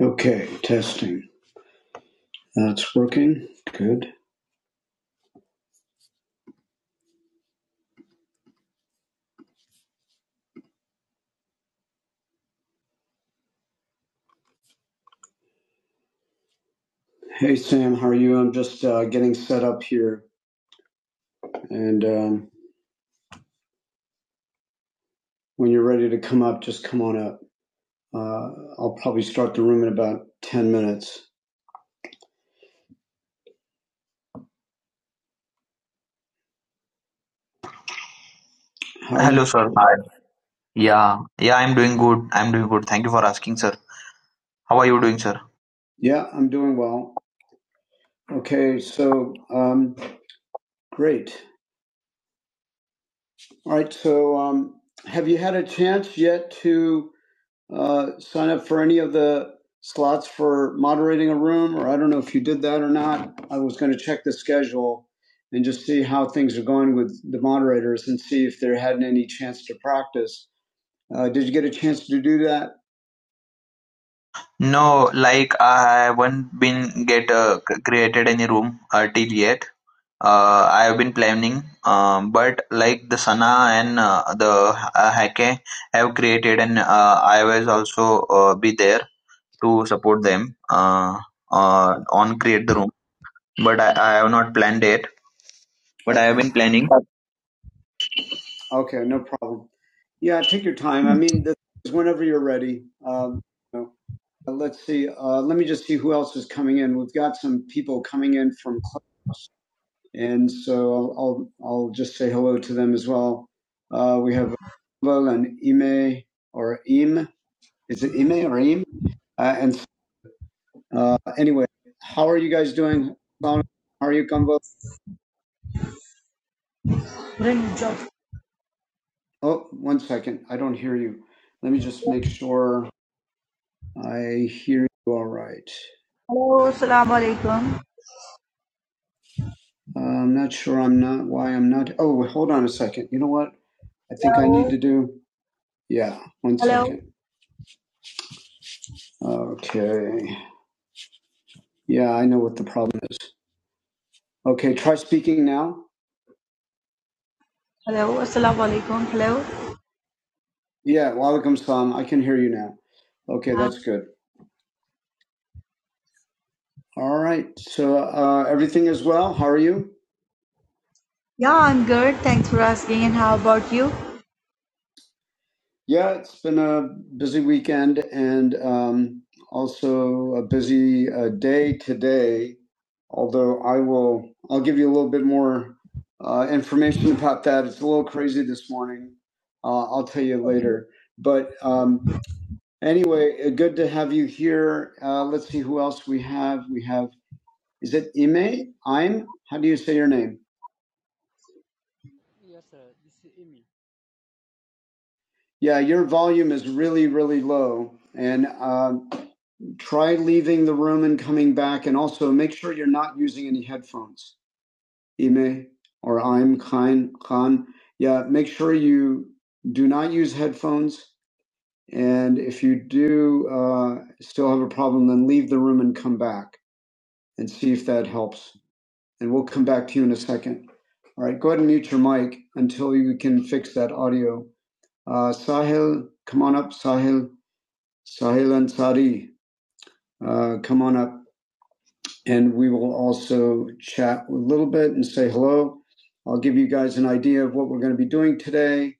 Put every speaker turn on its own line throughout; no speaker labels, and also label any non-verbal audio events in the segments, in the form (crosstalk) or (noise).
Okay, testing. That's working. Good. Hey, Sam, how are you? I'm just uh, getting set up here. And um, when you're ready to come up, just come on up. Uh, I'll probably start the room in about 10 minutes. How are you? Hello, sir. Hi. Yeah, yeah, I'm doing good. I'm doing good. Thank you for asking, sir. How are you doing, sir? Yeah, I'm doing well. Okay, so um, great. All right, so um, have you had a chance yet to? uh, sign up for any of the slots for moderating a room, or I don't know if you did that or not. I was going to check the schedule and just see how things are going with the moderators and see if there hadn't any chance to practice. Uh, did you get a chance to do that? No, like I haven't been get uh, c- created any room uh, till yet. Uh, I have been planning, um, but like the Sana and uh, the uh, Hake have created, and uh, I was also uh, be there to support them uh, uh, on Create the Room, but I, I have not planned it. But I have been planning. Okay, no problem. Yeah, take your time. I mean, this is whenever you're ready. Um, you know, uh, let's see. Uh, let me just see who else is coming in. We've got some people coming in from Clubhouse, and so I'll I'll, I'll just say hello to them as well. Uh, we have Abel and Ime or Im. Is it Ime or Im? Uh, and Uh, anyway, how are you guys doing? How are you, Gumbo?
Bring job.
Oh, one second. I don't hear you. Let me just make sure I hear you all right.
Hello, assalamu alaikum.
Uh, I'm not sure I'm not why I'm not. Oh, wait, hold on a second. You know what? I think
Hello,
I need to do. Yeah, one
hello,
second. Okay. Yeah, I know what the problem is. Okay, try speaking now.
hello, assalamu alaikum. Hello.
Yeah, Walaikum Salam. I can hear you now. Okay,
Uh,
that's good. All right. So uh, everything is well. How are you?
yeah, I'm good. Thanks for asking. And how about you?
Yeah, it's been a busy weekend and um, also a busy uh, day today. Although I will, I'll give you a little bit more uh, information about that. It's a little crazy this morning. Uh, I'll tell you later. But um, anyway, uh, good to have you here. Uh, let's see who else we have. We have, is it Ime? I'm? How do you say your name?
Yes, sir. This is Amy.
Yeah, your volume is really, really low. And um, try leaving the room and coming back. And also make sure you're not using any headphones. Ime or I'm Khan. Khan. Yeah, make sure you do not use headphones. And if you do uh, still have a problem, then leave the room and come back and see if that helps. And we'll come back to you in a second. All right, go ahead and mute your mic until you can fix that audio. Uh, Sahil, come on up, Sahil. Sahil Ansari, uh, come on up. And we will also chat a little bit and say hello. I'll give you guys an idea of what we're going to be doing today.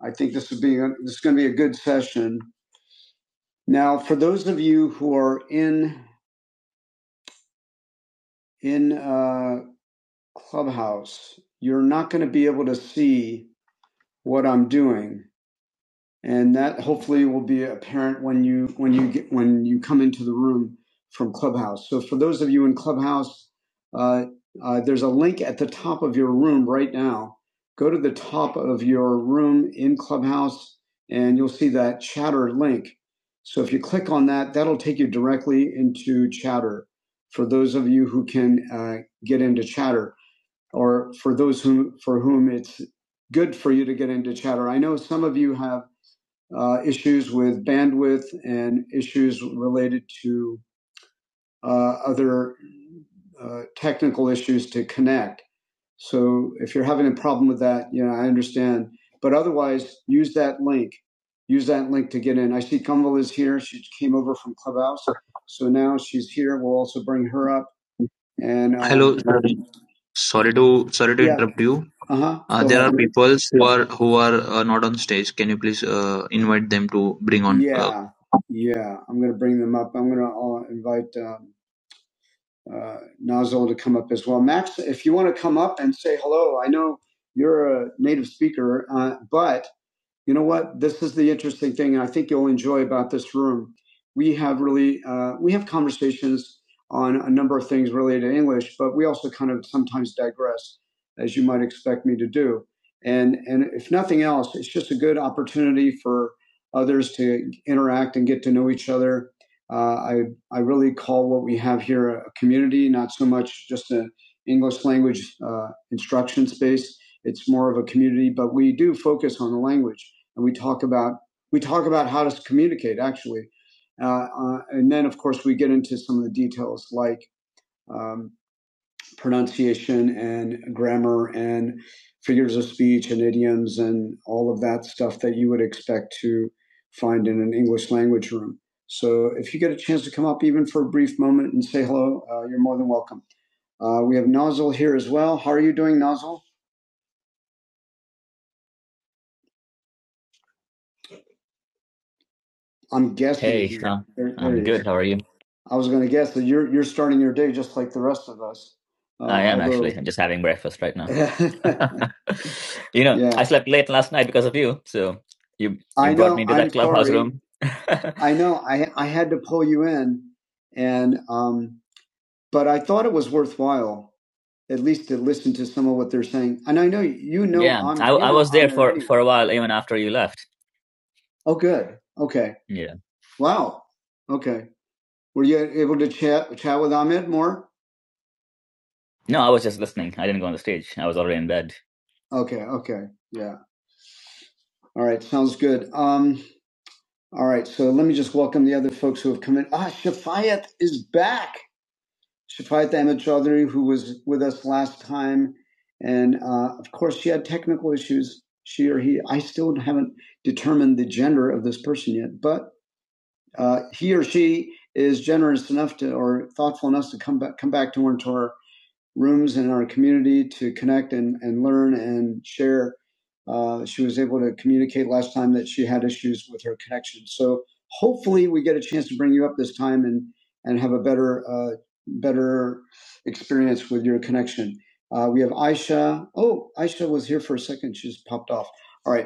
I think this would be a, this is going to be a good session. Now, for those of you who are in in uh, Clubhouse, you're not going to be able to see what I'm doing and that hopefully will be apparent when you when you get when you come into the room from clubhouse so for those of you in clubhouse uh, uh, there's a link at the top of your room right now go to the top of your room in clubhouse and you'll see that chatter link so if you click on that that'll take you directly into chatter for those of you who can uh, get into chatter or for those who for whom it's good for you to get into chatter i know some of you have uh, issues with bandwidth and issues related to uh, other uh, technical issues to connect. So if you're having a problem with that, you know, I understand. But otherwise, use that link. Use that link to get in. I see Gumbel is here. She came over from Clubhouse. So now she's here. We'll also bring her up. And uh, hello. Sorry to sorry to Yeah. interrupt you. Uh-huh. Uh, Go there are ahead. people who are who are uh, not on stage. Can you please uh, invite them to bring on? Uh, Yeah. Yeah. I'm going to bring them up. I'm going to uh, invite um, uh, Nazol to come up as well. Max, if you want to come up and say hello, I know you're a native speaker, uh, but you know what this is the interesting thing and i think you'll enjoy about this room we have really uh, we have conversations on a number of things related to english but we also kind of sometimes digress as you might expect me to do and and if nothing else it's just a good opportunity for others to interact and get to know each other uh, i i really call what we have here a community not so much just an english language uh, instruction space it's more of a community but we do focus on the language and we talk about we talk about how to communicate actually, uh, uh, and then of course we get into some of the details like um, pronunciation and grammar and figures of speech and idioms and all of that stuff that you would expect to find in an English language room. So if you get a chance to come up even for a brief moment and say hello, uh, you're more than welcome. Uh, we have Nozzle here as well. How are you doing, Nozzle? I'm guessing. Hey, Sean. There, there I'm it good. How are you? I was going to guess that you're you're starting your day just like the rest of us. Uh, I am although, actually. I'm just having breakfast right now. (laughs) (laughs) you know, yeah, I slept late last night because of you. So you you I know, got me to into I'm that clubhouse sorry. room. (laughs) I know. I I had to pull you in, and um, but I thought it was worthwhile at least to listen to some of what they're saying. And I know you know yeah, I'm I, I was there for for a while even after you left. Oh, good. Okay. Yeah. Wow. Okay. Were you able to chat chat with Ahmed more? No, I was just listening. I didn't go on the stage. I was already in bed. Okay. Okay. Yeah. All right. Sounds good. Um. All right. So let me just welcome the other folks who have come in. Ah, Shafayat is back. Shafayat Ahmed Chaudhry, who was with us last time, and uh, of course she had technical issues. She or he. I still haven't determined the gender of this person yet, but uh, he or she is generous enough to or thoughtful enough to come back come back to one to our rooms and our community to connect and, and learn and share. Uh, she was able to communicate last time that she had issues with her connection. So hopefully we get a chance to bring you up this time and and have a better uh, better experience with your connection. Uh, we have Aisha. Oh, Aisha was here for a second. She's popped off. All right.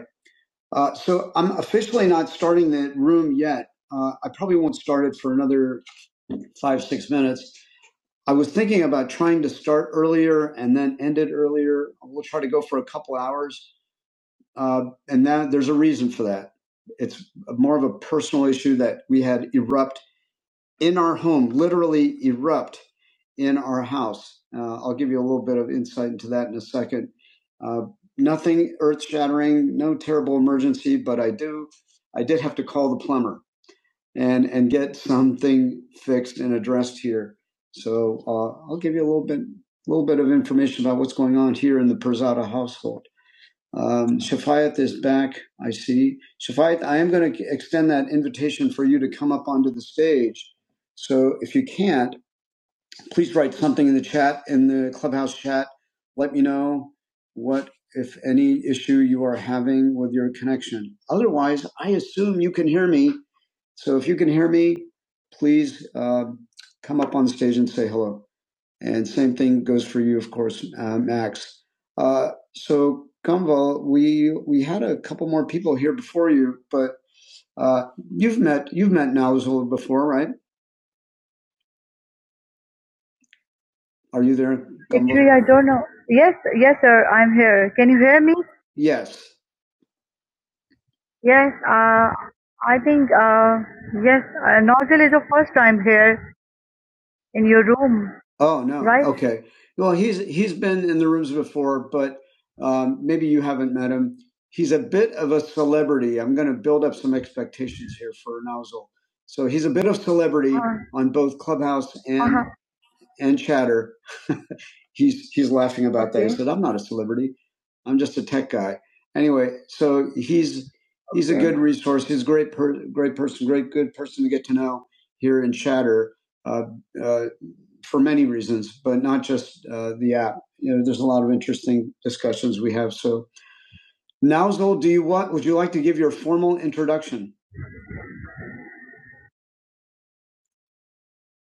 Uh, so I'm officially not starting the room yet. Uh, I probably won't start it for another five, six minutes. I was thinking about trying to start earlier and then end it earlier. We'll try to go for a couple hours. Uh, and that, there's a reason for that. It's more of a personal issue that we had erupt in our home literally erupt in our house. Uh, I'll give you a little bit of insight into that in a second. Uh, nothing earth shattering, no terrible emergency, but I do, I did have to call the plumber and and get something fixed and addressed here. So uh, I'll give you a little bit, little bit of information about what's going on here in the Perzada household. Um, Shafayat is back. I see. Shafayat, I am going to extend that invitation for you to come up onto the stage. So if you can't, please write something in the chat, in the clubhouse chat. Let me know what, if any, issue you are having with your connection. Otherwise, I assume you can hear me. So if you can hear me, please uh, come up on stage and say hello. And same thing goes for you, of course, uh, Max. Uh, so, Conval, we we had a couple more people here before you, but uh, you've met you've met Nauzul before, right? Are you there? Conval? Actually, I don't know. Yes, yes, sir. I'm here. Can you hear me? Yes. Yes. Uh, I think uh, yes. Uh, Nauzul is the first time here. in your room, Oh no. right? Okay. Well, he's he's been in the rooms before, but um, maybe you haven't met him. He's a bit of a celebrity. I'm going to build up some expectations here for Nozzle. So he's a bit of celebrity Uh, on both Clubhouse and uh-huh. and Chatter. He's he's laughing about that. He Okay. said, "I'm not a celebrity. I'm just a tech guy." Anyway, so he's he's a Okay. good resource. He's a great per, great person, great good person to get to know here in Chatter. Uh, uh, for many reasons, but not just uh, the app. You know, there's a lot of interesting discussions we have. So, Nowzul, do you want? would you like to give your formal introduction?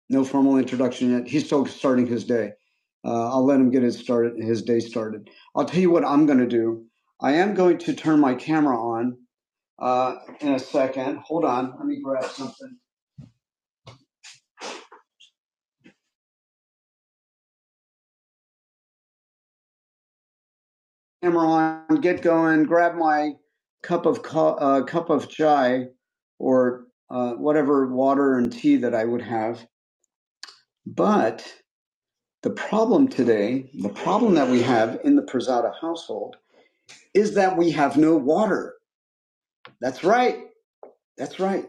No formal introduction yet. He's still starting his day. Uh, I'll let him get his started, his day started. I'll tell you what I'm going to do. I am going to turn my camera on uh, in a second. Hold on, let me grab something. camera on, get going, grab my cup of co- uh, cup of chai or uh, whatever water and tea that I would have. But the problem today, the problem that we have in the Prasada household is that we have no water. That's right. That's right.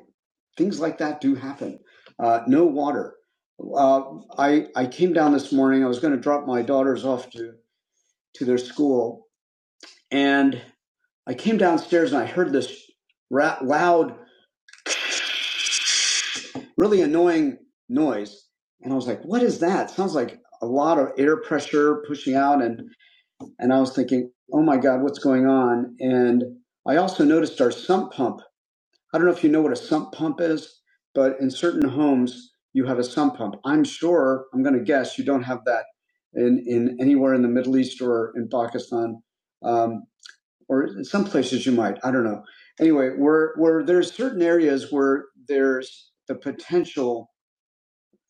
Things like that do happen. Uh, no water. Uh, I I came down this morning. I was going to drop my daughters off to to their school, and I came downstairs and I heard this ra- loud, really annoying noise, and I was like, "What is that?" sounds like a lot of air pressure pushing out, and and I was thinking, "Oh my God, what's going on?" And I also noticed our sump pump. I don't know if you know what a sump pump is, but in certain homes you have a sump pump. I'm sure, I'm going to guess you don't have that in in anywhere in the Middle East or in Pakistan. Um, or in some places you might. I don't know. Anyway, where where there's certain areas where there's the potential.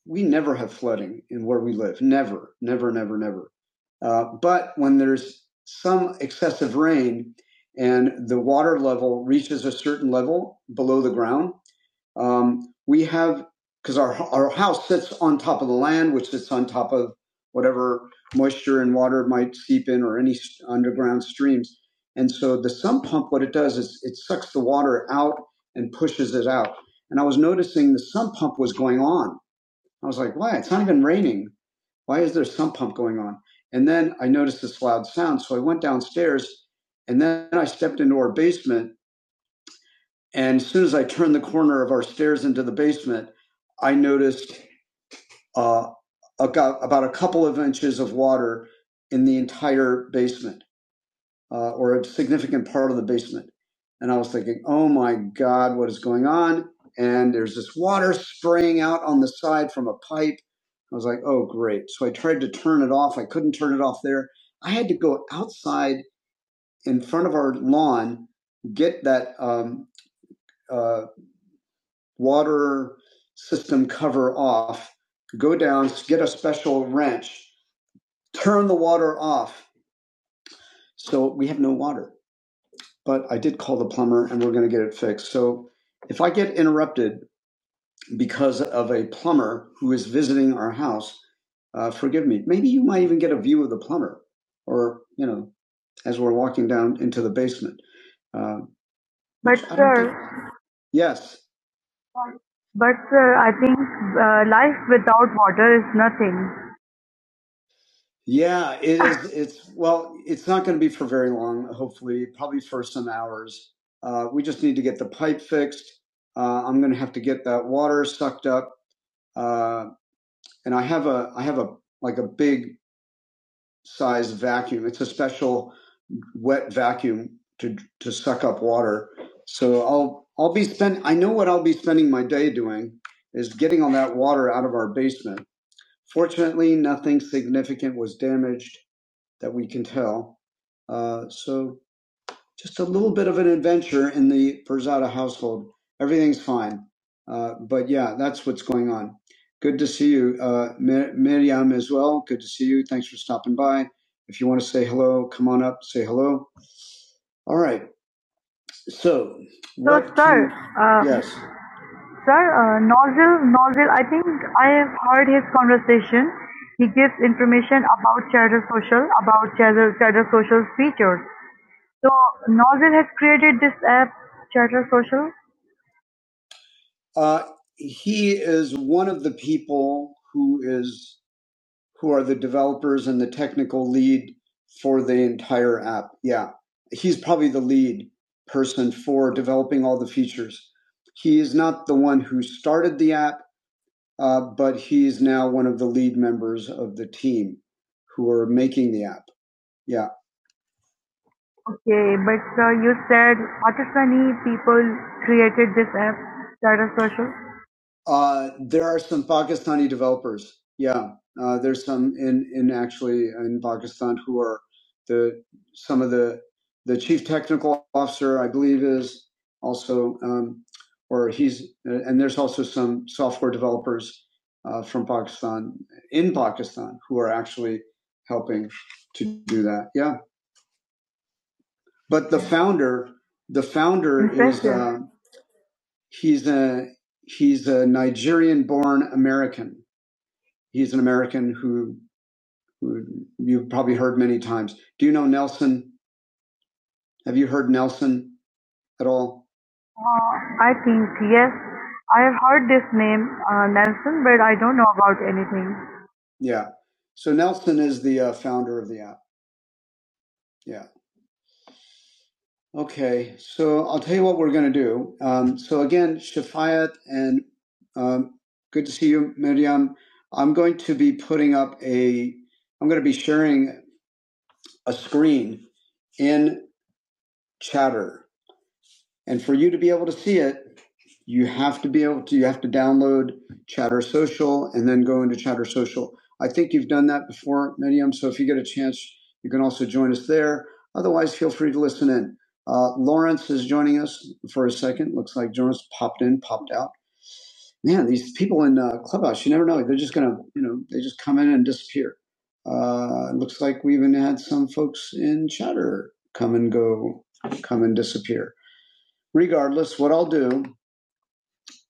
We never have flooding in where we live. Never, never, never, never. Uh, but when there's some excessive rain and the water level reaches a certain level below the ground, um, we have because our our house sits on top of the land, which sits on top of whatever moisture and water might seep in, or any underground streams. And so the sump pump, what it does is it sucks the water out and pushes it out. And I was noticing the sump pump was going on. I was like, why? It's not even raining. Why is there a sump pump going on? And then I noticed this loud sound. So I went downstairs and then I stepped into our basement and as soon as I turned the corner of our stairs into the basement, I noticed uh, about a couple of inches of water in the entire basement uh, or a significant part of the basement. And I was thinking, oh my God, what is going on? And there's this water spraying out on the side from a pipe. I was like, oh, great. So I tried to turn it off. I couldn't turn it off there. I had to go outside in front of our lawn, get that um, uh, water system cover off, go down, get a special wrench, turn the water off. So we have no water. But I did call the plumber and we're going to get it fixed. So if I get interrupted because of a plumber who is visiting our house, uh, forgive me. Maybe you might even get a view of the plumber or, you know, as we're walking down into the basement. Uh, I do Yes. But sir, I think uh, life without water is nothing. Yeah, it is. It's well, it's not going to be for very long. Hopefully, probably for some hours. Uh, we just need to get the pipe fixed. Uh, I'm going to have to get that water sucked up, uh, and I have a I have a like a big size vacuum. It's a special wet vacuum to to suck up water. So I'll I'll be spend. I know what I'll be spending my day doing is getting all that water out of our basement Fortunately, nothing significant was damaged that we can tell. Uh, so just a little bit of an adventure in the Verzada household. Everything's fine. Uh, but yeah, that's what's going on. Good to see you, uh, Mir- Miriam as well. Good to see you. Thanks for stopping by. If you want to say hello, come on up, say hello. All right. So, So, what sir, can, uh, yes. Sir, uh, Nozil, Nozil, I think I have heard his conversation. He gives information about Chatter Social, about Chatter, Chatter Social's features. So Nozil has created this app, Chatter Social. Uh, he is one of the people who is who are the developers and the technical lead for the entire app. Yeah, he's probably the lead person for developing all the features. He is not the one who started the app uh, but he's now one of the lead members of the team who are making the app. Yeah. Okay, but uh, you said Pakistani people created this app, Tata Social. Uh, there are some Pakistani developers. Yeah, uh, there's some in in actually in Pakistan who are the some of the the chief technical officer, I believe, is also um, or he's uh, and there's also some software developers uh, from Pakistan in Pakistan who are actually helping to do that. Yeah, but the founder, the founder is uh, he's a he's a Nigerian-born American He's an American who, who you've probably heard many times. Do you know Nelson? Have you heard Nelson at all? Uh, I think yes. I have heard this name, uh, Nelson, but I don't know about anything. Yeah. So Nelson is the uh, founder of the app. Yeah. Okay. So I'll tell you what we're going to do. Um, so again, Shafayat, and um, good to see you, Miriam. I'm going to be putting up a, I'm going to be sharing a screen in. Chatter. And for you to be able to see it, you have to be able to, you have to download Chatter Social and then go into Chatter Social. I think you've done that before, Medium. So if you get a chance, you can also join us there. Otherwise, feel free to listen in. Uh, Lawrence is joining us for a second. Looks like Lawrence popped in, popped out. Man, these people in uh, Clubhouse, you never know. They're just going to, you know, they just come in and disappear. Uh, looks like we even had some folks in Chatter come and go, come and disappear. Regardless, what I'll do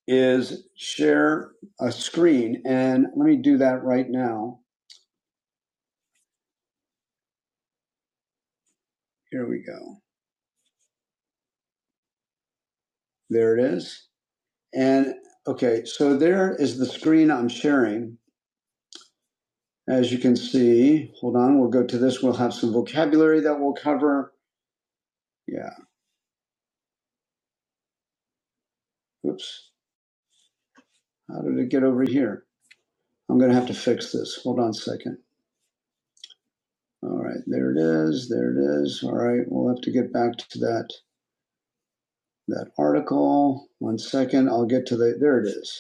is share a screen and let me do that right now. Here we go. There it is. And okay, so there is the screen I'm sharing. As you can see, hold on, we'll go to this. We'll have some vocabulary that we'll cover. Yeah. Oops. How did it get over here? I'm going to have to fix this. Hold on a second. All right. There it is. There it is. All right. We'll have to get back to that, that article. One second. I'll get to the, there it is.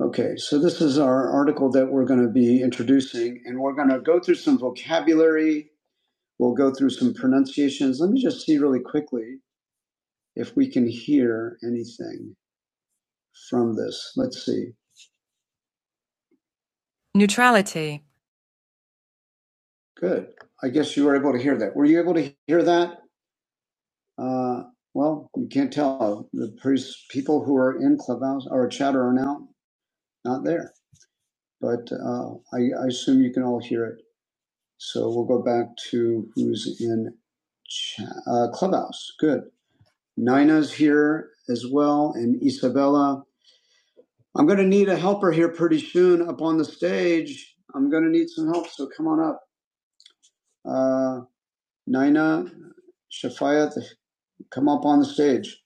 Okay, so this is our article that we're going to be introducing, and we're going to go through some vocabulary. We'll go through some pronunciations. Let me just see really quickly if we can hear anything from this. Let's see. Neutrality. Good. I guess you were able to hear that. Were you able to hear that? Uh, well, you can't tell. The people who are in Clubhouse or Chatter are now not there, but uh, I, I assume you can all hear it. So we'll go back to who's in uh, Clubhouse. Good. Nina's here as well, and Isabella. I'm going to need a helper here pretty soon up on the stage. I'm going to need some help, so come on up. Uh, Nina, Shafayat, come up on the stage.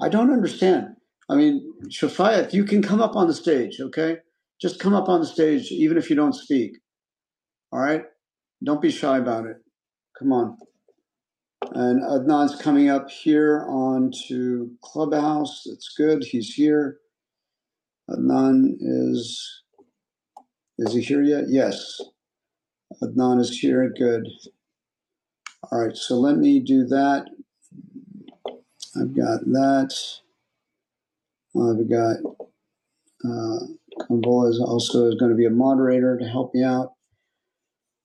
I don't understand. I mean, Shafayat, you can come up on the stage, okay? Just come up on the stage, even if you don't speak, all right? Don't be shy about it. Come on. And Adnan's coming up here onto Clubhouse. That's good. He's here. Adnan is, is he here yet? Yes. Adnan is here. Good. All right. So let me do that. I've got that. I've got, uh, Convola is also going to be a moderator to help you out.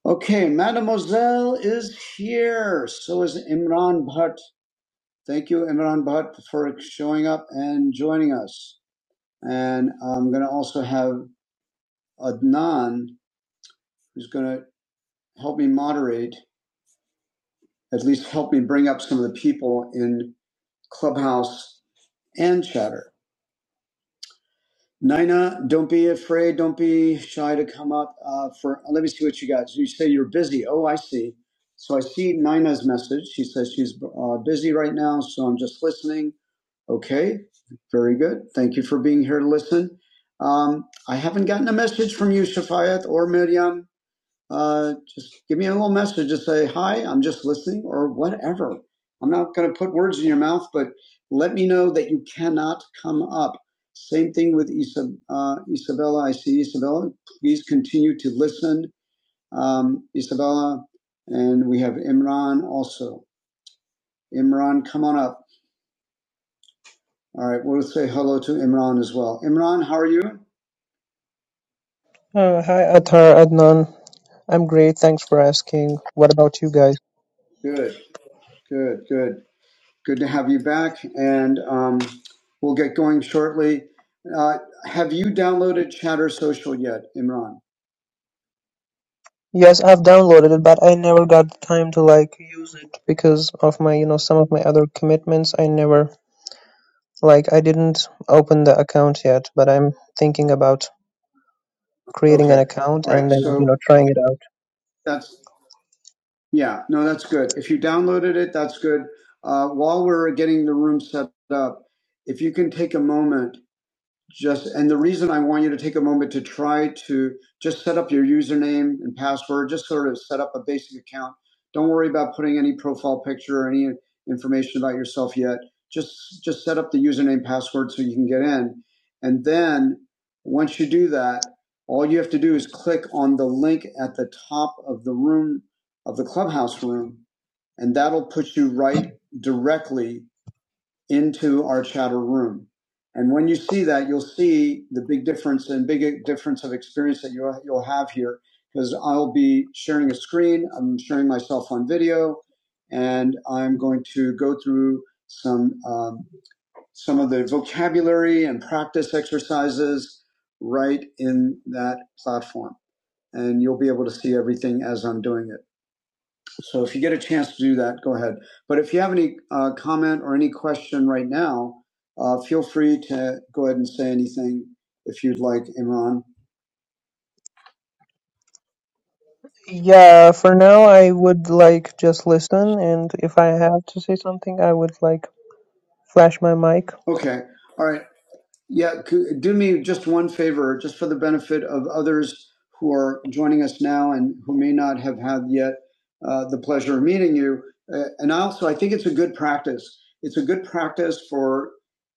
Okay. Mademoiselle is here. So is Imran Bhatt. Thank you, Imran Bhatt, for showing up and joining us. And I'm going to also have Adnan, who's going to help me moderate, at least help me bring up some of the people in Clubhouse and Chatter. Nina, don't be afraid. Don't be shy to come up. Uh, for uh, let me see what you got. So you say you're busy. Oh, I see. So I see Nina's message. She says she's uh, busy right now, so I'm just listening. Okay, very good. Thank you for being here to listen. Um, I haven't gotten a message from you, Shafayat or Miriam. uh, just give me a little message. Just say, hi, I'm just listening or whatever. I'm not going to put words in your mouth, but let me know that you cannot come up. Same thing with Isab- uh, Isabella. I see Isabella. Please continue to listen. Um, Isabella, and we have Imran also. Imran, come on up. All right, we'll say hello to Imran as well. Imran, how are you?
Uh, hi, Athar, Adnan. I'm great, thanks for asking. What about you guys?
Good, good, good. Good to have you back, and um, we'll get going shortly. Uh, have you downloaded Chatter Social yet, Imran?
Yes, I've downloaded it, but I never got the time to like use it because of my, you know, some of my other commitments. I never like I didn't open the account yet, but I'm thinking about creating
Okay.
an account
All
and
right.
then, you
So
know, trying it out.
that's, yeah, no, that's good. If you downloaded it, that's good. Uh, while we're getting the room set up, if you can take a moment just and the reason i want you to take a moment to try to just set up your username and password just sort of set up a basic account don't worry about putting any profile picture or any information about yourself yet just just set up the username password so you can get in and then once you do that all you have to do is click on the link at the top of the room of the clubhouse room and that'll put you right directly into our chatter room. And when you see that, you'll see the big difference and big difference of experience that you'll, you'll have here because I'll be sharing a screen. I'm sharing myself on video and I'm going to go through some, um, some of the vocabulary and practice exercises right in that platform. And you'll be able to see everything as I'm doing it. So if you get a chance to do that, go ahead. But if you have any uh, comment or any question right now, uh, feel free to go ahead and say anything if you'd like, Imran.
Yeah, for now I would like just listen and if I have to say something, I would like flash my mic.
Okay. All right. Yeah, could, do me just one favor, just for the benefit of others who are joining us now and who may not have had yet uh, the pleasure of meeting you. Uh, and also, I think it's a good practice. It's a good practice for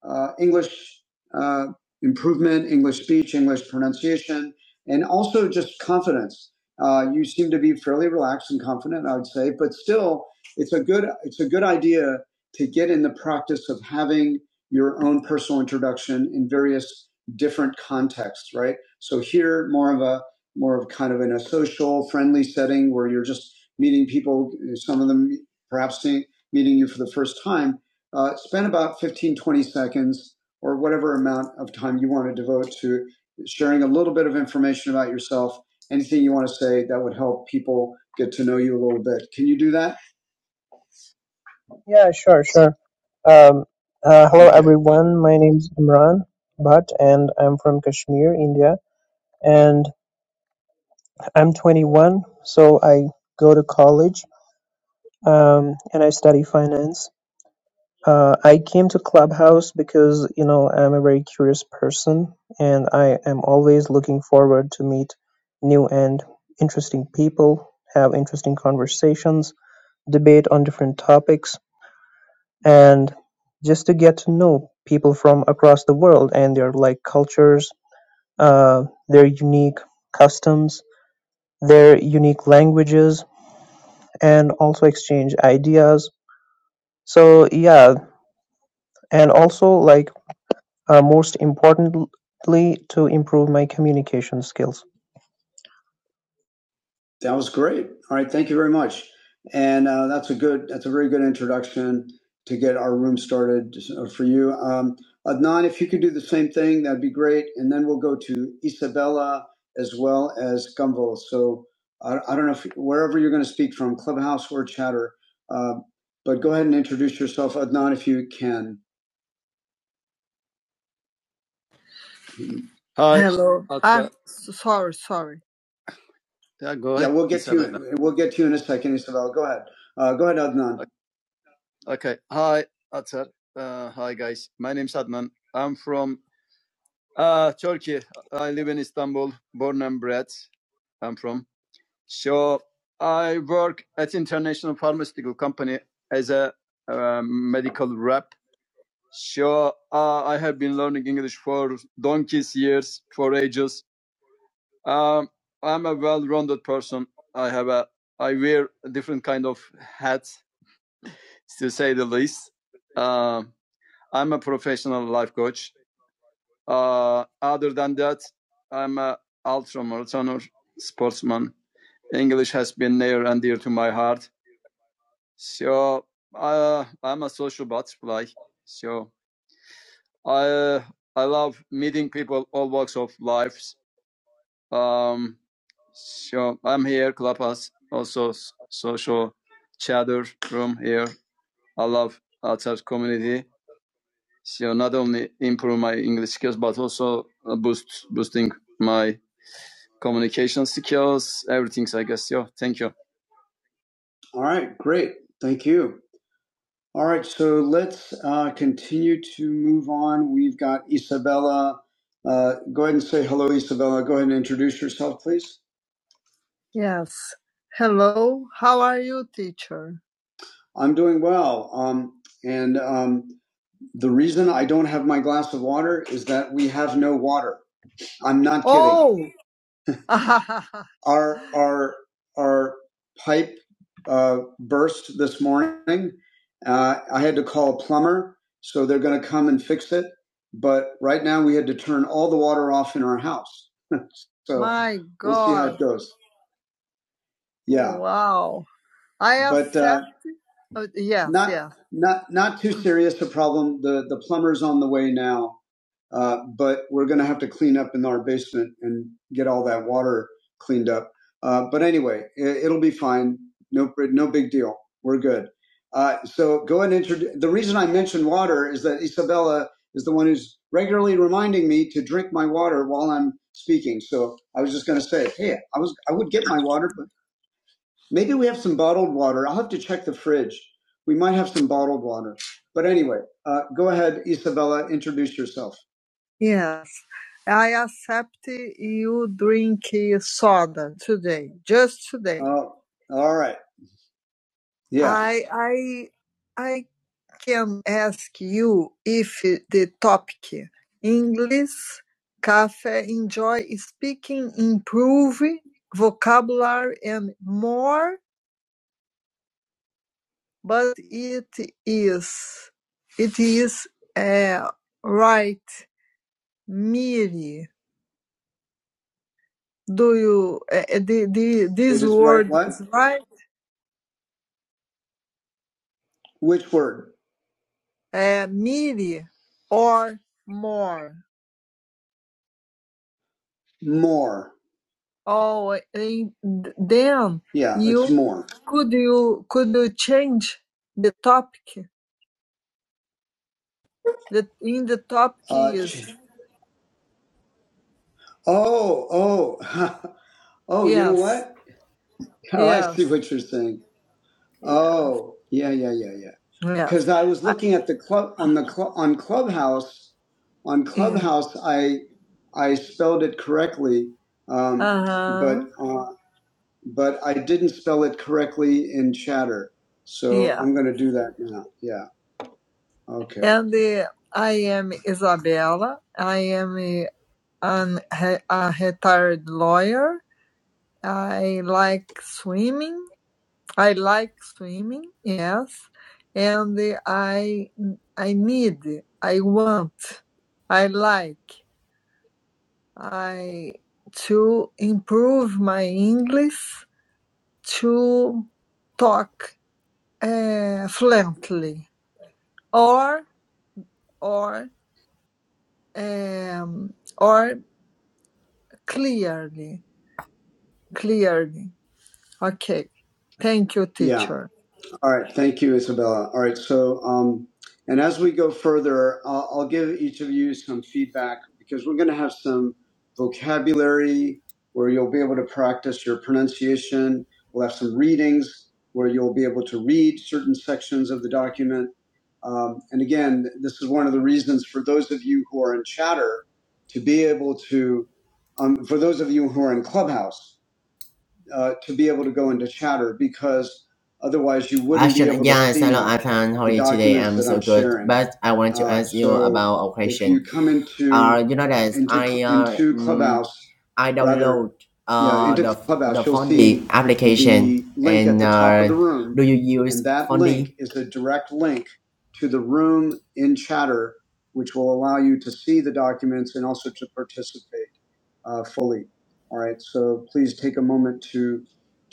uh, English uh, improvement, English speech, English pronunciation, and also just confidence. Uh, you seem to be fairly relaxed and confident, I would say, but still, it's a good it's a good idea to get in the practice of having your own personal introduction in various different contexts, right? So here, more of a more of kind of in a social, friendly setting where you're just meeting people, some of them perhaps seeing, meeting you for the first time. Uh, spend about 15, 20 seconds or whatever amount of time you want to devote to sharing a little bit of information about yourself, anything you want to say that would help people get to know you a little bit. Can you do that?
Yeah, sure, sure. Um, uh, hello,
Okay.
everyone. My name is Imran Bhatt, and I'm from Kashmir, India. And I'm 21, so I go to college um, and I study finance. Uh, I came to Clubhouse because, you know, I'm a very curious person and I am always looking forward to meet new and interesting people, have interesting conversations, debate on different topics and just to get to know people from across the world and their like cultures, uh, their unique customs, their unique languages, and also exchange ideas. So yeah, and also like Uh, most importantly, to improve my communication skills.
That was great. All right, thank you very much. And uh, that's a good, that's a very good introduction to get our room started uh, for you. Um, Adnan, if you could do the same thing, that'd be great. And then we'll go to Isabella as well as Gumbo. So I, I don't know if wherever you're going to speak from, Clubhouse or Chatter, uh, but go ahead and introduce yourself, Adnan, if you can. Hi. Hello. Okay. I'm sorry. Yeah, go ahead. Yeah, we'll get to you. Isabella. We'll get to you in a second, Isabella. Go ahead. Uh, go ahead, Adnan. Okay. Hi, Atar. Uh, hi, guys. My name's Adnan. I'm from uh, Turkey. I live in Istanbul, born and bred. I'm from. So I work at international pharmaceutical company as a uh, medical rep. So uh, I have been learning English for donkey's years, for ages. Um, I'm a well-rounded person. I have a, I wear different kind of hats, to say the least. Um I'm a professional life coach. Uh, other than that, I'm an ultramarathoner, sportsman. English has been near and dear to my heart. So uh, I'm a social butterfly. So I I love meeting people all walks of life. Um, so I'm here, Klapas, also social chatter room here. I love outside community. So not only improve my English skills, but also uh, boost boosting my communication skills, everything. I guess. Yeah. Thank you. All right. Great. Thank you. All right. So let's uh, continue to move on. We've got Isabella. Uh, go ahead and say hello, Isabella. Go ahead and introduce yourself, please. Yes. Hello. How are you, teacher? I'm doing well. Um, and um, the reason I don't have my glass of water is that we have no water. I'm not kidding. Oh, (laughs) Our our our pipe uh, burst this morning. Uh, I had to call a plumber, so they're going to come and fix it. But right now, we had to turn all the water off in our house. (laughs) so my God, we'll see how it goes. Yeah, Wow. I have. but uh, accept. Uh, yes, not yes. not not too serious a problem. The the plumber's on the way now. Uh, but we're going to have to clean up in our basement and get all that water cleaned up. Uh, but anyway, it, it'll be fine. No, no big deal. We're good. Uh, so go and introduce. The reason I mentioned water is that Isabella is the one who's regularly reminding me to drink my water while I'm speaking. So I was just going to say, hey, I was, I would get my water, but maybe we have some bottled water. I'll have to check the fridge. We might have some bottled water. But anyway, uh, go ahead, Isabella. Introduce yourself. Yes, I accept you drink soda today, just today. Oh, all right. Yeah. I I I can ask you if the topic English cafe enjoy speaking, improve vocabulary and more, but it is it is uh, right, Miri. do you uh, uh, the, the You this just write word what? is right Which word? uh, mere or more More. oh eh, in, then Yeah, it's you more. could you could you change the topic that in the topic Uh, is ch- oh, oh, (laughs) oh, you know yes what? (laughs) Oh, I see yes what you're saying. Yeah. Oh, yeah, yeah, yeah, yeah. Yeah. Because I was looking at the club on the club on Clubhouse. On Clubhouse, I I spelled it correctly, um, uh-huh. but uh, but I didn't spell it correctly in Chatter. So Yeah. I'm going to do that now. Yeah. Okay. And the I am Isabella. I am a, an, a retired lawyer. I like swimming. I like swimming, yes, and I I need, I want, I like, I to improve my English to talk uh, fluently or or um, or clearly, clearly. Okay, thank you, Yeah. teacher. Yeah. All right. Thank you, Isabella. All right. So, um, and as we go further, I'll, I'll give each of you some feedback because we're going to have some vocabulary where you'll be able to practice your pronunciation. We'll have some readings where you'll be able to read certain sections of the document. Um, and again, this is one of the reasons for those of you who are in chatter to be able to, um, for those of you who are in Clubhouse, uh, to be able to go into chatter because otherwise you wouldn't be
Ashan,
able to
yes, hello
see
Afan, how are
the
you today?
documents
I'm
that
so
I'm
good,
sharing.
but I want to
Uh,
ask you
so
about a
if you
question.
come into
Uh, you know that
into
I uh,
into
mm,
Clubhouse,
I
rather,
download
yeah,
uh
into
the the
Clubhouse, you'll
Fondi
see
application,
the link at
and
the top of
uh,
the
do
room,
you use
and that link
Fondi?
is a direct link to the room in Chatter, which will allow you to see the documents and also to participate uh, fully. All right, so please take a moment to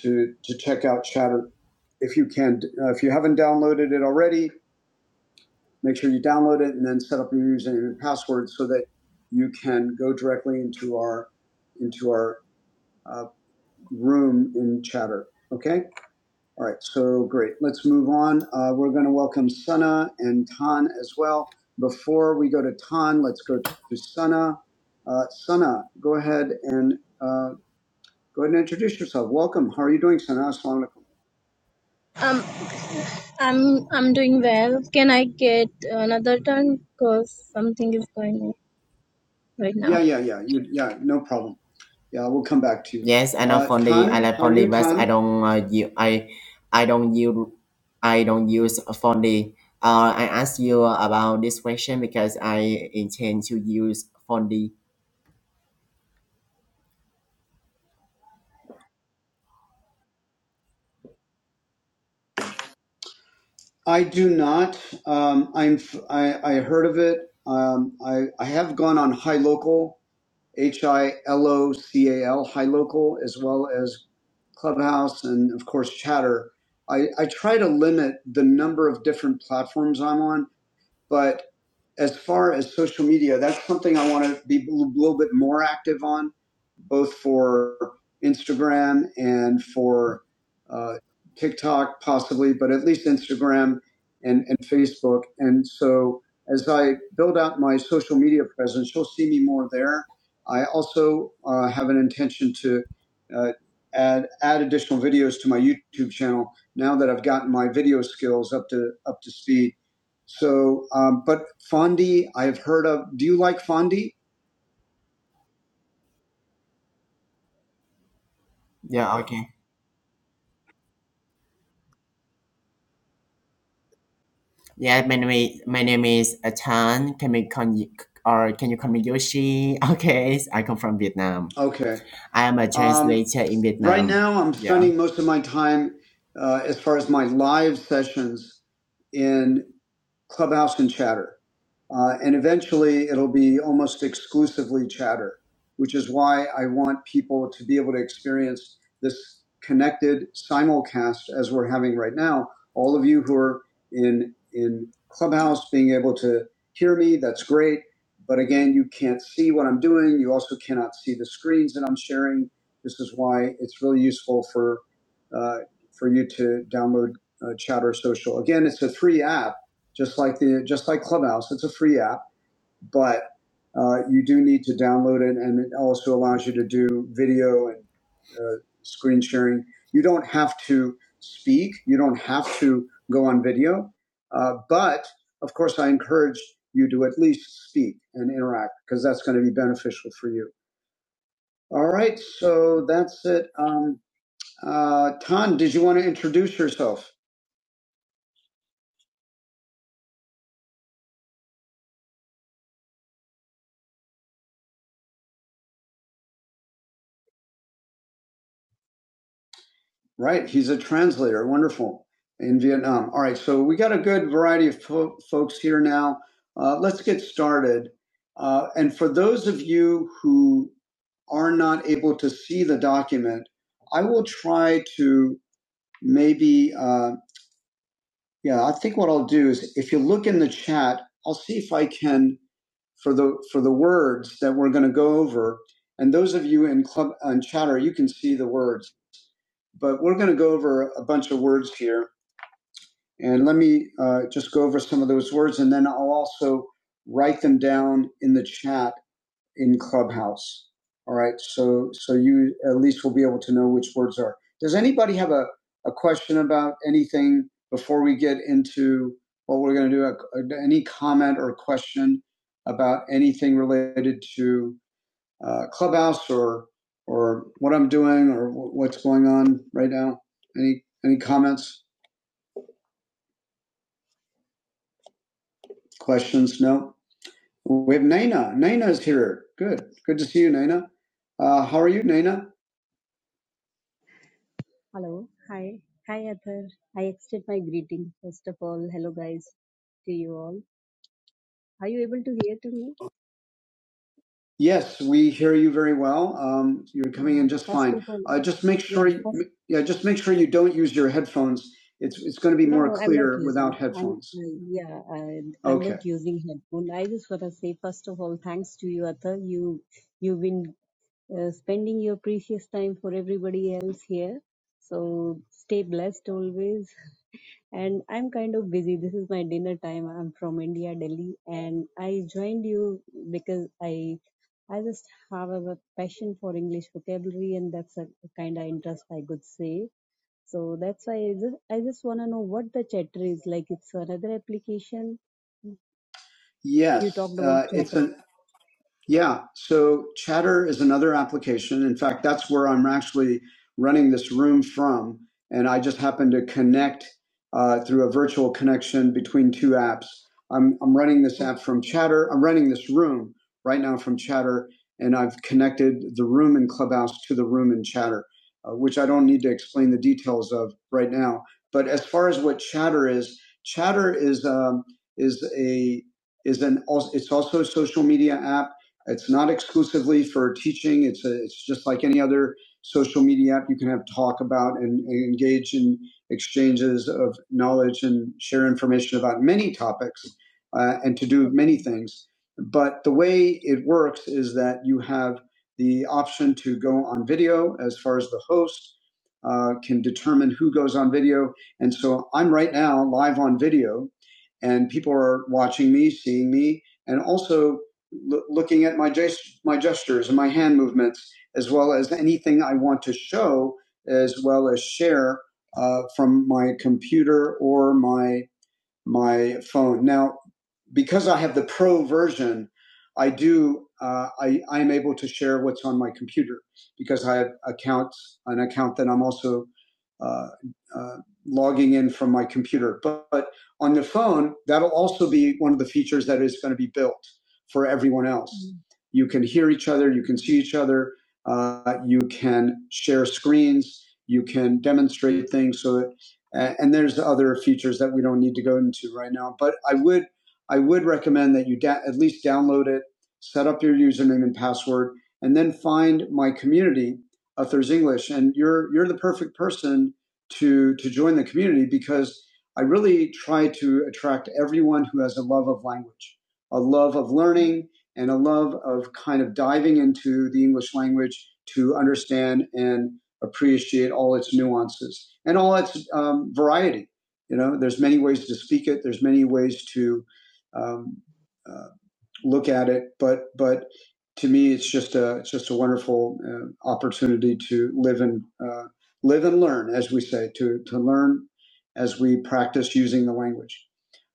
to to check out Chatter if you can. Uh, if you haven't downloaded it already, make sure you download it and then set up your username and password so that you can go directly into our into our uh, room in Chatter. Okay. All right. So great. Let's move on. Uh, we're going to welcome Sana and Tan as well. Before we go to Tan, let's go to Sana. Uh, Sana, go ahead and uh, Go ahead and introduce yourself. Welcome. How are you doing, Sana? Assalamu alaikum. Um, I'm I'm doing well. Can I get another turn? Cause something is going on right now. Yeah, yeah, yeah. You, yeah, no problem. Yeah, we'll come back to you.
Yes, I know
Uh,
Fondi. I
Tan,
like
how are
Fondi,
you,
but I
Tan?
don't uh, you I I don't use I don't use Fondi. Uh, I ask you about this question because I intend to use Fondi.
I do not. Um, I'm. f- I, I heard of it. Um, I, I have gone on High Local H I L O C A L, High Local, as well as Clubhouse and, of course, Chatter. I, I try to limit the number of different platforms I'm on but as far as social media, that's something I want to be a little bit more active on, both for Instagram and for uh, TikTok, possibly, but at least Instagram and, and Facebook. And so as I build out my social media presence, you'll see me more there. I also uh, have an intention to uh, add add additional videos to my YouTube channel now that I've gotten my video skills up to up to speed so, um, but Fondi, I've heard of. Do you like Fondi?
Yeah. Okay. Yeah, my name is, my name is Atan. Can we con or can you call me Yoshi? (laughs) Okay, I come from Vietnam.
Okay.
I am a
Um,
translator in
right
Vietnam.
now, I'm
Yeah.
spending most of my time, uh, as far as my live sessions, in Clubhouse and Chatter. Uh, and eventually, it'll be almost exclusively Chatter, which is why I want people to be able to experience this connected simulcast as we're having right now. All of you who are in in Clubhouse being able to hear me, that's great. But again, you can't see what I'm doing. You also cannot see the screens that I'm sharing this is why it's really useful for uh, for you to download uh, Chatter Social. Again, it's a free app, just like the just like Clubhouse. It's a free app, but uh, you do need to download it, and it also allows you to do video and uh, screen sharing. You don't have to speak. You don't have to go on video, uh, but of course, I encourage you to at least speak and interact because that's going to be beneficial for you. All right, so that's it. Um, uh, Tan, did you want to introduce yourself? Right, he's a translator. Wonderful in Vietnam. All right, so we got a good variety of fo- folks here now. Uh, let's get started. Uh, and for those of you who are not able to see the document, I will try to maybe. uh, Yeah, I think what I'll do is if you look in the chat, I'll see if I can for the for the words that we're going to go over. And those of you in club on chatter, you can see the words, but we're going to go over a bunch of words here. And let me uh, just go over some of those words, and then I'll also write them down in the chat in Clubhouse. All right. So so you at least will be able to know which words are. Does anybody have a, a question about anything before we get into what we're going to do? A- Any comment or question about anything related to uh, Clubhouse or or what I'm doing or wh- what's going on right now? Any any comments, questions? No. We have Naina. Naina is here. Good. Good to see you, Naina. Uh, how are you, Naina?
Hello. Hi. Hi, Athar. I extend my greeting. First of all, hello, guys, to you all. Are you able to hear to me?
Yes, we hear you very well. Um, you're coming
Yeah.
in just
First of
fine.
all,
Uh, just make
yeah.
sure, you,
First,
yeah, just make sure you don't use your headphones. It's it's going to be
no,
more
no, I'm not
clear
using.
without
I'm,
headphones.
uh, yeah, I, I'm
Okay.
not using headphone. I just want to say, first of all, thanks to you, Athar. You, you've been uh, spending your precious time for everybody else here. So stay blessed always. and I'm kind of busy. This is my dinner time. I'm from India, Delhi, and I joined you because I I just have a passion for English vocabulary, and that's a kind of interest I could say. So that's why I just, I just want to know what the chatter is like. It's another application. You
Yes,
talked about
uh, it's
chatter.
an Yeah. So Chatter is another application. In fact, that's where I'm actually running this room from. And I just happen to connect uh, through a virtual connection between two apps. I'm, I'm running this
Oh,
app from Chatter. I'm running this room right now from Chatter. And I've connected the room in Clubhouse to the room in Chatter, uh, which I don't need to explain the details of right now. But as far as what Chatter is, Chatter is um, is a is an als- it's also a social media app it's not exclusively for teaching. It's a, it's just like any other social media app. You can have talk about and, and engage in exchanges of knowledge and share information about many topics uh, and to do many
okay.
things. But the way it works is that you have the option to go on video as far as the host uh, can determine who goes on video. And so I'm right now live on video and people are watching me, seeing me, and also l- looking at my gest- my gestures and my hand movements, as well as anything I want to show, as well as share uh, from my computer or my my phone. Now, because I have the pro version, I do uh, I I am able to share what's on my computer because I have accounts an account that I'm also uh, uh, logging in from my computer. But, but on the phone, that'll also be one of the features that is going to be built for everyone else.
Mhm.
You can hear each other, you can see each other, uh, you can share screens, you can demonstrate things. So that, and there's other features that we don't need to go into right now. But I would I would recommend that you da- at least download it, set up your username and password, and then find my community, Authors English. And you're you're the perfect person to to join the community because I really try to attract everyone who has a love of language, a love of learning, and a love of kind of diving into the English language to understand and appreciate all its nuances and all its um, variety. You know, there's many ways to speak it. There's many ways to um, uh, look at it. But but to me, it's just a it's just a wonderful uh, opportunity to live and uh, live and learn, as we say, to to learn as we practice using the language.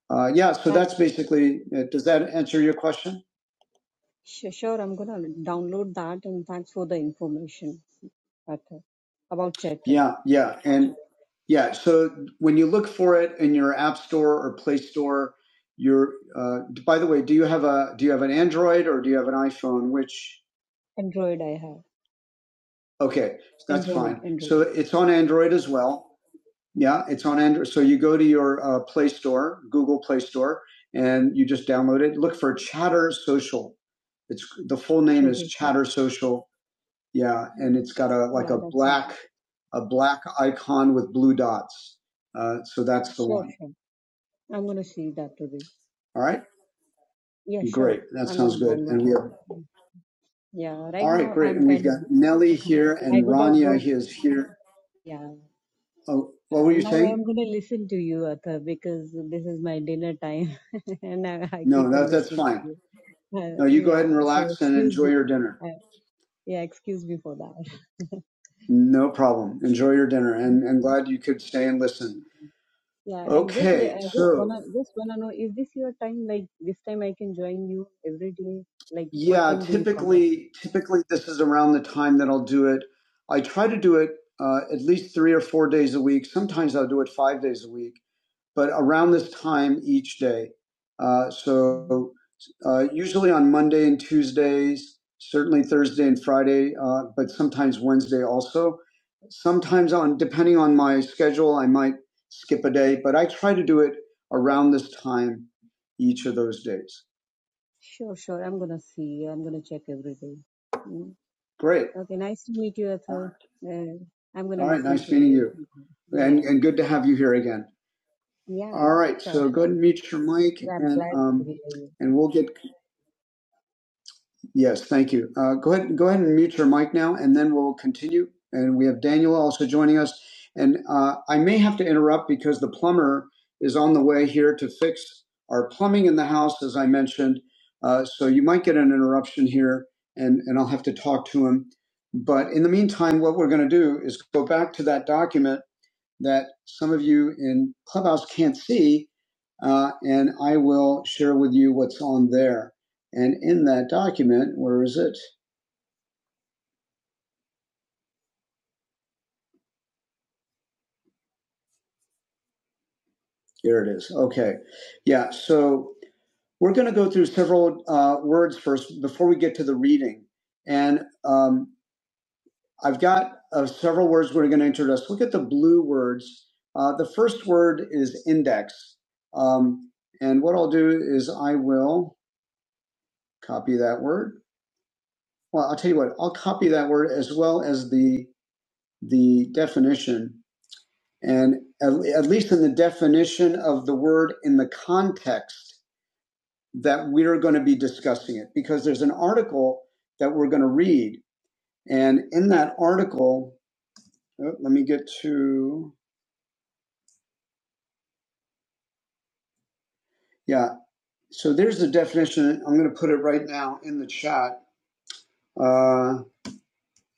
Uh, yeah, so
Thank-
that's basically. It. Does that answer your question?
su- Sure, I'm gonna download that, and thanks for the information, Arthur, about chatter.
Yeah, yeah, and yeah. So when you look for it in your app store or Play Store, your. Uh, by the way, do you have a do you have an Android or do you have an iPhone? Which
Android, I have
Okay, that's
Android,
fine.
Android.
So it's on Android as well. Yeah, it's on Android. So you go to your uh, Play Store, Google Play Store, and you just download it. Look for Chatter Social. It's the full name is
Shadow Sir.
Chatter Social. Yeah,
Oh,
and it's got a like
yeah,
a
that's
black
something.
a black icon with blue dots. Uh, so that's the
Sure,
one.
sure. I'm gonna see that today.
All right,
Yeah, sure.
great. That
I'm gonna
sounds good. And
download
we
that.
have
Yeah, right
all right,
now
great.
I'm
And we've
kind of
got Nelly
(laughs)
here
I
and
gotta
Rania
go.
is here.
Yeah.
Oh, what
Uh,
were you
now
saying?
I'm gonna listen to you, Arthur, because this is my dinner time, (laughs) and I, I keep
No,
on
that, that's
listening
fine.
to you. Uh,
No, you go
yeah.
ahead and
So
relax and
excuse
enjoy
me.
your dinner.
Uh, yeah, excuse me for that. (laughs)
No problem. Enjoy your dinner. And and glad you could stay and listen.
Yeah, and just le-
Okay,
I just
so
wanna just wanna know is this your time? Like this time I can join you every day. Like what
yeah,
time do you come up?
typically typically this is around the time that I'll do it. I try to do it uh, at least three or four days a week. Sometimes I'll do it five days a week. but around
Mm-hmm.
this time each day. Uh,
Mhm.
so uh, usually on Monday and Tuesdays, certainly Thursday and Friday, uh, but sometimes Wednesday also. Sometimes on depending on my schedule, I might skip a day, but I try to do it around this time each of those days.
Sure, sure. I'm gonna see. I'm gonna check every day. Mm.
Great.
Okay, nice to meet you,
All
Arthur.
right.
Uh, I'm gonna
All right.
listen
Nice
to
meeting
you.
you,
Mhm.
and
Yeah,
and good to have you here again. All
yeah,
right.
sure.
So go ahead and mute your mic,
I'm
and
glad to
um,
hear you.
and we'll get Yes, thank you. Uh, go ahead, go ahead and mute your mic now, and then we'll continue. And we have Daniel also joining us. And uh, I may have to interrupt because the plumber is on the way here to fix our plumbing in the house, as I mentioned. Uh, so you might get an interruption here, and and I'll have to talk to him. But in the meantime, what we're going to do is go back to that document that some of you in Clubhouse can't see, uh, and I will share with you what's on there. And in that document, where is it? Here it is. Okay. Yeah. So we're going to go through several uh, words first before we get to the reading. And um, I've got uh, several words we're going to introduce. Look at the blue words. Uh, the first word is index. Um, and what I'll do is I will copy that word Well, I'll tell you what, I'll copy that word as well as the, the definition. And at, at least in the definition of the word in the context that we're going to be discussing it, because there's an article that we're going to read. And in that article, oh, let me get to, yeah. So there's the definition. I'm going to put it right now in the chat. Uh,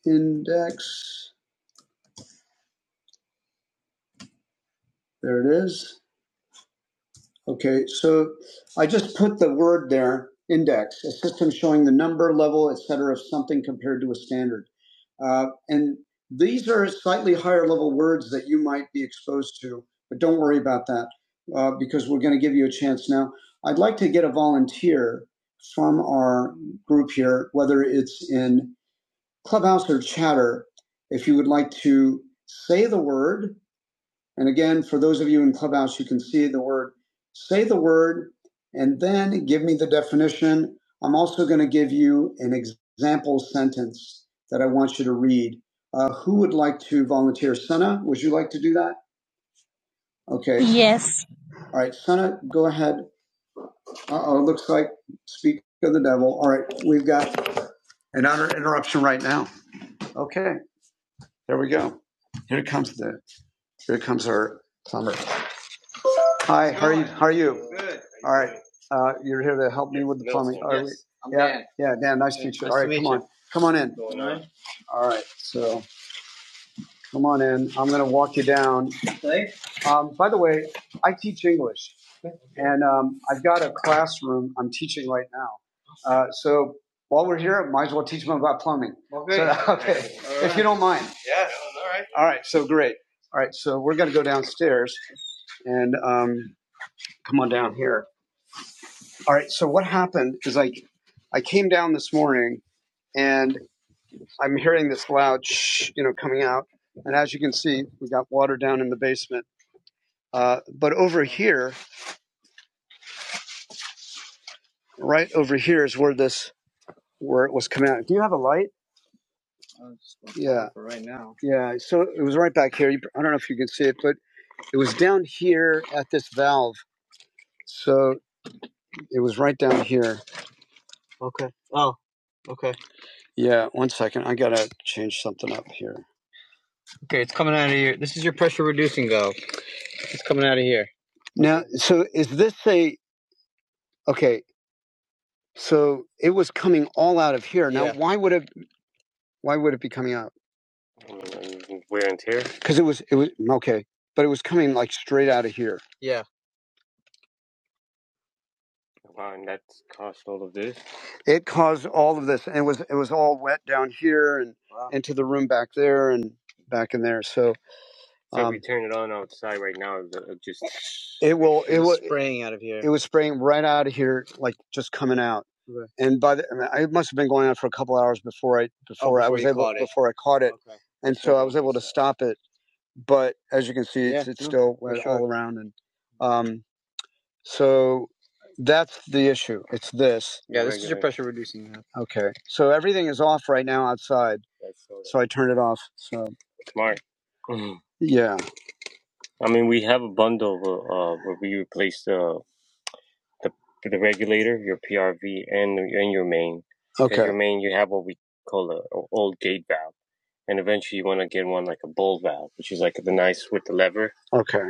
index. There it is. Okay, so I just put the word there, index, a system showing the number, level, et cetera, of something compared to a standard. Uh, and these are slightly higher level words that you might be exposed to, but don't worry about that uh, because we're going to give you a chance now. I'd like to get a volunteer from our group here, whether it's in Clubhouse or Chatter, if you would like to say the word and again, for those of you in Clubhouse, you can see the word, say the word, and then give me the definition. I'm also going to give you an example sentence that I want you to read. Uh, who would like to volunteer? Senna, would you like to do that? Okay. Yes. All right, Senna, go ahead. Uh oh, looks like speak of the devil. All right, we've got an inter- interruption right now. Okay, there we go. Here comes the here comes our plumber. Hi, how are you? How are you? Good. All right. Uh, you're here to help me with the plumbing. Yes, I'm Yeah, Dan. yeah, Dan, nice to meet you. Nice All to right, meet come on. Come on in. All right, so come on in. I'm going to walk you down. Um, by the way, I teach English, and um, I've got a classroom I'm teaching right now. Uh, so while we're here, I might as well teach them about plumbing. Okay. So, (laughs) okay, Right. if you don't mind. All right, so great. All right, so we're going to go downstairs and um, come on down here. All right. So what happened is I, I came down this morning and I'm hearing this loud shh, you know, coming out. And as you can see, we got water down in the basement. Uh, but over here, right over here is where this, where it was coming out. Do you have a light? Yeah. Yeah. So it was right back here. I don't know if you can see it, but it was down here at this valve. So it was right down here. Yeah. One second. I got to change something up here. Now, so is this a, okay. So it was coming all out of here. Now, Yeah. why would it? Why would it be coming out? Because it was. It was okay, but it was coming like straight out of here. It caused all of this, and it was it was all wet down here and Wow. into the room back there and back in there. So it will. It was will. It was spraying right out of here, like just coming out. And by the, I mean, it must have been going on for a couple hours before I before, Oh, before I was able before I caught it, Okay. and so I was able to stop it. But as you can see, Yeah. it's it's No, still for wet sure. all around and. Um. So that's the issue. It's this. Okay. So everything is off right now outside. So I turned it off. So yeah. Okay.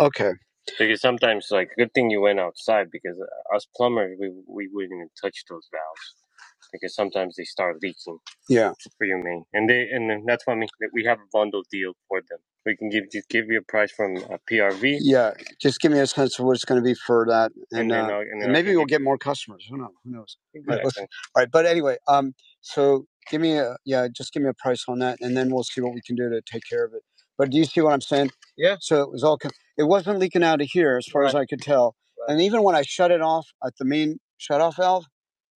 Okay. Yeah. Yeah. Just give me a sense of what it's going to be for that. Get more customers. Who knows? Who knows? All right, but anyway, um, so give me a yeah, just give me a price on that, and then we'll see what we can do to take care of it. But do you see what I'm saying? Yeah. So it was all it wasn't leaking out of here as far right. as Right. I could tell, Right. and even when I shut it off at the main shut off valve,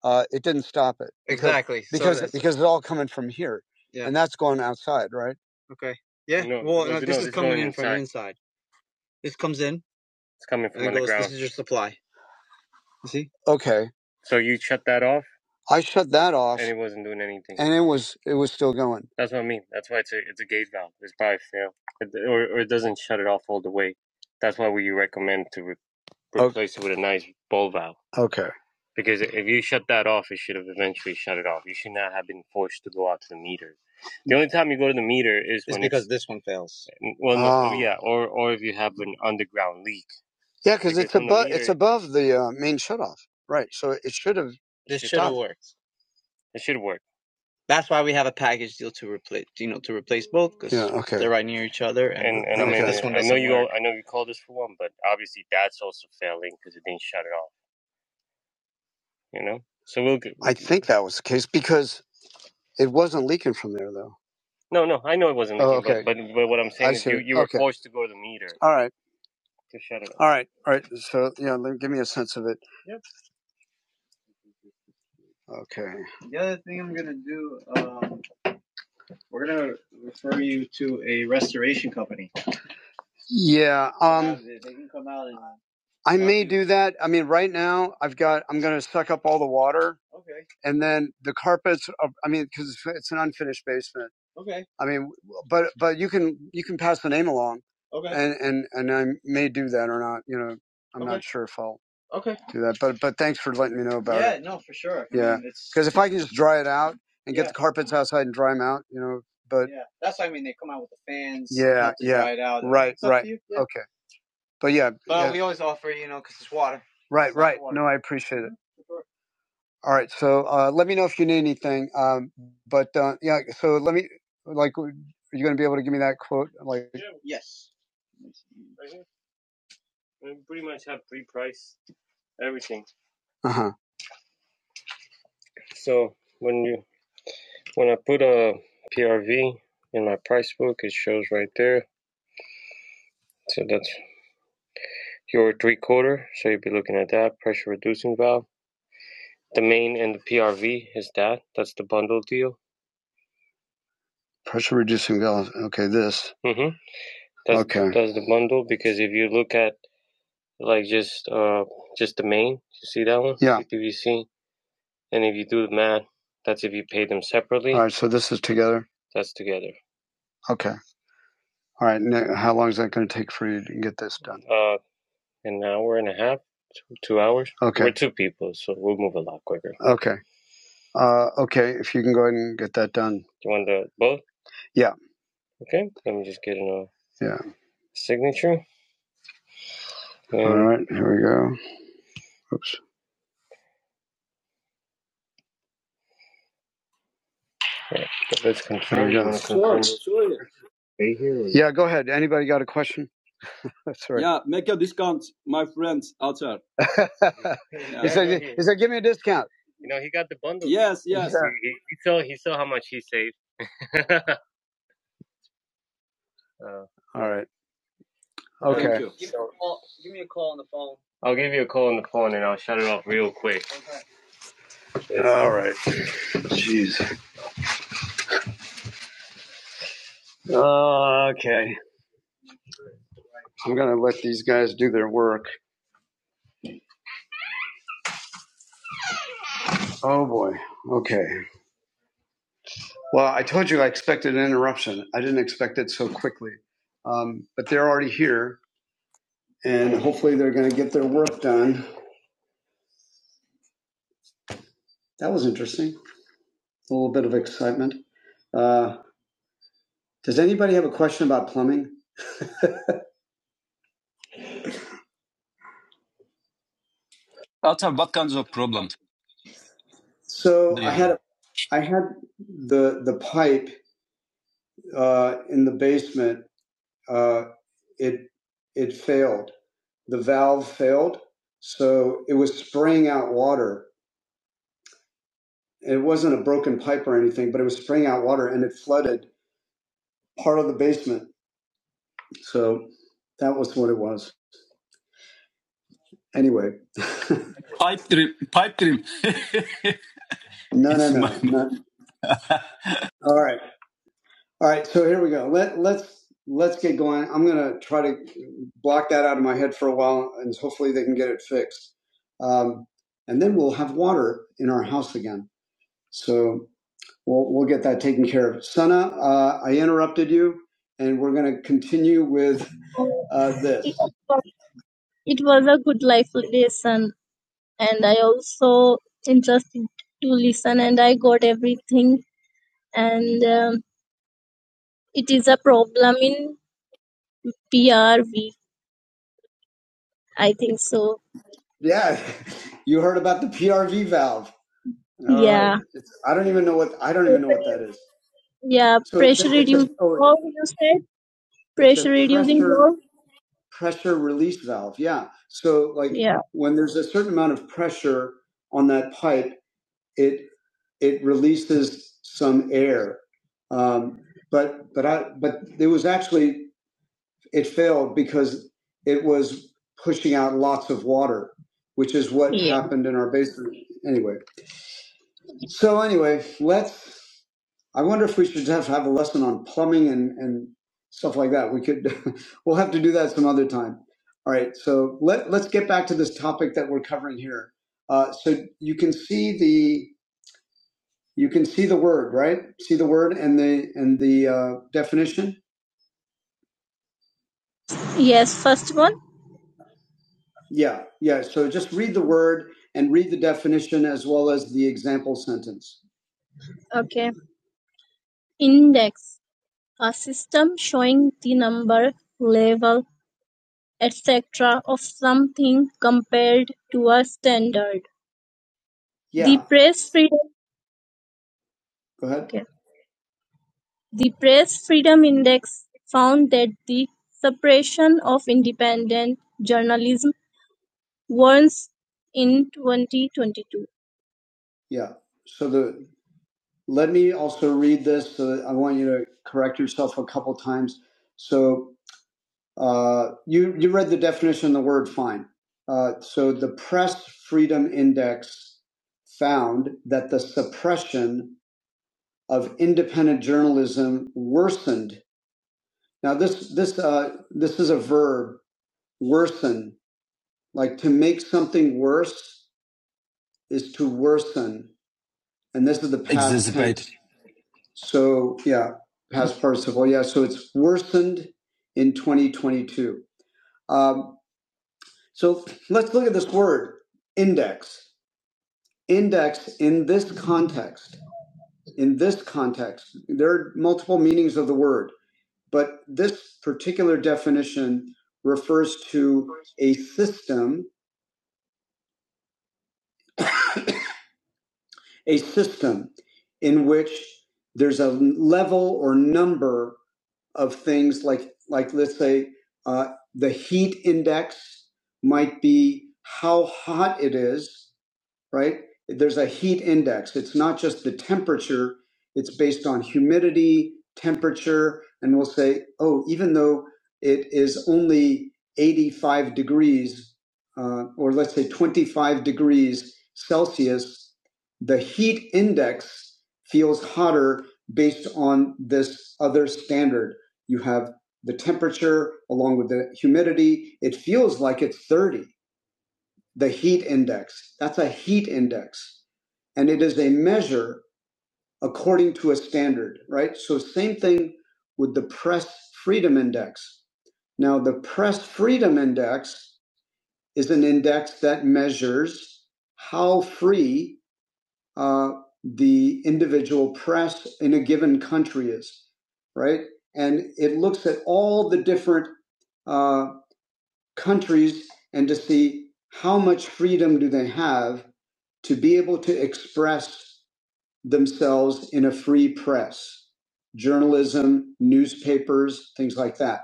uh, it didn't stop it. Exactly. So Because that's- because it's all coming from here. Yeah. And that's going outside, right? Yeah. Outside. It's your supply. You see? Okay. I shut that off, and it was it was still going. Okay. this one fails. Yeah. above the uh, main shutoff. Right. So it should have. This works. That's why we have a package deal to replace, you know, to replace both Yeah. because yeah, Okay. they're right near each other. I think that was the case because it wasn't leaking from there though. All right. All right. All right. So yeah, let, give me a sense of it. Okay. The other thing I'm gonna do, um, we're gonna refer you to a restoration company. Yeah. Um. they can come out and I talk may to you. do that. I mean, right now I've got. I'm going to suck up all the water, Okay. and then the carpets. are- I mean, because it's it's an unfinished basement. Okay. I mean, but but you can you can pass the name along, Okay. and and and I may do that or not. You know, I'm not Okay. sure if I'll Okay. do that. But but thanks for letting me know about it. Yeah, because if I can just dry it out and get Yeah. the carpets outside and dry them out, you know but Yeah, that's what I mean. They come out with the fans. yeah, yeah, dry it out. right, right, Yeah. okay, but yeah, But yeah, we always offer, you know, because it's water. right, It's right. water. No, I appreciate it. Sure. All right, so uh, let me know if you need anything. Um, but uh, yeah, so let me like, are you going to be able to give me that quote? Like, Yes. uh huh. Pressure reducing valves. Okay, this. Yeah. All right, so this is together. Okay. All right. Now, how long is that going to take for you to get this done? Okay. Okay. Uh, okay. If you can go ahead and get that done. Yeah. Yeah. All right, here we go. Oops. Let's confirm. Yeah, go ahead. Anybody got a question? That's right. Yeah, make a discount, my friends out there. (laughs) said, give me a discount. Yes, Yeah. All right. Thank Okay. Thank you. Give so, me a call, give me a call on the phone. Okay. All right. Jeez. Uh, okay. I'm going to let these guys do their work. Oh, boy. Okay. Well, I told you I expected an interruption. I didn't expect it so quickly. Um, but they're already here, and hopefully they're going to get their work done. That was interesting. a little bit of excitement. Uh, does anybody have a question about plumbing? So yeah. I had a, I had the the pipe uh, in the basement. Uh, it it failed. The valve failed, so it was spraying out water. It wasn't a broken pipe or anything, but it was spraying out water, and it flooded part of the basement. So that was what it was. Anyway. (laughs) Pipe dream. Pipe dream. (laughs) No, no, no, no. All right. All right, so here we go. Let let's let's get going. I'm gonna try to block that out of my head for a while, and hopefully they can get it fixed. Um, and then we'll have water in our house again. So we'll we'll get that taken care of. Sana, uh, I interrupted you, and we're gonna continue with uh, this. It was it was a good life lesson, and I also interested to listen, and I got everything. And um, it is a problem in PRV, I think so. Yeah, (laughs) you heard about the PRV valve. All right, Yeah. it's, I don't even know what I don't even know what that is. Yeah, So it's pressure a it's a reducing oh, valve, you said? it's a Pressure reducing pressure valve? pressure release valve. Yeah. So like Yeah. when there's a certain amount of pressure on that pipe, it it releases some air. Um, but but I but it was actually It failed because it was pushing out lots of water, which is what Yeah. happened in our basement. Anyway, so anyway, let's. I wonder if we should have, have a lesson on plumbing and, and stuff like that. We could, (laughs) we'll have to do that some other time. All right, so let, let's get back to this topic that we're covering here. Uh, so you can see the you can see the word right see the word and the and the uh, definition Yes, first one. Yeah, yeah. So just read the word and read the definition as well as the example sentence. Okay. Index, a system showing the number, level, etc. of something compared to a standard. Yeah. The Yeah, press freedom go ahead. Okay. The Press Freedom Index found that the suppression of independent journalism warrants in 2022. Yeah. So the Let me also read this. So that I want you to correct yourself a couple times. So uh, you you read the definition of the word "fine." Uh, so the Press Freedom Index found that the suppression of independent journalism worsened. Now this this uh, this is a verb worsen. Like to make something worse is to worsen, and this is the past tense. Exacerbate. So yeah, past participle. Yeah, so it's worsened in 2022. Um, so let's look at this word index. Index in this context. In this context, there are multiple meanings of the word, but this particular definition refers to a system, a system in which there's a level or number of things like like let's say uh, the heat index might be how hot it is right? There's a heat index. It's not just the temperature, it's based on humidity, temperature, and we'll say, oh, even though it is only 85 degrees, uh, or let's say 25 degrees Celsius, the heat index feels hotter based on this other standard. You have the temperature along with the humidity. It feels like it's 30 the heat index. That's a heat index. And it is a measure according to a standard, right? So, same thing with the press freedom index. Now, the press freedom index is an index that measures how free uh, the individual press in a given country is, right? And it looks at all the different uh, countries and to see how much freedom do they have to be able to express themselves in a free press, journalism, newspapers, things like that.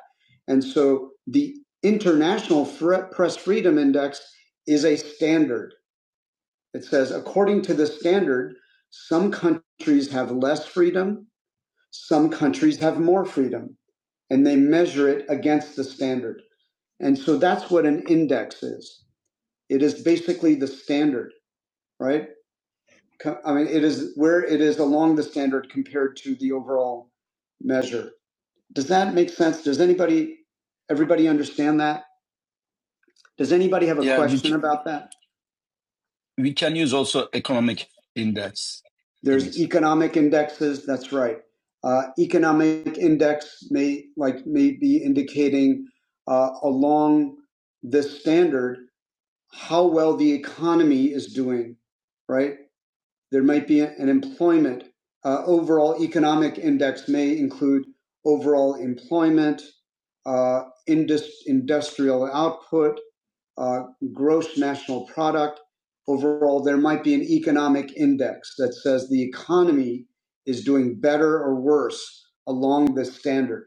And so the International Fre- Press Freedom Index is a standard. It says, according to the standard, some countries have less freedom, some countries have more freedom, and they measure it against the standard. And so that's what an index is. It is basically the standard, right? I mean, it is where it is along the standard compared to the overall measure. Does that make sense? Does anybody, everybody understand that? Does anybody have a Yeah, question c- about that? we can use also economic index There's it. economic indexes. That's right. Uh, economic index may like may be indicating uh, along this standard how well the economy is doing, right? there might be an employment. Uh, overall economic index may include overall employment, uh, indus- industrial output, uh, gross national product. Overall, there might be an economic index that says the economy is doing better or worse along this standard,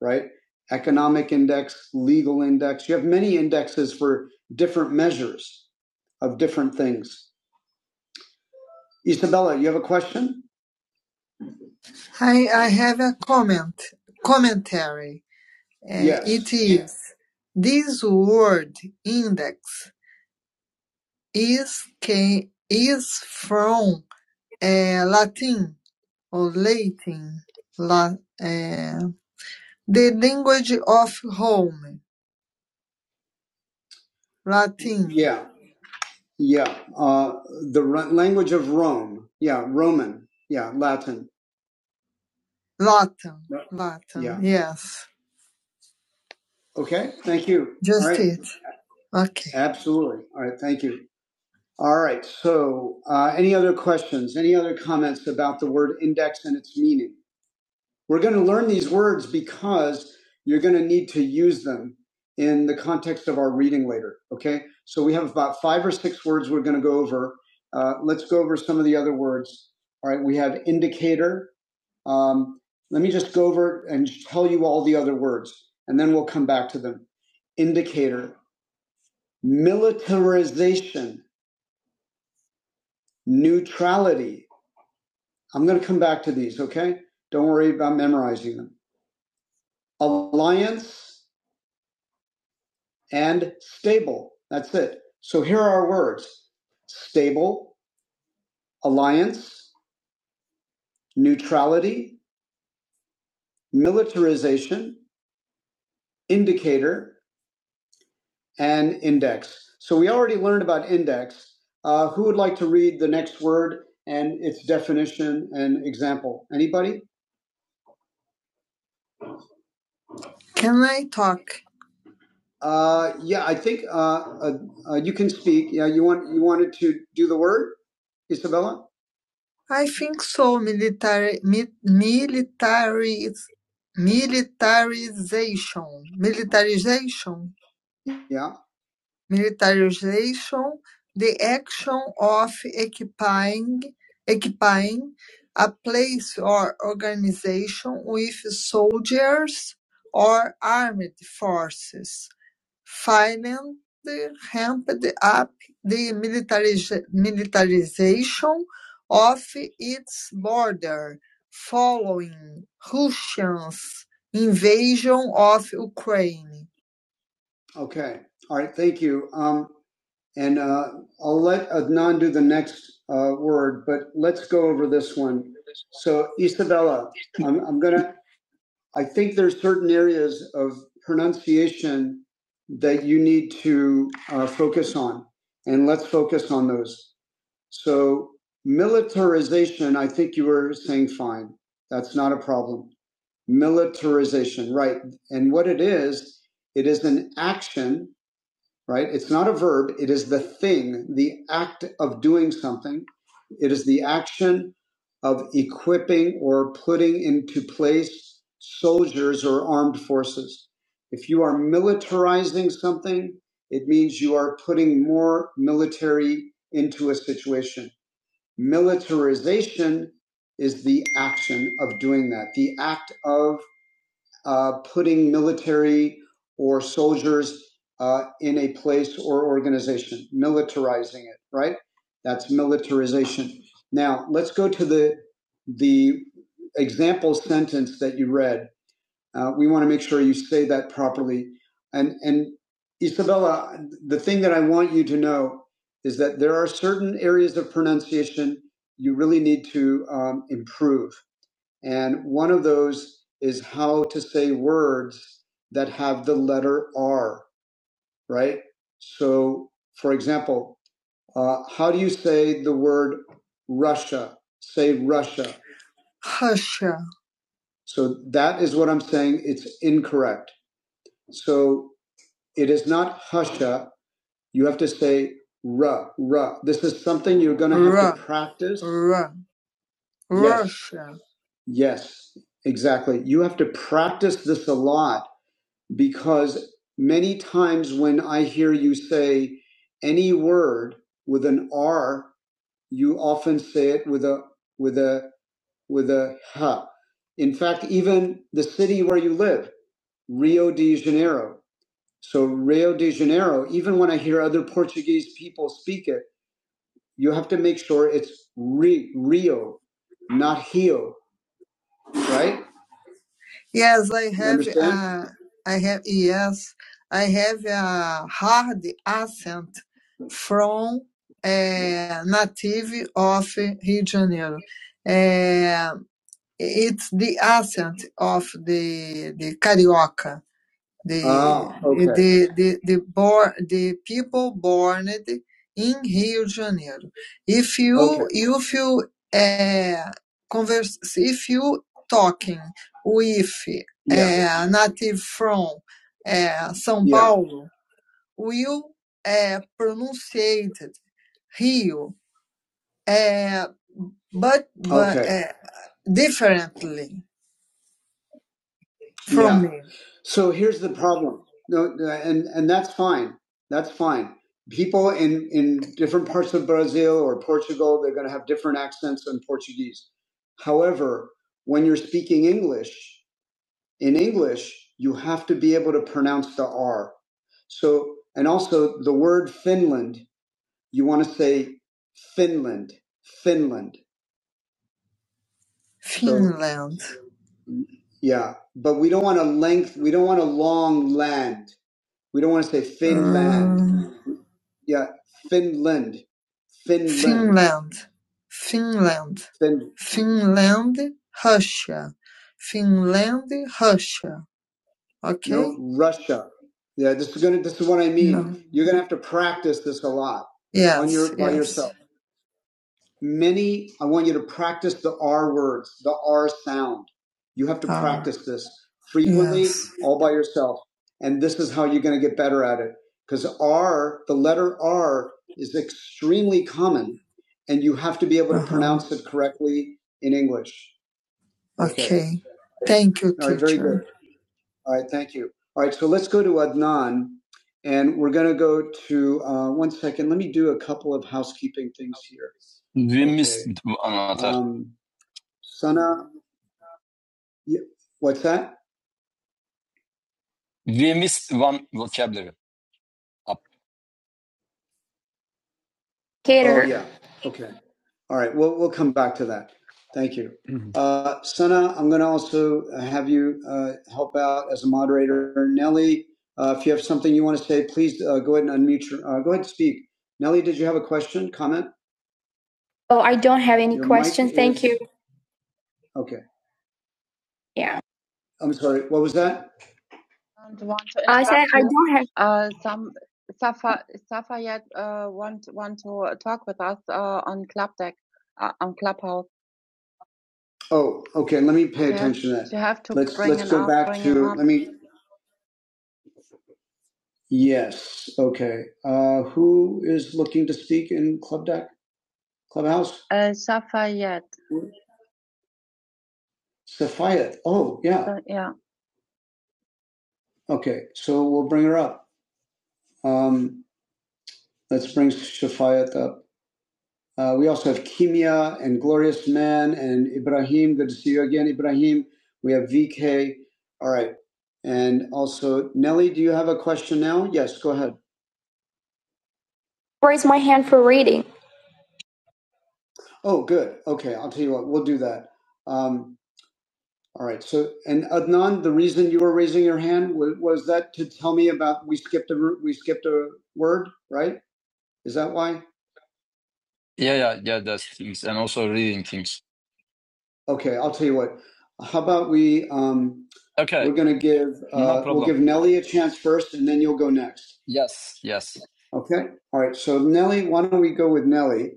right? Economic index, legal index. You have many indexes for different measures of different things. Isabella, you have a question? I I have a comment, commentary. Uh, it Yes. it is this word index is ca- is from uh, Latin or Latin, la, uh, the language of Rome, Latin. Yeah. Yeah. Uh, the r- language of Rome. Yeah. Roman. Yeah. Latin. Latin, Right. Latin, Yeah. yes, Okay. Thank you. All just right. it. Okay. Absolutely. All right. Thank you. All right. So, uh, any other questions? Any other comments about the word index and its meaning? We're going to learn these words because you're going to need to use them in the context of our reading later. Okay. So, we have about five or six words we're going to go over. Uh, let's go over some of the other words. All right. We have indicator. Um, let me just go over and tell you all the other words, and then we'll come back to them indicator militarization, neutrality. I'm going to come back to these, okay? Don't worry about memorizing them. Alliance and stable. That's it. So here are our words stable, alliance, neutrality, militarization, indicator, and index. So we already learned about index. Uh, who would like to read the next word and its definition and example? Anybody? Can I talk? Uh, yeah, I think uh, uh, uh, you can speak. Yeah, you want you wanted to do the word, Isabella? I think so. Military, mi- militariz, militarization, militarization. Yeah. Militarization, the action of equipping, equipping a place or organization with soldiers or armed forces. Finland ramped up the militariz- militarization of its border following Russia's invasion of Ukraine. Okay. All right. Thank you. Um, and uh, I'll let Adnan do the next uh, word, but let's go over this one. So, Isabella, (laughs) I'm, I'm going to I think there's certain areas of pronunciation that you need to uh, focus on, and let's focus on those. So militarization, I think you were saying fine. That's not a problem. Militarization, right? And what it is, it is an action right? It's not a verb. It is the thing, the act of doing something. It is the action of equipping or putting into place soldiers or armed forces. If you are militarizing something, it means you are putting more military into a situation. Militarization is the action of doing that, the act of uh, putting military or soldiers uh, in a place or organization, militarizing it, right? That's militarization. Now let's go to the the example sentence that you read. Uh, we want to make sure you say that properly. And and Isabella, the thing that I want you to know is that there are certain areas of pronunciation you really need to um, improve and one of those is how to say words that have the letter R, right? So, for example, uh, how do you say the word Russia? Say Russia. Husha. So that is what I'm saying. It's incorrect. So it is not husha. You have to say ra ra. This is something you're going to have to Ra. practice. Ra. Yes. Russia. Yes, exactly. You have to practice this a lot because many times when I hear you say any word with an R, you often say it with a with a with a H. In fact, even the city where you live, Rio de Janeiro. So Rio de Janeiro, even when I hear other Portuguese people speak it, you have to make sure it's Ri- Rio, not Rio, right? Yes, I You have understand? uh I have yes, I have a hard accent from a native of Rio de Janeiro. Uh, it's the accent of the the Carioca. The Ah, okay. the the the born the people born in Rio de Janeiro. If you Okay. if you uh, converse if you talking with Yeah. uh, native from uh, São Yeah. Paulo, will uh, pronunciate Rio, uh, but but Okay. uh, differently. from yeah. me. So here's the problem. No, no, and and that's fine. That's fine. People in in different parts of Brazil or Portugal, they're going to have different accents in Portuguese. However, when you're speaking English, in English, you have to be able to pronounce the R. So, and also the word Finland, you want to say Finland, Finland. So- Finland. So, yeah, but we don't want a length. We don't want a long land. We don't want to say Finland. Mm, Yeah, Finland. Finland. Finland, Finland, Fin- Finland, Russia, Finland, Russia. Okay. no, Okay? Russia. Yeah, this is gonna. This is what I mean. No. You're gonna have to practice this a lot Yes, on your Yes, by yes. yourself many i want you to practice the r words the r sound you have to uh, practice this frequently yes. all by yourself and this is how you're going to get better at it because r the letter r is extremely common and you have to be able to uh-huh. pronounce it correctly in english Okay. okay. Thank you, teacher. All right, Very good. All right, thank you. All right, so let's go to Adnan, and we're going to go to uh, one second. Let me do a couple of housekeeping things here. We okay. missed one Um, Sana, yeah, what's that? We missed one vocabulary. Cater. Oh, yeah. Okay. All right. We'll, we'll come back to that. Thank you. Mhm. Uh, Sana, I'm going to also uh, have you uh, help out as a moderator. Nelly, uh, if you have something you want to say, please uh, go ahead and unmute your, uh, go ahead and speak. Nelly, did you have a question, comment? Oh, I don't have any Your mic questions. Is, Thank you. Okay. Yeah. I'm sorry. What was that? I want to I said I don't have. Uh, some Safa Safa yet. uh, Want want to talk with us on on Club Deck uh, on Clubhouse. Oh, okay. Let me pay Yeah, attention to that. you have to let's bring let's him go up, back bring him to up. let me. Yes. Okay. Uh, who is looking to speak in Club Deck Clubhouse? Uh, Safa yet. Safayat. Oh, yeah. So, yeah. Okay. So we'll bring her up. Um, let's bring Safayat up. Uh, we also have Kimia and Glorious Man and Ibrahim. Good to see you again, Ibrahim. We have VK. All right. And also, Nelly, do you have a question now? Yes, go ahead. raise my hand for reading. Oh, good. Okay, I'll tell you what, we'll do that. Um, all right. So, and Adnan, the reason you were raising your hand was, was that to tell me about we skipped a ru- we skipped a word, right? Is that why? Yeah, yeah, yeah. That's things, and also reading things. Okay, I'll tell you what. How about we? Um, Okay. We're going to give. Uh, no we'll give Nelly a chance first, and then you'll go next. Yes. Yes. Okay. All right. So Nelly, why don't we go with Nelly?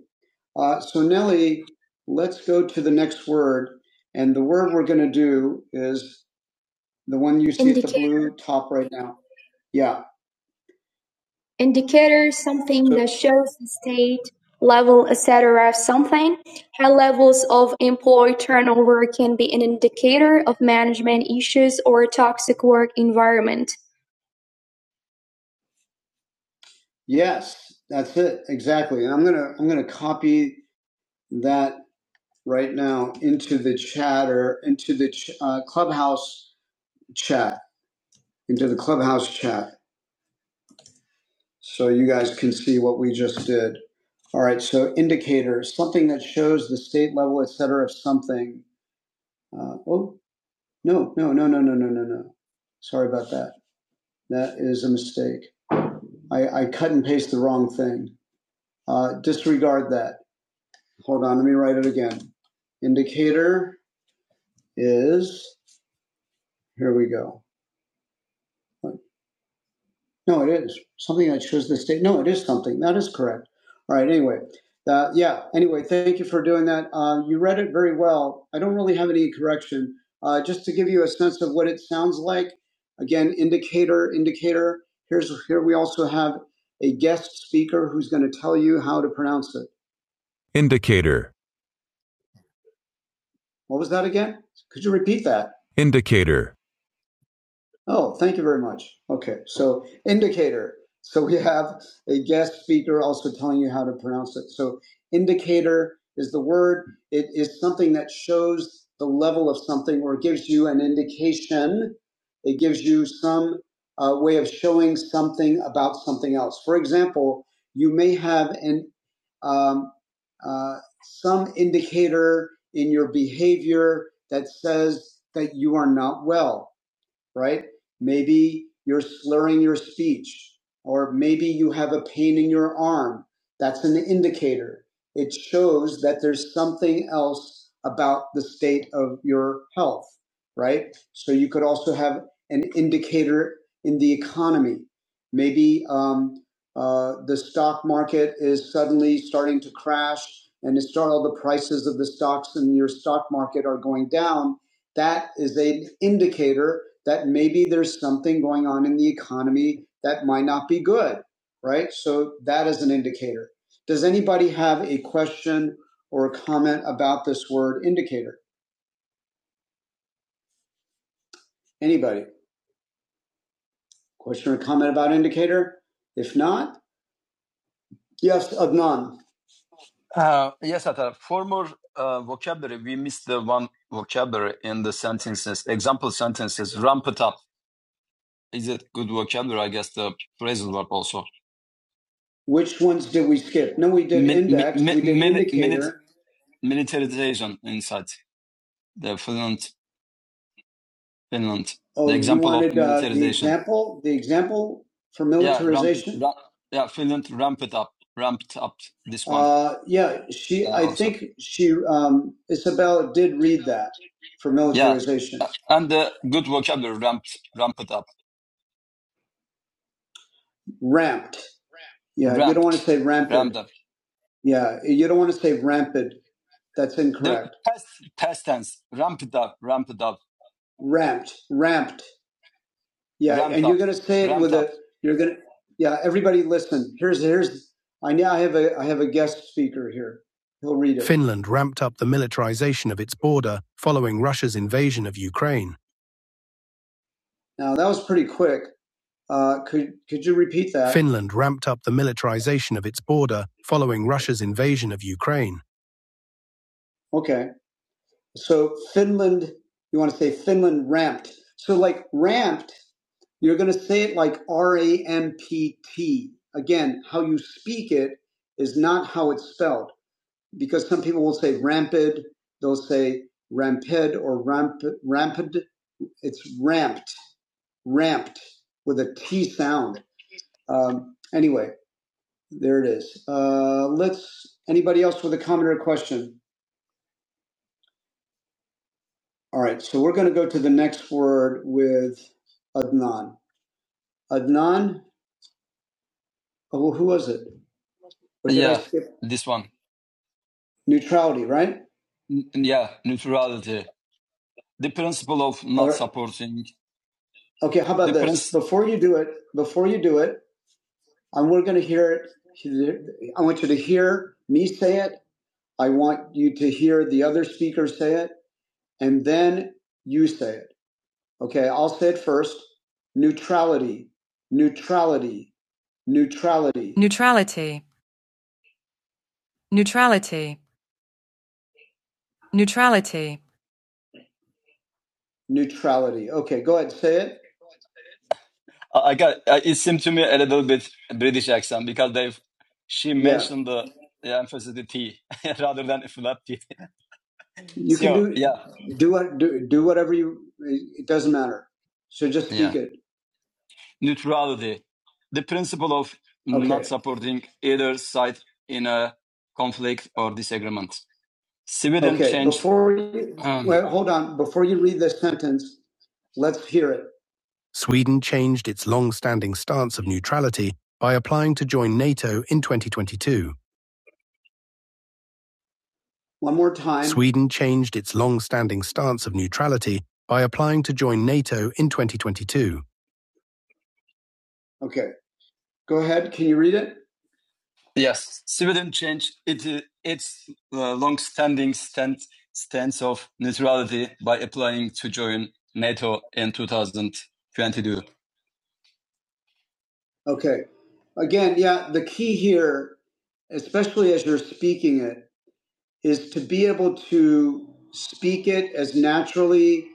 Uh, so Nelly, let's go to the next word, and the word we're going to do is the one you see indicator. at the blue top right now. Yeah indicators, something So, that shows the state level, etc. of something. High levels of employee turnover can be an indicator of management issues or a toxic work environment. Yes, that's it exactly. And I'm gonna I'm gonna copy that right now into the chat or into the ch- uh, clubhouse chat, into the clubhouse chat. so you guys can see what we just did. All right, so indicators, something that shows the state level, et cetera, of something. Uh, oh, no, no, no, no, no, no, no, no. Sorry about that. That is a mistake. I, I cut and paste the wrong thing. Uh, disregard that. Hold on, let me write it again. Indicator is, here we go. No, it is something that shows the state. No, it is something that is correct. All right. Anyway, uh, yeah. Anyway, thank you for doing that. Uh, you read it very well. I don't really have any correction. Uh, just to give you a sense of what it sounds like. Again, indicator, indicator. Here's here we also have a guest speaker who's going to tell you how to pronounce it. What was that again? Could you repeat that? Indicator. Oh, thank you very much. Okay, so indicator. So we have a guest speaker also telling you how to pronounce it. So indicator is the word. It is something that shows the level of something or gives you an indication. It gives you some uh, way of showing something about something else. For example, you may have an um, uh, some indicator in your behavior that says that you are not well right? Maybe you're slurring your speech, or maybe you have a pain in your arm. That's an indicator. It shows that there's something else about the state of your health, right? So you could also have an indicator in the economy. Maybe um, uh, the stock market is suddenly starting to crash, and it's start all the prices of the stocks in your stock market are going down that is an indicator that maybe there's something going on in the economy that might not be good, right? So that is an indicator. Does anybody have a question or a comment about this word indicator? Anybody? Question or comment about indicator? If not, yes, Adnan. Uh, yes, Atar. For more uh, vocabulary, we missed the one vocabulary in the sentences. Example sentences, ramp it up. Is it good vocabulary? I guess the phrasal verb also. Which ones did we skip? No, we did Min, index, min, we did min, minute, indicator. Min, militarization inside the Finland, Finland. The Oh, you example of wanted of uh, the militarization. example, the example for Yeah, ramp, militarization? ramp, yeah, Finland ramped it up, ramped up this one Uh, yeah, she, uh, I also. think she, um, Isabel did read that for Yeah, militarization. uh, and the good vocabulary ramped, ramped up, Ramped. Yeah, you don't want to ramped, say ramped rampant. ramped up. Yeah, you don't want to say rampant. That's incorrect. past, past tense, ramped up, ramped up, Ramped, ramped. Yeah, ramped and up. you're gonna say it ramped with up. a. You're gonna. Yeah, everybody, listen. Here's here's. I now have a I have a guest speaker here. He'll read it. Finland ramped up the militarization of it, following Russia's invasion of Ukraine. Now that was pretty quick. Uh, could could you repeat that? Finland Okay. So Finland, you want to say Finland ramped. So like ramped, you're going to say it like R A M P T. Again, how you speak it is not how it's spelled because some people will say rampid, they'll say rampid or ramp, rampid. It's ramped, ramped with a T sound. Um, anyway, there it is. Uh, let's, anybody else with a comment or a question? All right, so we're going to go to the next word with Adnan. Adnan, oh, well, who was it? Or did I Yeah, skip? this one. Neutrality, right? N- yeah, neutrality. The principle of not All not right. supporting. Okay, how about the this? princi- before you do it, before you do it, and we're going to hear it. I want you to hear me say it. I want you to hear the other speaker say it, and then you say it. Okay, I'll say it first. Neutrality. Neutrality Neutrality. Neutrality. Neutrality. Neutrality. Neutrality. Okay, go ahead, say it. I I got I- it seemed to me a little bit British accent because they have she Yeah. mentioned the, the Yeah, emphasis the T (laughs) rather than a flat T. You so, can So do yeah, do what do, do whatever you it doesn't matter. So just speak yeah. it. Neutrality, the principle of okay. not Okay. supporting either side in a conflict or disagreement. Civilian okay, changed. Before you, Um, well, hold on. Before you read this sentence, let's hear it changed its long-standing stance of neutral by applying to join NATO in 2022. one more time. Sweden changed its long-standing stance of neutrality by applying to join NATO in 2022. Okay, go ahead. Can you read it? Yes, Sweden changed it, uh, its uh, long-standing stand, stance of neutrality by applying to join NATO in 2022. Okay. Again, yeah, the key here, especially as you're speaking it, is to be able to speak it as naturally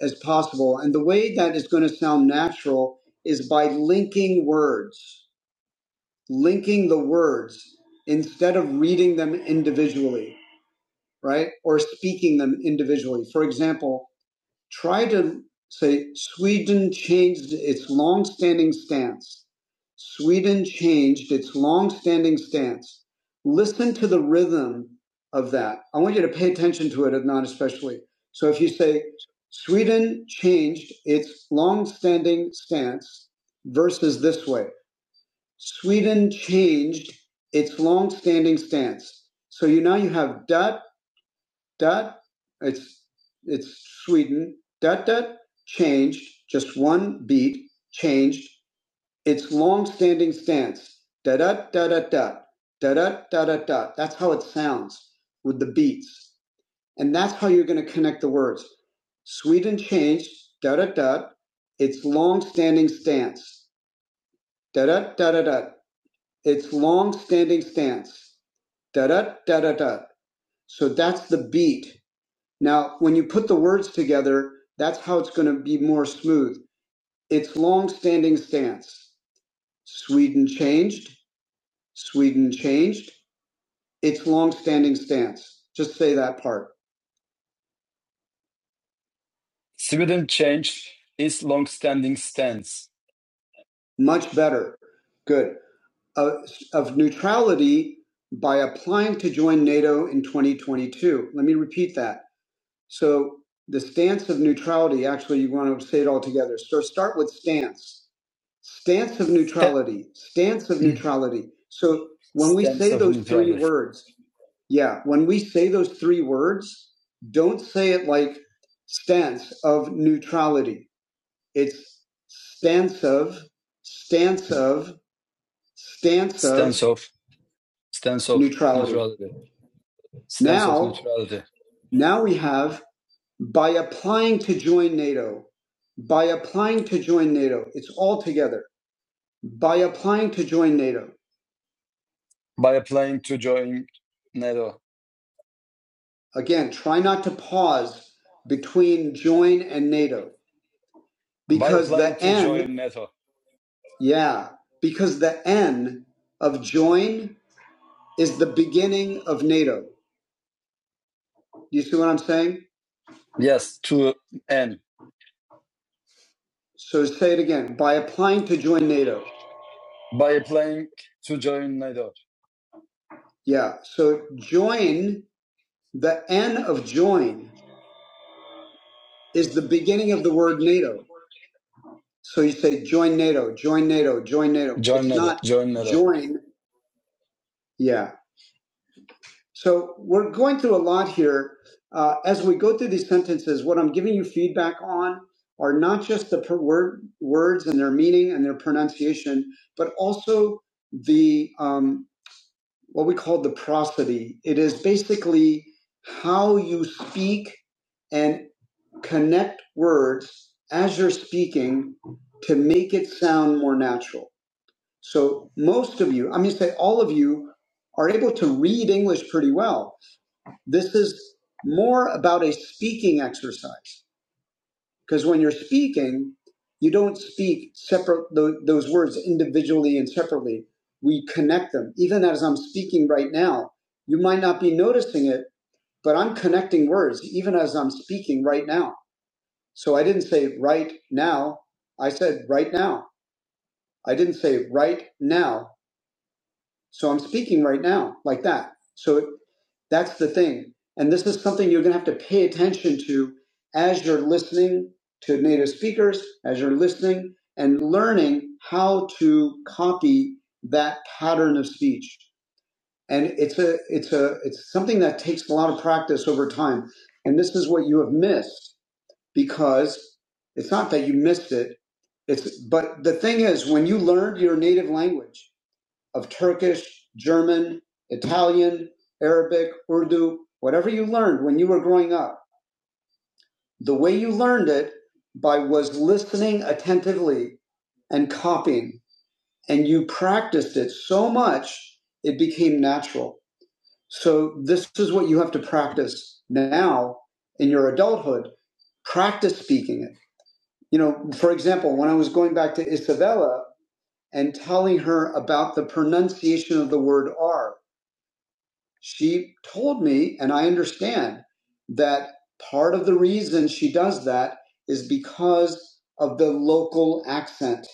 as possible. And the way that is going to sound natural is by linking words, linking the words instead of reading them individually, right? Or speaking them individually. For example, try to say Sweden changed its long-standing stance. Sweden changed its long-standing stance. Listen to the rhythm of that. I want you to pay attention to it, if not especially. So if you say Sweden changed its long-standing stance versus this way, Sweden changed its long-standing stance. So you now you have dot Dot. it's it's Sweden. Dot dot. changed just one beat. Changed its long-standing stance. Da da da da da da da da da da. That's how it sounds with the beats, and that's how you're going to connect the words. Sweden changed da da da its long-standing stance. Da da da da da. Its long-standing stance. Da da da da da. So that's the beat now, when you put the words together, that's how it's going to be more smooth. It's long-standing stance. Sweden changed. Sweden changed. It's long-standing stance. Just say that part. Change is long-standing stance. Much better. Good. Uh, of neutrality by applying to join NATO in 2022. Let me repeat that. So the stance of neutrality, actually, you want to say it all together. So start with stance Stance of neutrality. Stance of neutrality. So when we say those three words, yeah, when we say those three words, don't say it like stance of neutrality. It's stance of, stance of, stance of stance of, stance of of neutrality. Stance now, of neutrality. now we have by applying to join NATO, by applying to join NATO, it's all together. By applying to join NATO. by applying to join NATO. Again, try not to pause between join and NATO because by the N, join NATO. yeah, because the N of join is the beginning of NATO. You see what I'm saying? Yes, to N. So say it again. By applying to join NATO. By applying to join NATO. Yeah. So join, the N of join is the beginning of the word NATO. So you say join NATO, join NATO, join NATO. Join It's NATO. not Join NATO. join. Yeah. So we're going through a lot here. Uh, as we go through these sentences, what I'm giving you feedback on are not just the per- word, words and their meaning and their pronunciation, but also the um, what we call the prosody. It is basically how you speak and connect words as you're speaking to make it sound more natural So most of you, i mean, say all of you, are able to read English pretty well. This is more about a speaking exercise because when you're speaking, you don't speak separate tho- those words individually and separately. We connect them. Even as I'm speaking right now, you might not be noticing it, but I'm connecting words even as I'm speaking right now. So I didn't say right now. I said right now. I didn't say right now. So I'm speaking right now like that. So it, that's the thing. And this is something you're going to have to pay attention to as you're listening to native speakers, as you're listening and learning how to copy that pattern of speech. And it's a, it's a, it's something that takes a lot of practice over time. And this is what you have missed because it's not that you missed it. It's, but the thing is, when you learned your native language, of Turkish, German, Italian, Arabic, Urdu, whatever you learned when you were growing up, the way you learned it by was listening attentively and copying. And you practiced it so much, it became natural. So this is what you have to practice now in your adulthood. Practice speaking it. You know, for example, when I was going back to Isabella and telling her about the pronunciation of the word R, She told me, and I understand, that part of the reason she does that is because of the local accent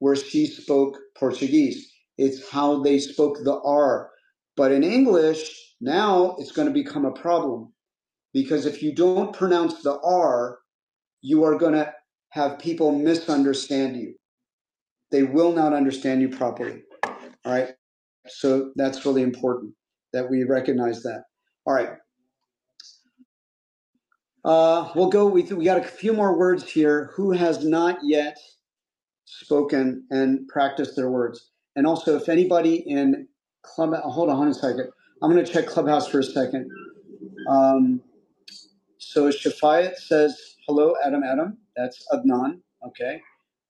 where she spoke Portuguese. It's how they spoke the R. But in English, now it's going to become a problem because if you don't pronounce the R, you are going to have people misunderstand you. They will not understand you properly. All right. So that's really important that we recognize that. All right. Uh, we'll go. We we got a few more words here. Who has not yet spoken and practiced their words? And also, if anybody in club, oh, hold on a second. I'm going to check Clubhouse for a second. Um, so Shafayat says hello, Adam. Adam, that's Adnan. Okay,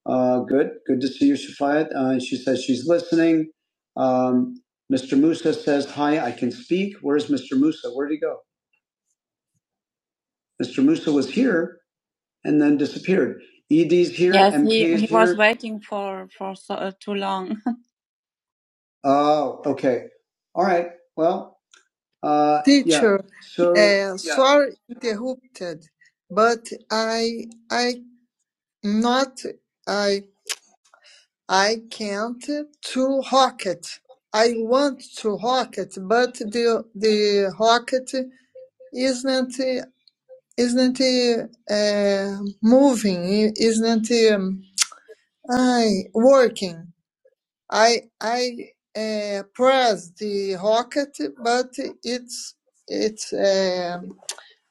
uh, good. Good to see you, Shafayat. Uh, she says she's listening. Um, Mr. Musa says hi. I can speak. Where's Mr. Musa? Where'd he go? Mr. Musa was here. and then disappeared. ED's here. Yes, and he, P he was here. waiting for for so, uh, too long. (laughs) Oh, okay. All right. Well, uh, yeah. teacher. So, uh, yeah. sorry interrupted, but I I not I I can't to rocket. I want to rocket, but the the rocket isn't isn't uh, moving. Isn't. Um, I working. I I uh, press the rocket, but it's it's um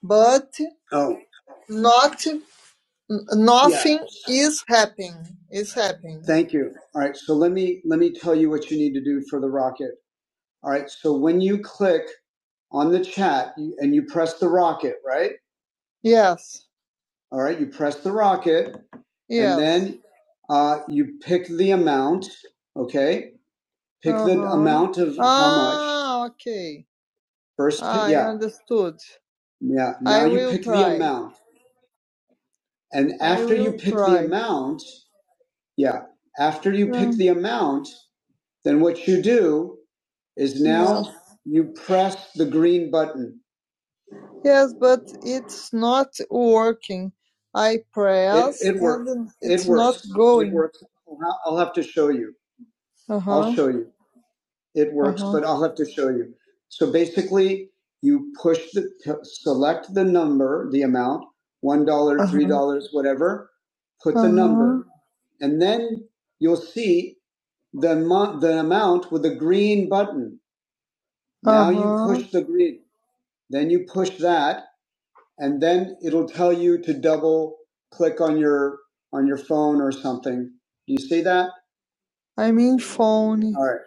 but Oh, not n- yeah. nothing is happening. Is happening. Thank you. All right. So let me let me tell you what you need to do for the rocket. All right. So when you click on the chat you- and you press the rocket, right? Yes, All right. You press the rocket, and yes, then uh, you pick the amount. Okay. Pick the Uh-huh. the amount of ah, how much. Ah, okay. First, pick, I yeah, understood. yeah. I Now I you will pick try. the amount, and after you will pick try. the amount, yeah, after you yeah. pick Mm, the amount, then what you do is Yes. now yes. you press the green button. Yes, but it's not working. I press it it works. and It it's not going. It works. I'll have to show you. Uh huh. I'll huh. show you. it works, uh-huh. but I'll have to show you. So basically, you push the select the number, the amount, one dollar, uh-huh. three dollars, whatever. Put uh-huh. the number, and then you'll see the amount, the amount with the green button. Now uh-huh. you push the green, then you push that, and then it'll tell you to double click on your on your phone or something. Do you see that? I mean phone, All right.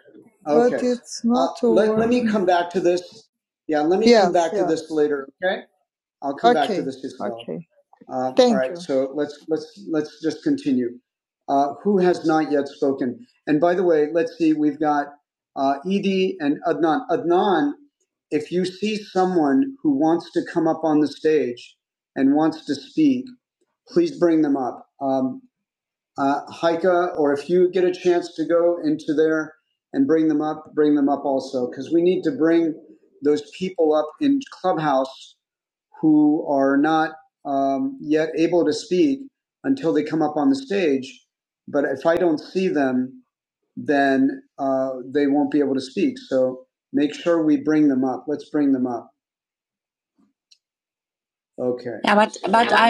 but Okay. But it's Uh, not uh, let, let me come back to this. Yeah, let me come Yes, come back yes. to yes. this later. Okay. I'll come okay. back to Okay, this as well. okay. Uh, Thank all right. you. So let's let's let's just continue. Uh, who has not yet spoken? And by the way, let's see. We've got uh, Edie and Adnan. Adnan, if you see someone who wants to come up on the stage and wants to speak, please bring them up. Um, uh, Heike, or if you get a chance to go into there and bring them up, bring them up also, because we need to bring those people up in Clubhouse who are not um, yet able to speak until they come up on the stage. But if I don't see them, then uh, they won't be able to speak. So make sure we bring them up. Let's bring them up. Okay. Yeah, but I,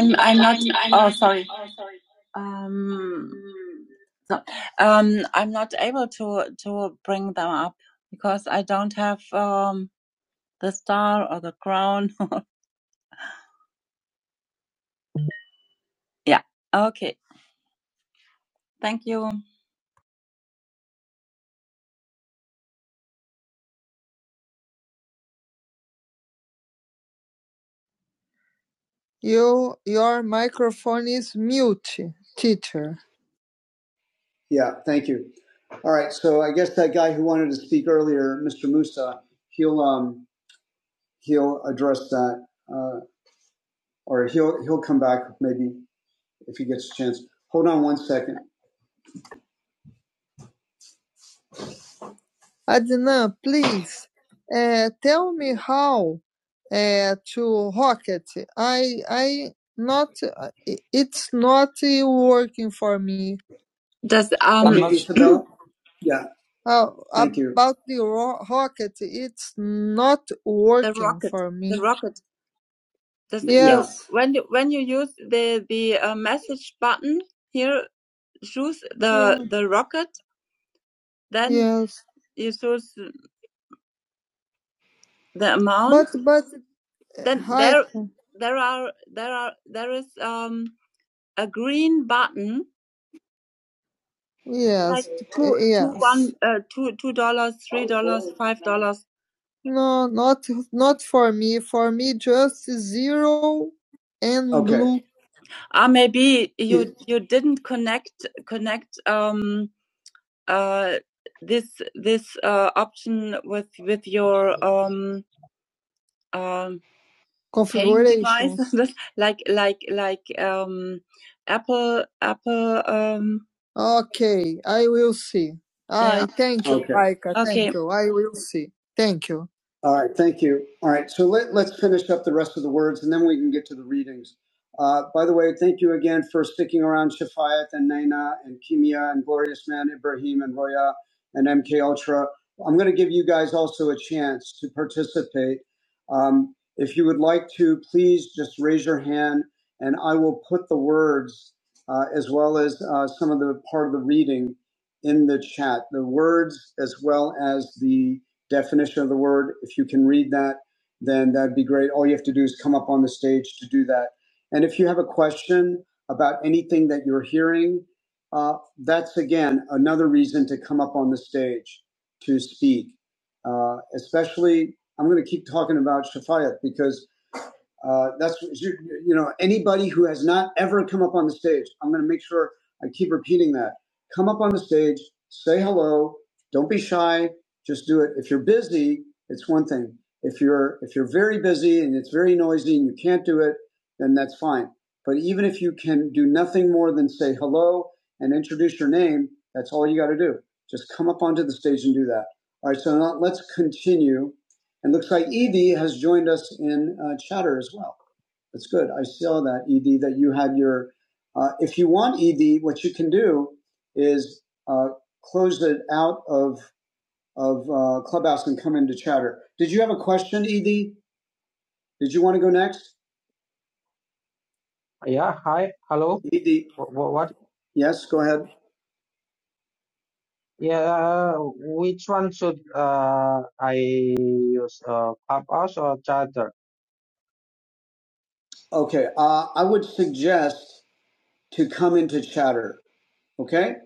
Thank you. You your microphone is mute, teacher. Yeah, thank you. All right, so I guess that guy who wanted to speak earlier, Mr. Musa, he'll um he'll address that, uh, or he'll he'll come back maybe if he gets a chance. Hold on one second. Adnan, please uh, tell me how uh, to rocket. I I not it's not uh, working for me. Does um (clears throat) Okay, Yeah, Oh, thank you. about the ro- rocket, it's not The working rocket. for The me. rocket. Yeah, No. Yes. When you when you use a message button here, choose the yeah, then yes. amount. But but uh, Then I there can. like Yes, two two, two yes. one three dollars. No, not not for me. For me, just zero and Okay. blue. Ah, maybe you Ye- you didn't connect connect. Um. uh, this this uh, option with with your um, um, configuration. device, (laughs) like like like um, Apple Apple. Um, Okay, I will see. Ah, Yeah. thank you, Okay. Aika. okay, Thank okay. you. I will see. Thank you. All right, thank you. All right, so let, let's finish up the rest of the words and then we can get to the readings. Uh, by the way, thank you again for sticking around Shafayat and Naina and Kimia and Glorious Man Ibrahim and Roya and MK Ultra. I'm going to give you guys also a chance to participate. Um, if you would like to, please just raise your hand and I will put the words uh, as well as uh, some of the part of the reading in the chat. The words as well as the definition of the word. If you can read that, then that'd be great. All you have to do is come up on the stage to do that. And if you have a question about anything that you're hearing, uh, that's again another reason to come up on the stage to speak, uh, especially I'm going to keep talking about Shafayat because uh, that's you, you know anybody who has not ever come up on the stage. I'm going to make sure I keep repeating that. Come up on the stage, say hello. Don't be shy. Just do it. If you're busy, it's one thing. If you're if you're very busy and it's very noisy and you can't do it, then that's fine. But even if you can do nothing more than say hello and introduce your name, that's all you got to do. Just come up onto the stage and do that. All right. So now let's continue and looks like Edie has joined us in uh, chatter as well. That's good. I saw that, Edie, that you had your. Uh, if you want, Edie, what you can do is uh, close it out of of uh, Clubhouse and come into chatter. Did you have a question, Edie? Did you want to go next?
Yeah, hi, hello.
Edie?
What, what?
Yes, go ahead.
Yeah, which one should uh I use? Uh, Clubhouse or Charter?
Okay. Uh, I would suggest to come into chatter. Okay.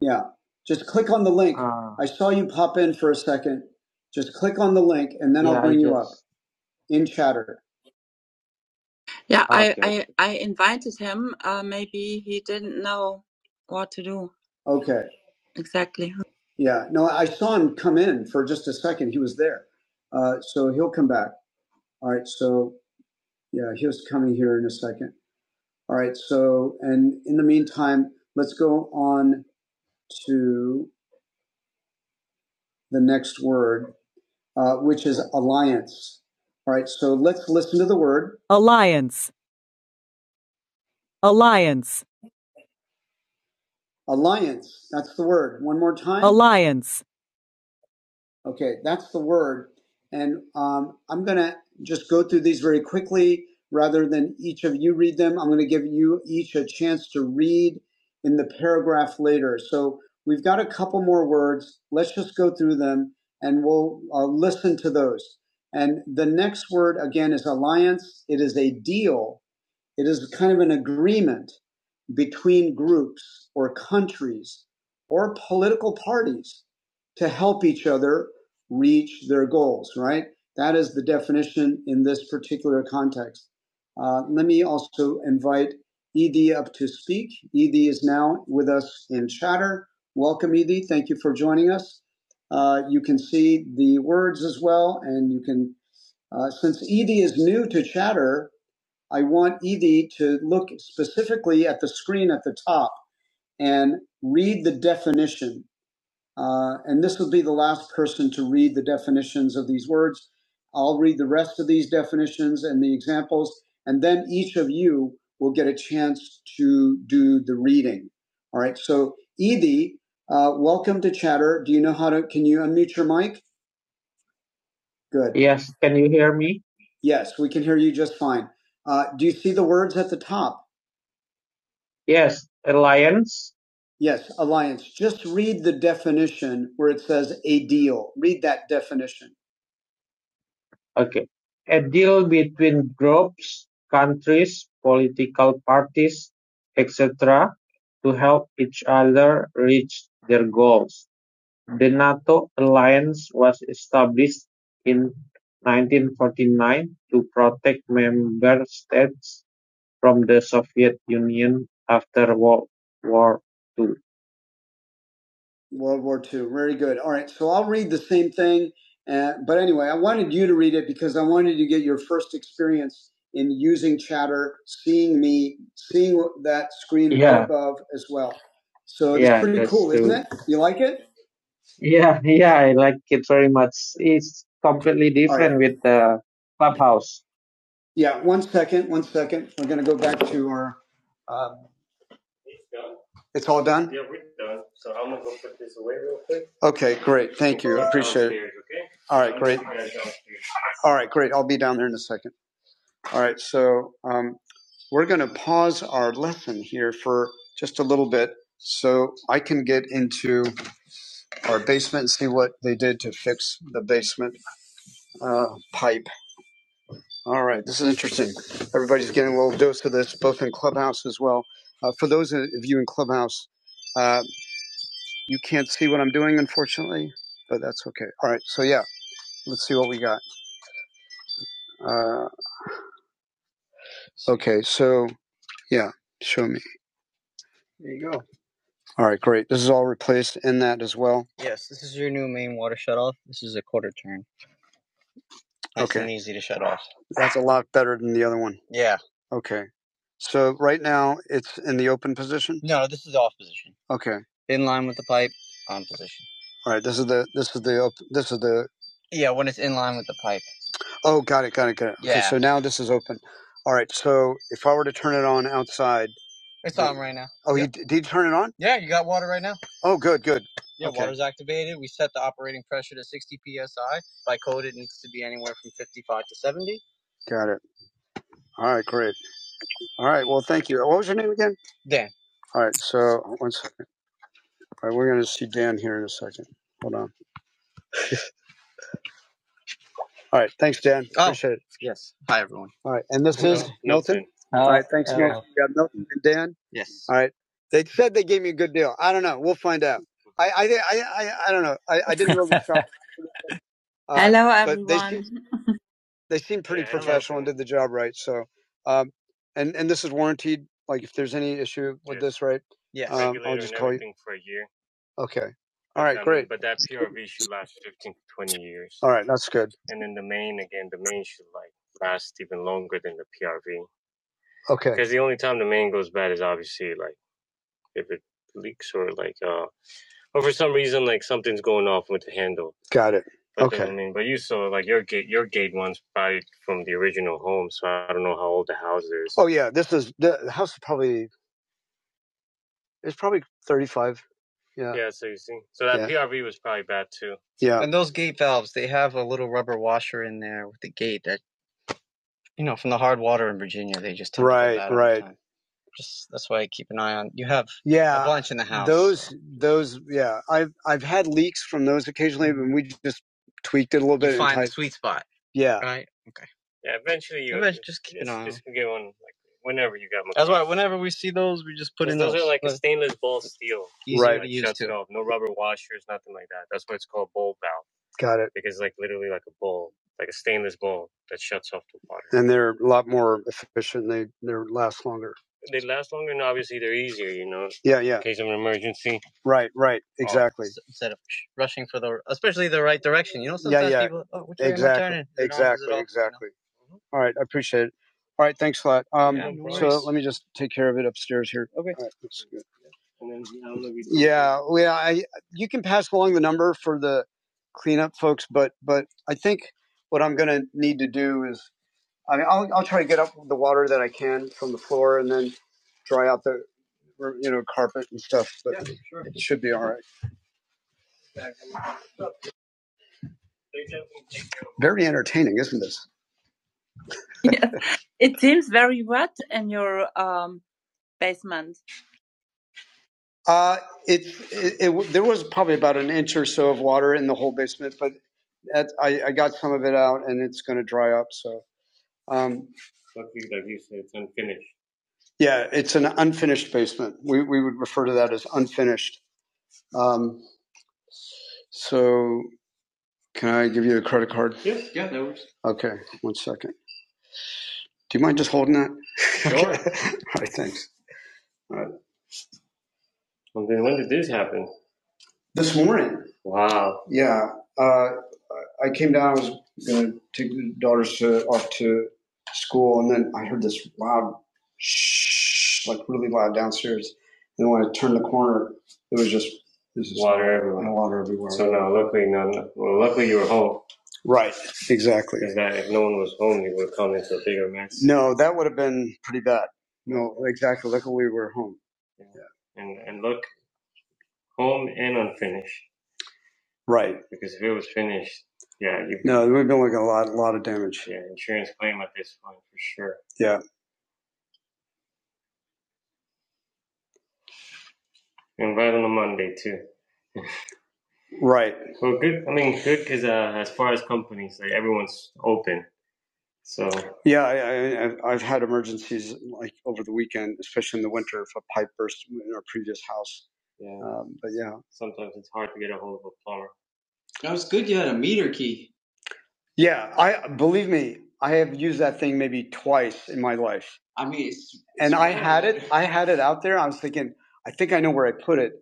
Yeah. Just click on the link.
Uh,
I saw you pop in for a second. Just click on the link and then I'll
yeah, I
bring you up.
just
in chatter. Yeah, I,
okay. okay.
I, I invited him. Uh, maybe he didn't know what to do Okay. exactly. Yeah. No, I saw him come in for just a second. He was there. Uh, so he'll come back. All right. So yeah, he was coming here in a second. All right. So, and in the meantime, let's go on to the next word, uh, which is alliance. All right. So let's listen to the word alliance. Alliance. Alliance. That's the word. One more time. Alliance. Okay, that's the word. And um, I'm going to just go through these very quickly rather than each of you read them. I'm going to give you each a chance to read in the paragraph later. So we've got a couple more words. Let's just go through them and we'll uh, listen to those. And the next word, again, is alliance. It is a deal it is kind of an agreement between groups or countries or political parties to help each other reach their goals, right? That is the definition in this particular context. Uh, let me also invite Edie up to speak. Edie is now with us in chatter. Welcome, Edie. Thank you for joining us. Uh, you can see the words as well, and you can, uh, since Edie is new to chatter, I want Edie to look specifically at the screen at the top and read the definition. Uh, and this will be the last person to read the definitions of these words. I'll read the rest of these definitions and the examples, and then each of you will get a chance to do the reading. All right. So, Edie, uh, welcome to Chatter. Do you know how to? Can you unmute your mic? Good. Yes. Can you hear me? Yes, we can hear you just fine. Uh, do you see the words at the top? Yes, alliance. Yes, alliance. Just read the definition where it says a deal. Read that definition. Okay. A deal between groups, countries, political parties, etc. to help each other reach their goals. The NATO alliance was established in 1949 to protect member states from the Soviet Union after World War II. World War II. Very good. All right. So I'll read the same thing. Uh, but anyway, I wanted you to read it because I wanted to get your first experience in using chatter, seeing me, seeing that screen Yeah, pop as well. So it's yeah, pretty that's cool, true. isn't it? You like it? Yeah, yeah, I like it very much. It's completely All right. different with the clubhouse. Yeah. One second. One second. We're going to go back to our. uh, It's all done? Okay, great. Thank All right. All right, great. I'll be down there in a second. All right, so um, we're going to pause our lesson here for just a little bit so I can get into our basement and see what they did to fix the basement uh, pipe. All right, this is interesting. Everybody's getting a little dose of this, both in Clubhouse as well. Uh, for those of you in Clubhouse, uh, you can't see what I'm doing, unfortunately, but that's okay. All right, so yeah, let's see what we got. Uh, okay, so. Yeah, show me. There you go. All right, great. This is all replaced in that as well. Yes, this is your new main water shut off. This is a quarter turn. Nice and Okay. and easy to shut off. That's a lot better than the other one. Yeah. Okay. So right now it's in the open position. No, this is the off position. Okay. In line with the pipe, on position. All right. This is the this is the this is the Yeah, when it's in line with the pipe. oh got it got it got it. Okay. Yeah. Okay, So now this is open. All right. So if I were to turn it on outside, It's on right now. oh Yeah. you did you turn it on? Yeah, you got water right now. Oh good good. Yeah, Okay. water's activated. We set the operating pressure to 60 psi. By code, it needs to be anywhere from 55 to 70. Got it. All right, great. All right, well, thank you. What was your name again? Dan. All right, so one second. All right, we're going to see Dan here in a second. Hold on. All right, thanks, Dan. Oh, Appreciate it. yes. Hi, everyone. All right, and this is. All right, thanks again. We got Milton and Dan. Yes. All right, they said they gave me a good deal. I don't know. We'll find out. I I I I, I don't know. I, I didn't really (laughs) shop, uh, Hello, everyone. but they seem everyone. the job right. So, um, and and this is warranted. Like if there's any issue, that's right. Yeah. Okay. All right. That's good. Okay. Got it. Oh yeah. This is the house is probably it's probably 35. Yeah. Yeah. And those gate valves, they have a little rubber washer in there with the gate that you know from the hard water in Virginia. They just Right. Right. Just that's why I keep an eye on. You have a Yeah, a bunch in the house. those those yeah. I've I've had leaks from those occasionally, and we just tweaked it a little bit and find the sweet spot, Yeah, right? Okay. Whenever we see those, we just put easy. got it. And they're a lot more efficient. They they last longer. Yeah, yeah. Right, right. Exactly. s- instead of rushing for the especially the right direction. You know, Yeah, sometimes yeah. yeah. people, oh, which way exactly. am I Exactly. turning? They do Exactly. You know. Exactly. Mhm. All right. I appreciate it. All right. Thanks a lot. Um, let me just take care of it upstairs here. Okay. All right. That's good. Uh, we, I, you can pass along the number for the cleanup folks, but but I think what I'm going to need to do is, I mean, I'll, I'll try to get up the water that I can from the floor and then dry out the you know carpet and stuff. But yeah, sure. it should be all right. Very entertaining, isn't this? Um, Uh, it, it, it there was probably about an inch or so of water in the whole basement, but that, I, I got some of it out, and it's going to dry up. So um, yeah, it's an unfinished basement. We we would refer to that as unfinished. Um, so can I give you a credit card? Okay, one second. Do you mind just holding that? (laughs) All right, thanks. All right. This morning, yeah, uh, I came down. I was going to take the daughters to, off to school, and then I heard this loud shh, like really loud downstairs. And when I turned the corner, it was just there's water everywhere. Right. Exactly. No, that would have been pretty bad. No, exactly. Look, we were home. Right. No, we have been like a lot, a lot of damage. Yeah, right. Yeah, I, I, I've had emergencies like over the weekend, especially in the winter, if a pipe burst in our previous house. Um, but yeah, yeah. I believe me, I have used that thing maybe twice in my life, and I had it. I had it out there. I was thinking, I think I know where I put it,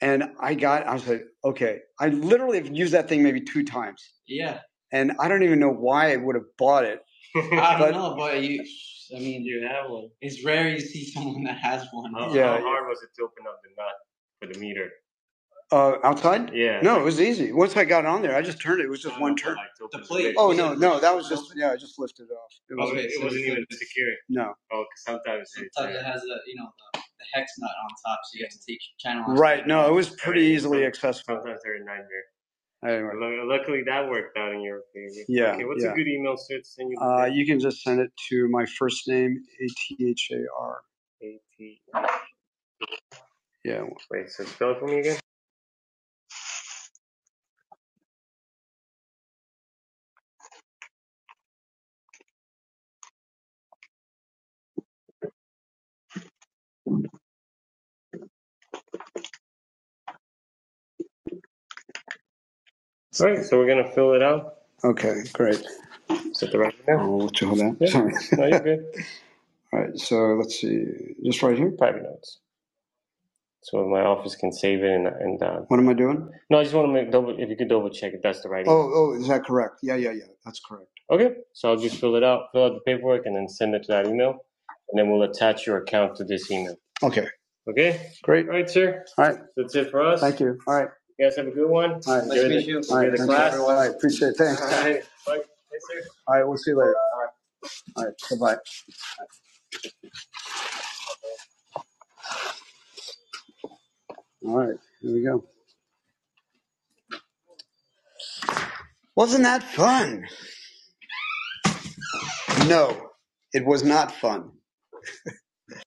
and I got. I was like, okay. I literally have used that thing maybe two times. Yeah. and I don't even know why I would have bought it. I don't but, know, but you, I mean, it's rare you see someone that has one. Uh, outside? No, it was easy. Once I got on there, I just turned it. It was just. Oh no, no, that was just yeah. I just lifted it off. It was- no. has a, you know, the, the hex nut on top, so you have to take your channel. Right. No, it was pretty accessible. Anyway, you can just send it to my first name A T H A R. Yeah. Okay. Great. I'll let you hold that. All right. So let's see. Just right here. What am I doing? Oh, oh, is that correct? Yeah, yeah, yeah. That's correct. Okay. Great. All right. Thank you. All right. All right. Appreciate it. Thanks. All right. We'll see you later. All right. All right. Bye bye. All right. Here we go. Wasn't that fun? No, it was not fun.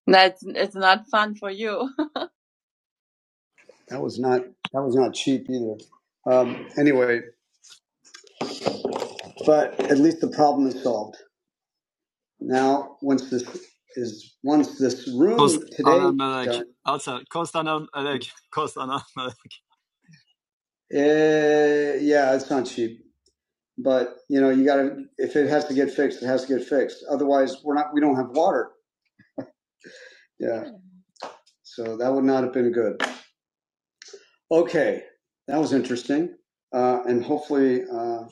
That's it's not fun for you. (laughs) That was not that was not cheap either. Um, anyway, but at least the problem is solved. Now, once this is once this room cost today Also, done, Also, Kostananmälek. Kostananmälek. (laughs) eh, yeah, it's not cheap. But you know, you gotta if it has to get fixed, it has to get fixed. Otherwise, we're not we don't have water. Yeah, so that would not have been good. Okay, that was interesting, uh, and hopefully uh,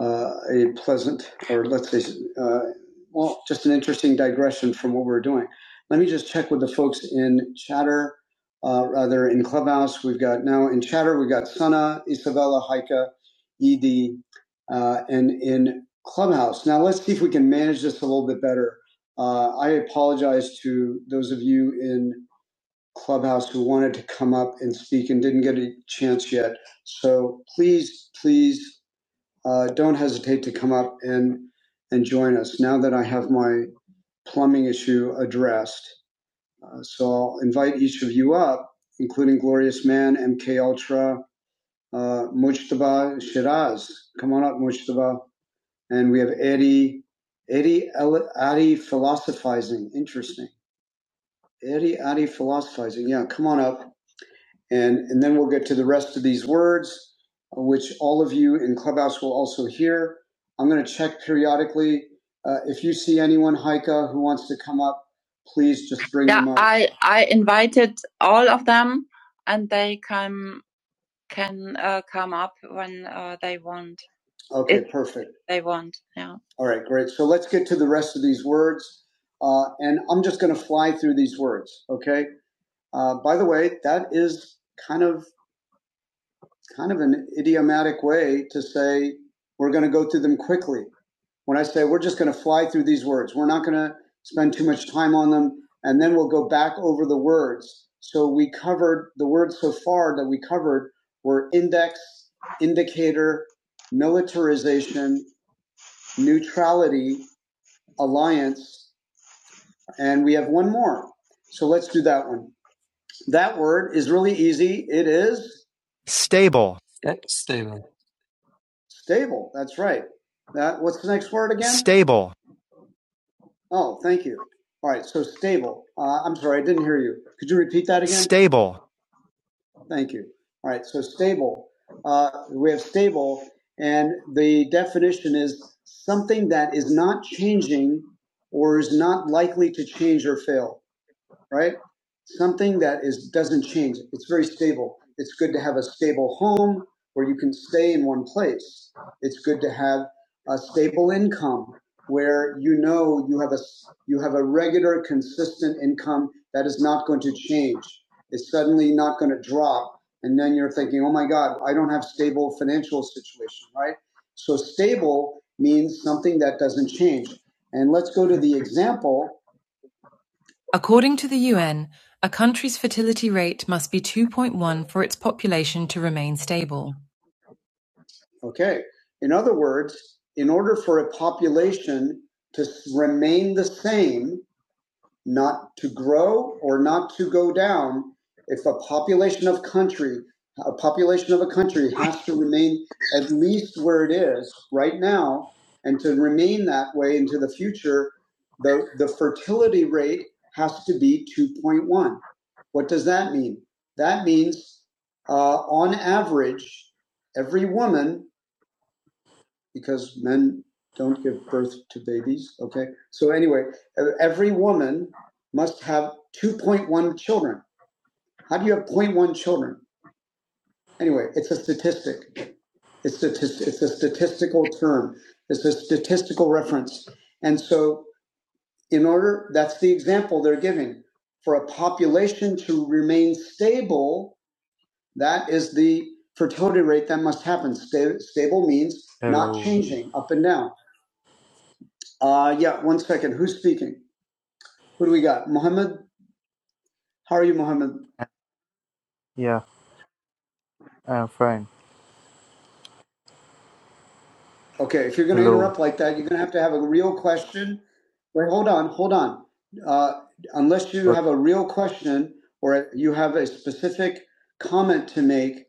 uh, a pleasant, or let's say, uh, well, just an interesting digression from what we're doing. Let me just check with the folks in Chatter, uh, rather in Clubhouse. We've got now in Chatter, we've got Sana, Isabella, Haika, Ed, uh, and in Clubhouse. Now let's see if we can manage this a little bit better. Uh, I apologize to those of you in clubhouse who wanted to come up and speak and didn't get a chance yet. So please, please uh, don't hesitate to come up and and join us. Now that I have my plumbing issue addressed, uh, so I'll invite each of you up, including Glorious Man, MK Ultra, uh, Mujtaba Shiraz. Come on up, Mujtaba. And we have Eddie, Eddie, El- Adi philosophizing. Interesting. Eddie, Adi philosophizing. Yeah, come on up And, and then we'll get to the rest of these words, which all of you in Clubhouse will also hear. I'm going to check periodically. Uh, if you see anyone, Heike, who wants to come up, please just bring yeah, them up. I, I invited all of them and they can can uh, come up when uh, they want. Okay, If perfect. They want, yeah. All right, great. So let's get to the rest of these words. Uh, and I'm just going to fly through these words, okay? Uh, by the way, that is kind of kind of an idiomatic way to say we're going to go through them quickly. When I say we're just going to fly through these words, we're not going to spend too much time on them, and then we'll go back over the words. So we covered the words so far that we covered were index, indicator, militarization, neutrality, alliance, and we have one more. So let's do that one. That word is really easy. It is stable. Stable. That's right. That what's the next word again? Stable. Oh, thank you. All right. So stable. Uh, I'm sorry, I didn't hear you. Could you repeat that again? Stable. Thank you. All right. So stable. Uh, we have stable, and the definition is something that is not changing or is not likely to change or fail. right? Something that is doesn't change. It's very stable. It's good to have a stable home where you can stay in one place. It's good to have a stable income where you know you have a s- you have a regular consistent income that is not going to change. It's suddenly not going to drop and then you're thinking, "Oh my god, I don't have stable financial situation," right? So stable means something that doesn't change. And let's go to the example According to the UN, a country's fertility rate must be 2.1 for its population. Okay. In other words, in order for a population to remain the same, not to grow or not to go down if a population of country a population of a country has to remain at least where it is right now and to remain that way into the future the the fertility rate has to be 2.1 what does that mean that means uh, on average every woman because men don't give birth to babies. Okay. So anyway, e- every woman must have 2.1 children. How do you have zero point 0.1 children? Anyway, it's a statistic. It's, statis- it's a statistical term. It's a statistical reference. And so in order, that's the example they're giving. For a population to remain stable, that is the fertility rate that must happen. Sta- stable means not
Hello.
changing up and down Uh, yeah, one second. Who's speaking? Who do we got? Mohammed? How are you, Mohammed?
Yeah, I am fine.
Okay, if you're going to
Hello.
interrupt like that, you're going to have to have a real question. Wait, hold on, hold on. Uh, unless you have
Okay.
a real question or you have a specific comment to make,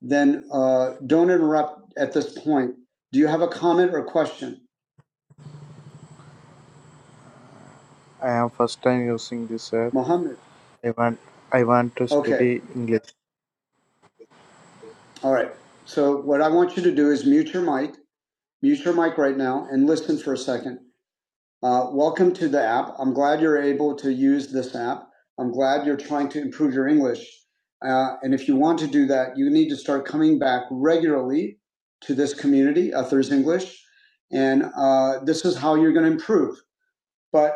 then uh, don't interrupt at this point. Do you have a comment or question?
I am first time using this app.
Mohammed?
I want I want to
Okay,
study English.
all right. So, what I want you to do is mute your mic, mute your mic right now, and listen for a second. Uh, welcome to the app. I'm glad you're able to use this app. I'm glad you're trying to improve your English. Uh, and if you want to do that, you need to start coming back regularly to this community, Others English. And uh, this is how you're going to improve. But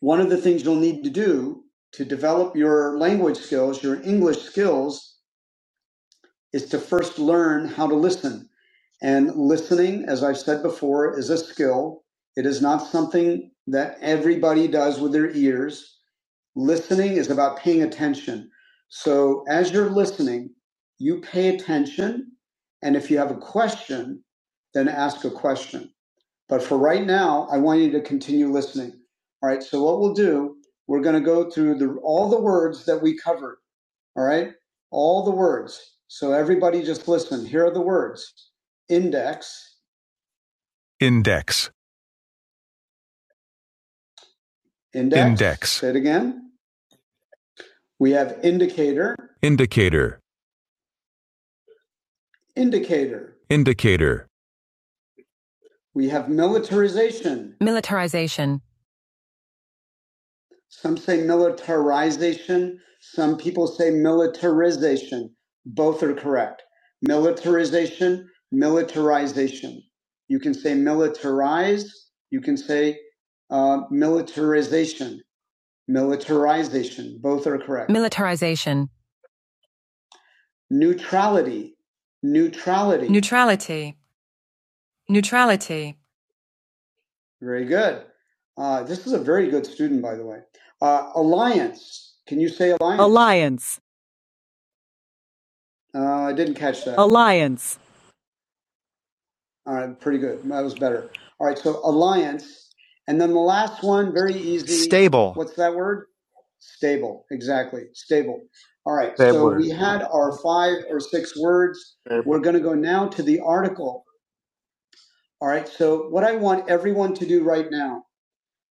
one of the things you'll need to do to develop your language skills, your English skills, is to first learn how to listen. And listening, as I've said before, is a skill. It is not something that everybody does with their ears. Listening is about paying attention. So as you're listening, you pay attention. And if you have a question, then ask a question. But for right now, I want you to continue listening. All right. So what we'll do, we're going to go through the, all the words that we covered. All right. All the words. So everybody just listen. Here are the words index, index, index. index, Say it again. We have indicator, indicator, indicator. indicator, We have militarization. Mil- some say militarization. Some people say militarization. Both are correct. Militarization, militarization. You can say militarize. You can say uh, militarization. militarization. Both are correct. militarization, neutrality, neutrality. neutrality, neutrality, very good. Uh, this is a very good student, by the way. Uh, alliance. Can you say alliance? alliance, uh, I didn't catch that. alliance, All right, pretty good. That was better. All right, so alliance, and then the last one, very easy. stable, What's that word? Stable, exactly. Stable. All right, so
Table.
we had our five or six words. We're going to go now to the article. All right, so what I want everyone to do right now,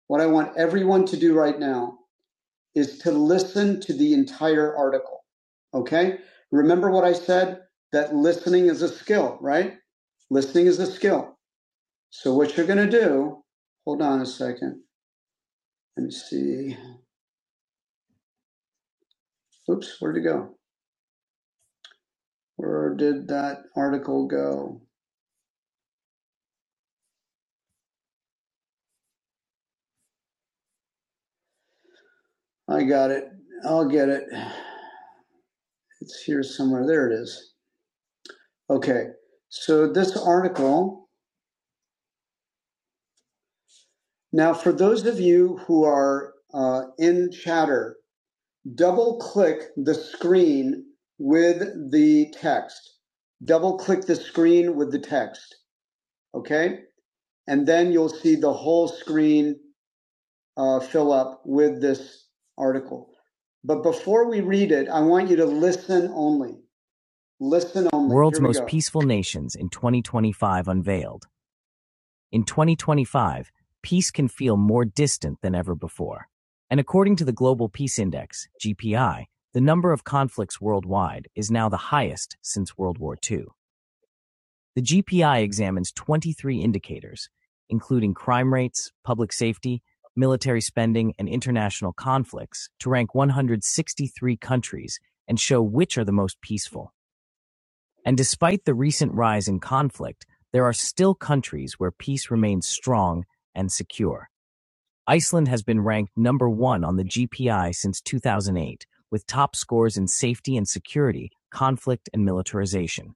what I want everyone to do right now is to listen to the entire article. Okay? Remember what I said that listening is a skill, right? Listening is a skill. So what you're going to do, hold on a second. Let me see. Oops, where'd it go? Where did that article go? I got it. I'll get it. It's here somewhere. There it is. Okay. So this article. Now, for those of you who are uh, in chatter, double click the screen with the text. Double click the screen with the text. Okay. And then you'll see the whole screen uh, fill up with this article. But before we read it, I want you to listen only. Listen only. World's Most go. Peaceful Nations in 2025 unveiled. In 2025, peace can feel more distant than ever before. And according to the Global Peace Index, GPI, the number of conflicts worldwide is now the highest since World War II. The GPI examines 23 indicators, including crime rates, public safety, military spending, and international conflicts, to rank 163 countries and show which are the most peaceful. And despite the recent rise in conflict, there are still countries where peace remains strong and secure. Iceland has been ranked number one on the GPI since 2008, with top scores in safety and security, conflict and militarization.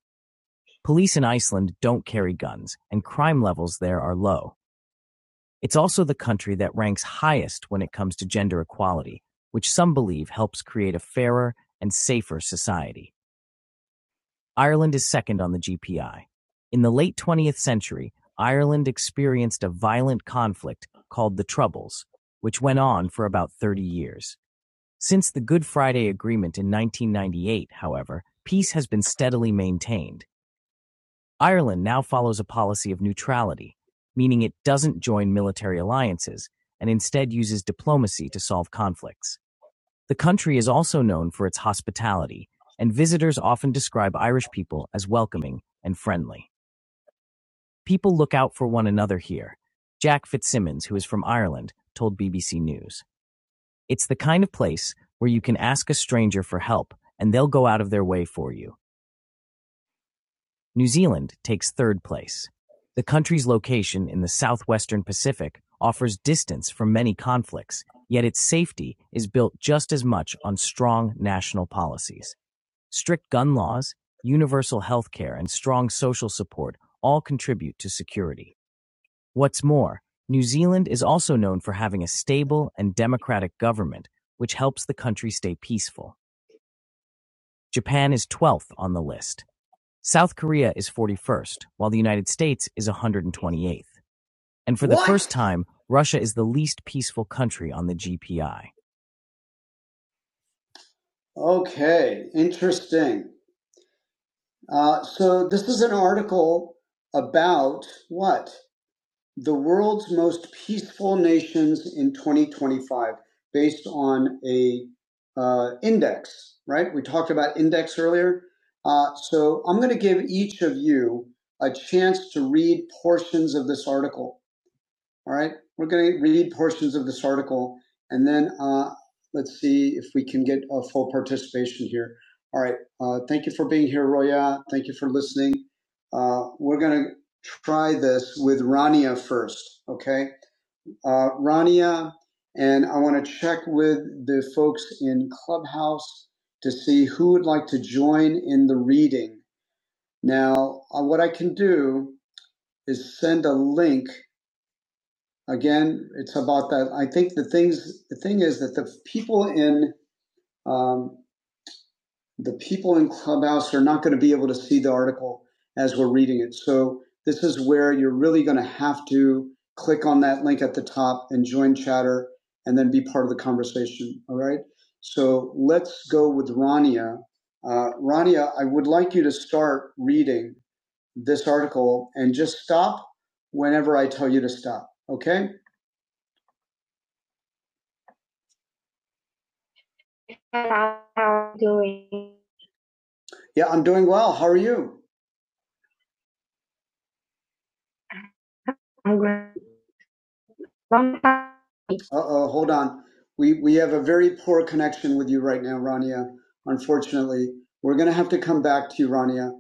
Police in Iceland don't carry guns, and crime levels there are low. It's also the country that ranks highest when it comes to gender equality, which some believe helps create a fairer and safer society. Ireland is second on the GPI. In the late 20th century, Ireland experienced a violent conflict called the Troubles, which went on for about 30 years. Since the Good Friday Agreement in 1998, however, peace has been steadily maintained. Ireland now follows a policy of neutrality, meaning it doesn't join military alliances and instead uses diplomacy to solve conflicts. The country is also known for its hospitality, and visitors often describe Irish people as welcoming and friendly. People look out for one another here, Jack Fitzsimmons, who is from Ireland, told BBC News. It's the kind of place where you can ask a stranger for help and they'll go out of their way for you. New Zealand takes third place. The country's location in the southwestern Pacific offers distance from many conflicts, yet its safety is built just as much on strong national policies. Strict gun laws, universal health care, and strong social support all contribute to security. What's more, New Zealand is also known for having a stable and democratic government, which helps the country stay peaceful. Japan is 12th on the list. South Korea is 41st, while the United States is 128th. And for the What? first time, Russia is the least peaceful country on the GPI. Okay, interesting. Uh, so this is an article about what? the world's most peaceful nations in 2025 based on a uh, index right we talked about index earlier uh, so i'm going to give each of you a chance to read portions of this article all right, we're going to read portions of this article, and then uh, let's see if we can get a full participation here. All right, uh, thank you for being here, Roya. Thank you for listening. Uh, we're going to try this with Rania first, okay? Uh, Rania, and I want to check with the folks in Clubhouse to see who would like to join in the reading. Now, uh, what I can do is send a link again, it's about that. I think the things, the thing is that the people in um, the people in Clubhouse are not going to be able to see the article as we're reading it. So this is where you're really going to have to click on that link at the top and join Chatter, and then be part of the conversation. All right. So let's go with Rania. Uh, Rania, I would like you to start reading this article and just stop whenever I tell you to stop. Okay How are you doing? Yeah, I'm doing well. How are you? I'm great. Long time. Uh oh, hold on. We we have a very poor connection with you right now, Rania. Unfortunately, we're going to have to come back to you, Rania.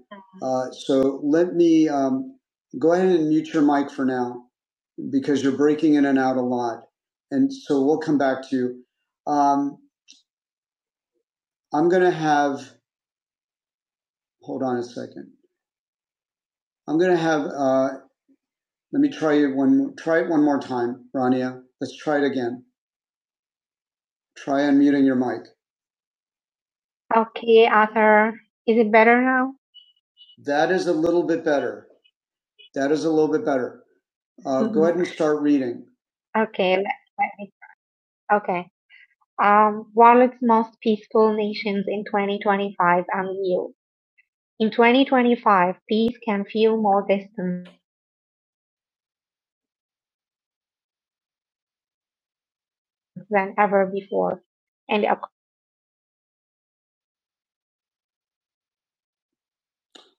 Uh, so let me um, go ahead and mute your mic for now because you're breaking in and out a lot, and so we'll come back to you. Um, I'm going to have hold on a second. I'm going to have uh, Let me try you one Try it one more time, Rania. Let's try it again. Try unmuting your mic. Okay, Arthur. Is it better now? That is a little bit better. That is a little bit better. Uh, mm-hmm. go ahead and start reading. Okay, let, let me. Okay. Um, world's most peaceful nations in 2025 and you. In 2025, peace can feel more distant than ever before. And.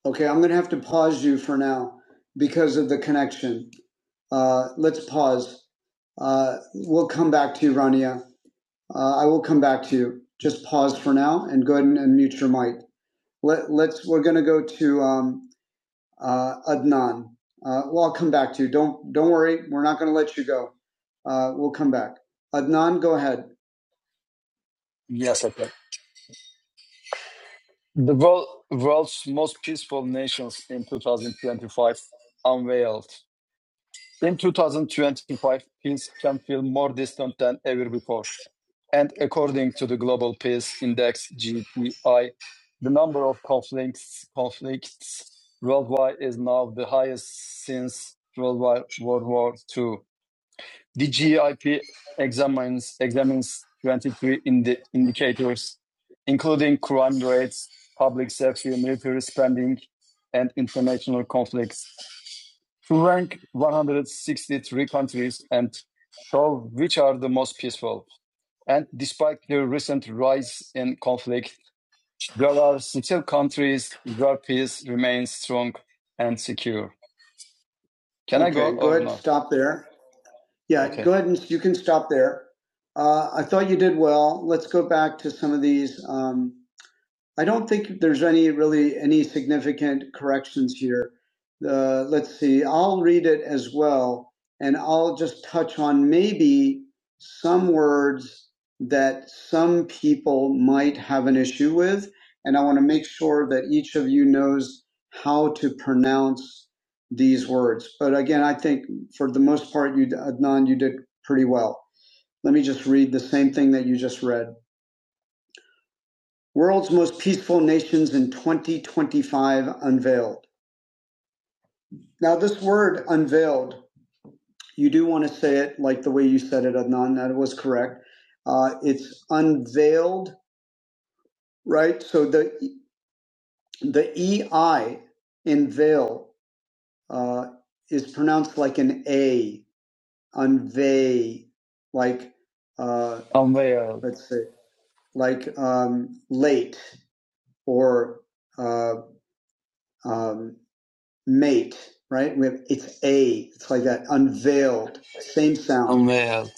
Okay, I'm going to have to pause you for now because of the connection. Uh, let's pause. Uh, we'll come back to you, Rania. Uh, I will come back to you. Just pause for now and go ahead and, and mute your mic. Let, let's. We're going to go to um, uh, Adnan. Uh, well, I'll come back to you. Don't don't worry. We're not going to let you go. Uh, we'll come back. Adnan, go ahead. Yes, okay. The world, world's most peaceful nations in 2025 unveiled. In 2025, peace can feel more distant than ever before. And according to the Global Peace Index (GPI), the number of conflicts conflicts worldwide is now the highest since World War World War II. The GIP examines examines 23 indi- indicators, including crime rates, public safety, military spending, and international conflicts, to rank 163 countries and show which are the most peaceful. And despite the recent rise in conflict, there are still countries where peace remains strong and secure. Can okay, I go Okay, go ahead and stop there. Yeah, Okay. go ahead and you can stop there. Uh, I thought you did well. Let's go back to some of these. Um, I don't think there's any really any significant corrections here. Uh, let's see. I'll read it as well, and I'll just touch on maybe some words that some people might have an issue with, and I want to make sure that each of you knows how to pronounce these words. But again, I think for the most part, you Adnan, you did pretty well. Let me just read the same thing that you just read. World's Most Peaceful Nations in 2025 Unveiled. Now, this word unveiled, you do want to say it like the way you said it, Adnan. That was correct. Uh, it's unveiled, right? So the the EI in veil uh, is pronounced like an A, unveil, like, uh, Unveiled. let's say, like um, late or uh, um, mate, right? We have it's a. It's like that unveiled, same sound. Unveiled.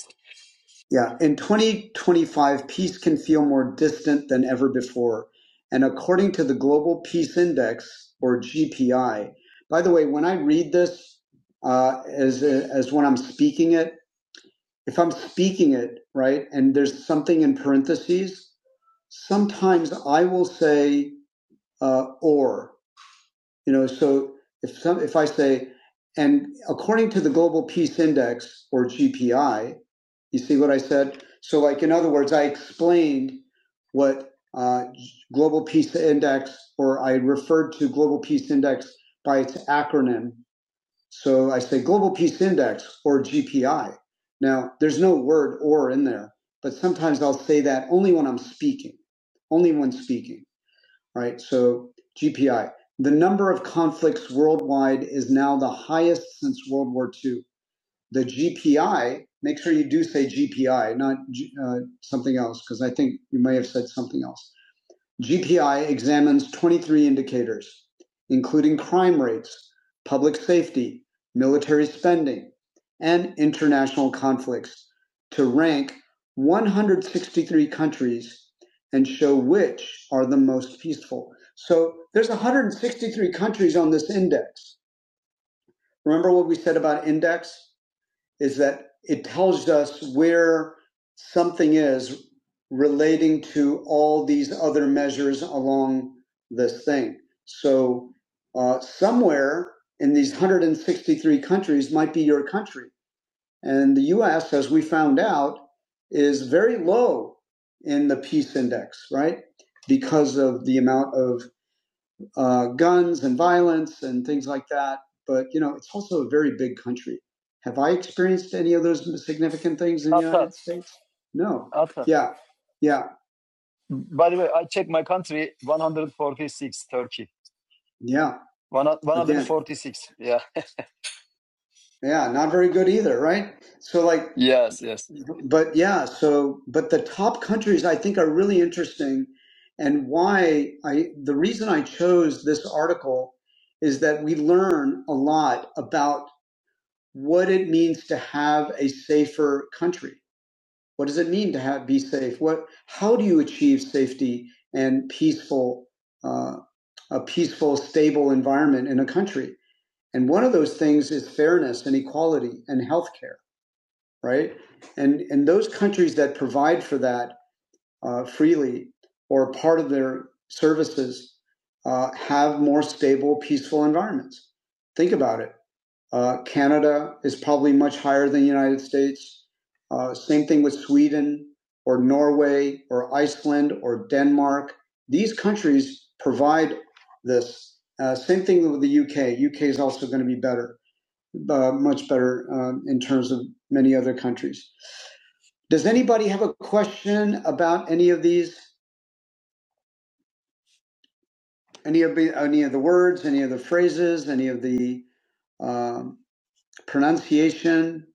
Yeah. In 2025, peace can feel more distant than ever before. And according to the Global Peace Index, or GPI, by the way, when I read this uh, as, as when I'm speaking it, if I'm speaking it, right, and there's something in parentheses, sometimes I will say uh, or. You know, so if some, if I say, and according to the Global Peace Index or GPI, you see what I said? So, like, in other words, I explained what uh, Global Peace Index, or I referred to Global Peace Index by its acronym. So I say Global Peace Index or GPI. Now, there's no word or in there, but sometimes I'll say that only when I'm speaking, only when speaking right? So GPI, the number of conflicts worldwide is now the highest since World War II. The GPI, make sure you do say GPI, not uh, something else, because I think you may have said something else. GPI examines twenty-three indicators, including crime rates, public safety, military spending, and international conflicts, to rank 163 countries and show which are the most peaceful. So there's 163 countries on this index. Remember what we said about index? is that it tells us where something is relating to all these other measures along this thing. So uh, somewhere in these 163 countries might be your country. And the US, as we found out, is very low in the peace index, right? Because of the amount of uh, guns and violence and things like that. But you know, it's also a very big country. Have I experienced any of those significant things in Alpha. the United States? No. Alpha. Yeah, yeah, By the way, I checked my country: one hundred forty-six, one hundred forty-six. Turkey. Yeah, one 146. Again. yeah. Yeah, not very good either, right? So like Yes, yes. but yeah, so but the top countries I think are really interesting and why I the reason I chose this article is that we learn a lot about what it means to have a safer country. What does it mean to have be safe? What how do you achieve safety and peaceful uh, a peaceful, stable environment in a country? And one of those things is fairness and equality and healthcare, right? And and those countries that provide for that uh, freely or part of their services uh, have more stable, peaceful environments. Think about it. Uh, Canada is probably much higher than the United States. Uh, same thing with Sweden or Norway or Iceland or Denmark. These countries provide this. Uh, same thing with the UK. UK is also going to be better uh, much better um, in terms of many other countries. Does anybody have a question about any of these, any of the, any of the words, any of the phrases, any of the um, pronunciation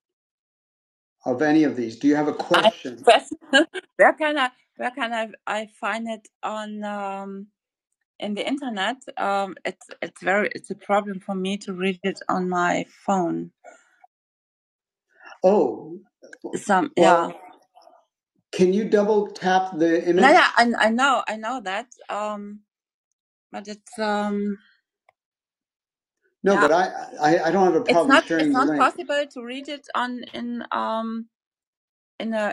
of any of these? Do you have a question? I, It's a problem for me to read it on my phone. Oh, Some, well, yeah. well, can you double tap the image? No, image? no, No, yeah. but I, I, I don't have a It's problem not. sharing It's the not link. possible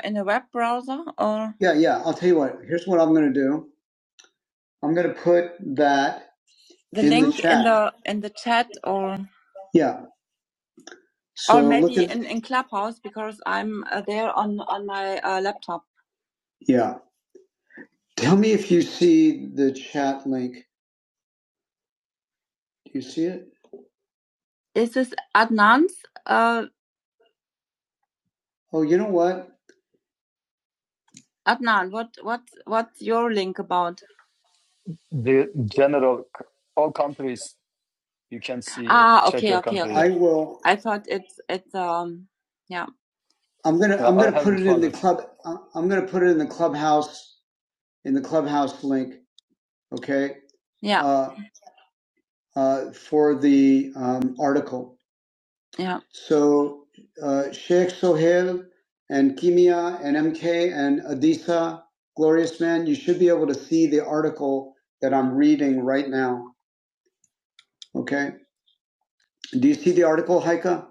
in a web browser or Yeah, yeah. I'll tell you what. Here's what I'm going to do. I'm going to put that the in link the link in the in the chat or Yeah. or So look maybe at in in Clubhouse because I'm uh, there on on my uh, laptop. yeah. Tell me if you see the chat link. Do you see it is This Adnan's. Uh, Oh, you know what? Adnan, what what what's your link about? The general, all countries You can see Ah, okay, okay, okay. I will. I thought it's it's um yeah. I'm gonna. Yeah, I'm I am going to yeah i am going to put it in the club. I- I'm gonna put it in the clubhouse in the clubhouse link. Okay. Yeah. Uh, uh, for the um, article. Yeah. So uh, Sheikh Sohail and Kimia and MK and Adisa, glorious man, you should be able to see the article that I'm reading right now. Okay. Do you see the article, Haika?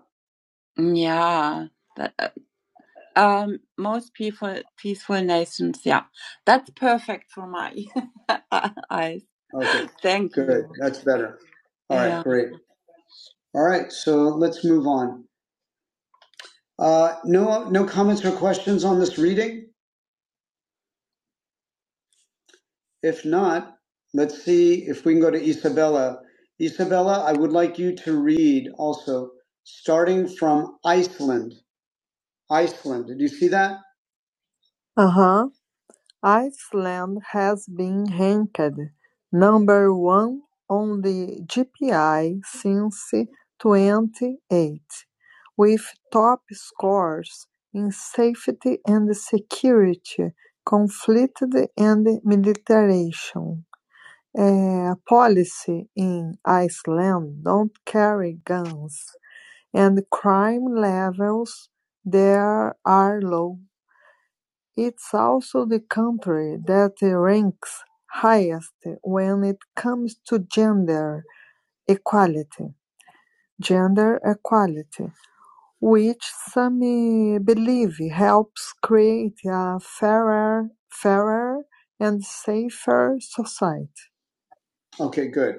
Yeah. That. Um, most people, patients, yeah, that's perfect for my (laughs) eyes. Okay, Thank good. you. That's better. All right, Yeah. great. All right, so let's move on. Uh, no, no comments or questions on this reading. If not, let's see if we can go to Isabella. Isabella, I would like you to read also, starting from Iceland. Iceland. Did you see that? Uh huh. Iceland has been ranked number one on the GPI since twenty-eight, with top scores in safety and security, conflict and militarization. Uh, policy in Iceland don't carry guns, and crime levels there are low. It is also the country that ranks highest when it comes to gender equality gender equality, which some eh, believe helps create a fairer, fairer and safer society. Okay, good.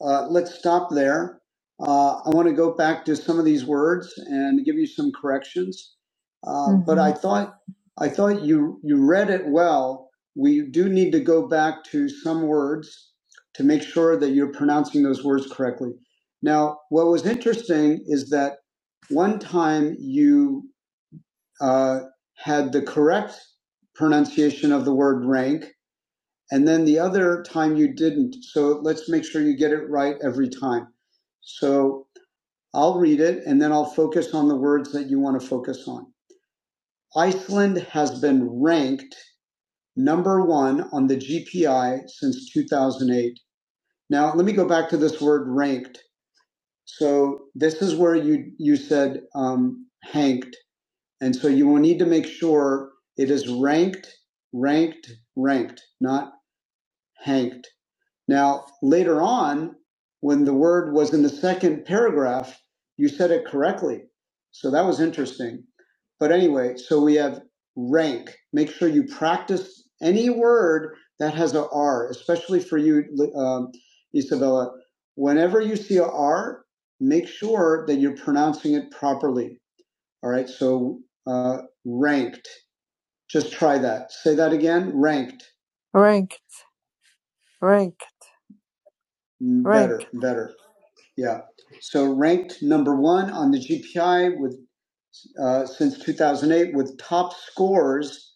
Uh, let's stop there. Uh, I want to go back to some of these words and give you some corrections. Uh, mm-hmm. But I thought I thought you you read it well. We do need to go back to some words to make sure that you're pronouncing those words correctly. Now, what was interesting is that one time you uh, had the correct pronunciation of the word rank, and then the other time you didn't. So let's make sure you get it right every time. So I'll read it and then I'll focus on the words that you want to focus on. Iceland has been ranked number one on the GPI since 2008. Now, let me go back to this word ranked. So this is where you, you said um, hanked. And so you will need to make sure it is ranked, ranked, ranked, not hanked. Now, later on, when the word was in the second paragraph, you said it correctly. So that was interesting. But anyway, so we have rank. Make sure you practice any word that has a R, especially for you, um, Isabella. Whenever you see a R, make sure that you're pronouncing it properly. All right, so uh, ranked. Just try that. Say that again. Ranked. Rank. rank. Better, Rank. better. Yeah. So ranked number one on the GPI with uh, since 2008 with top scores.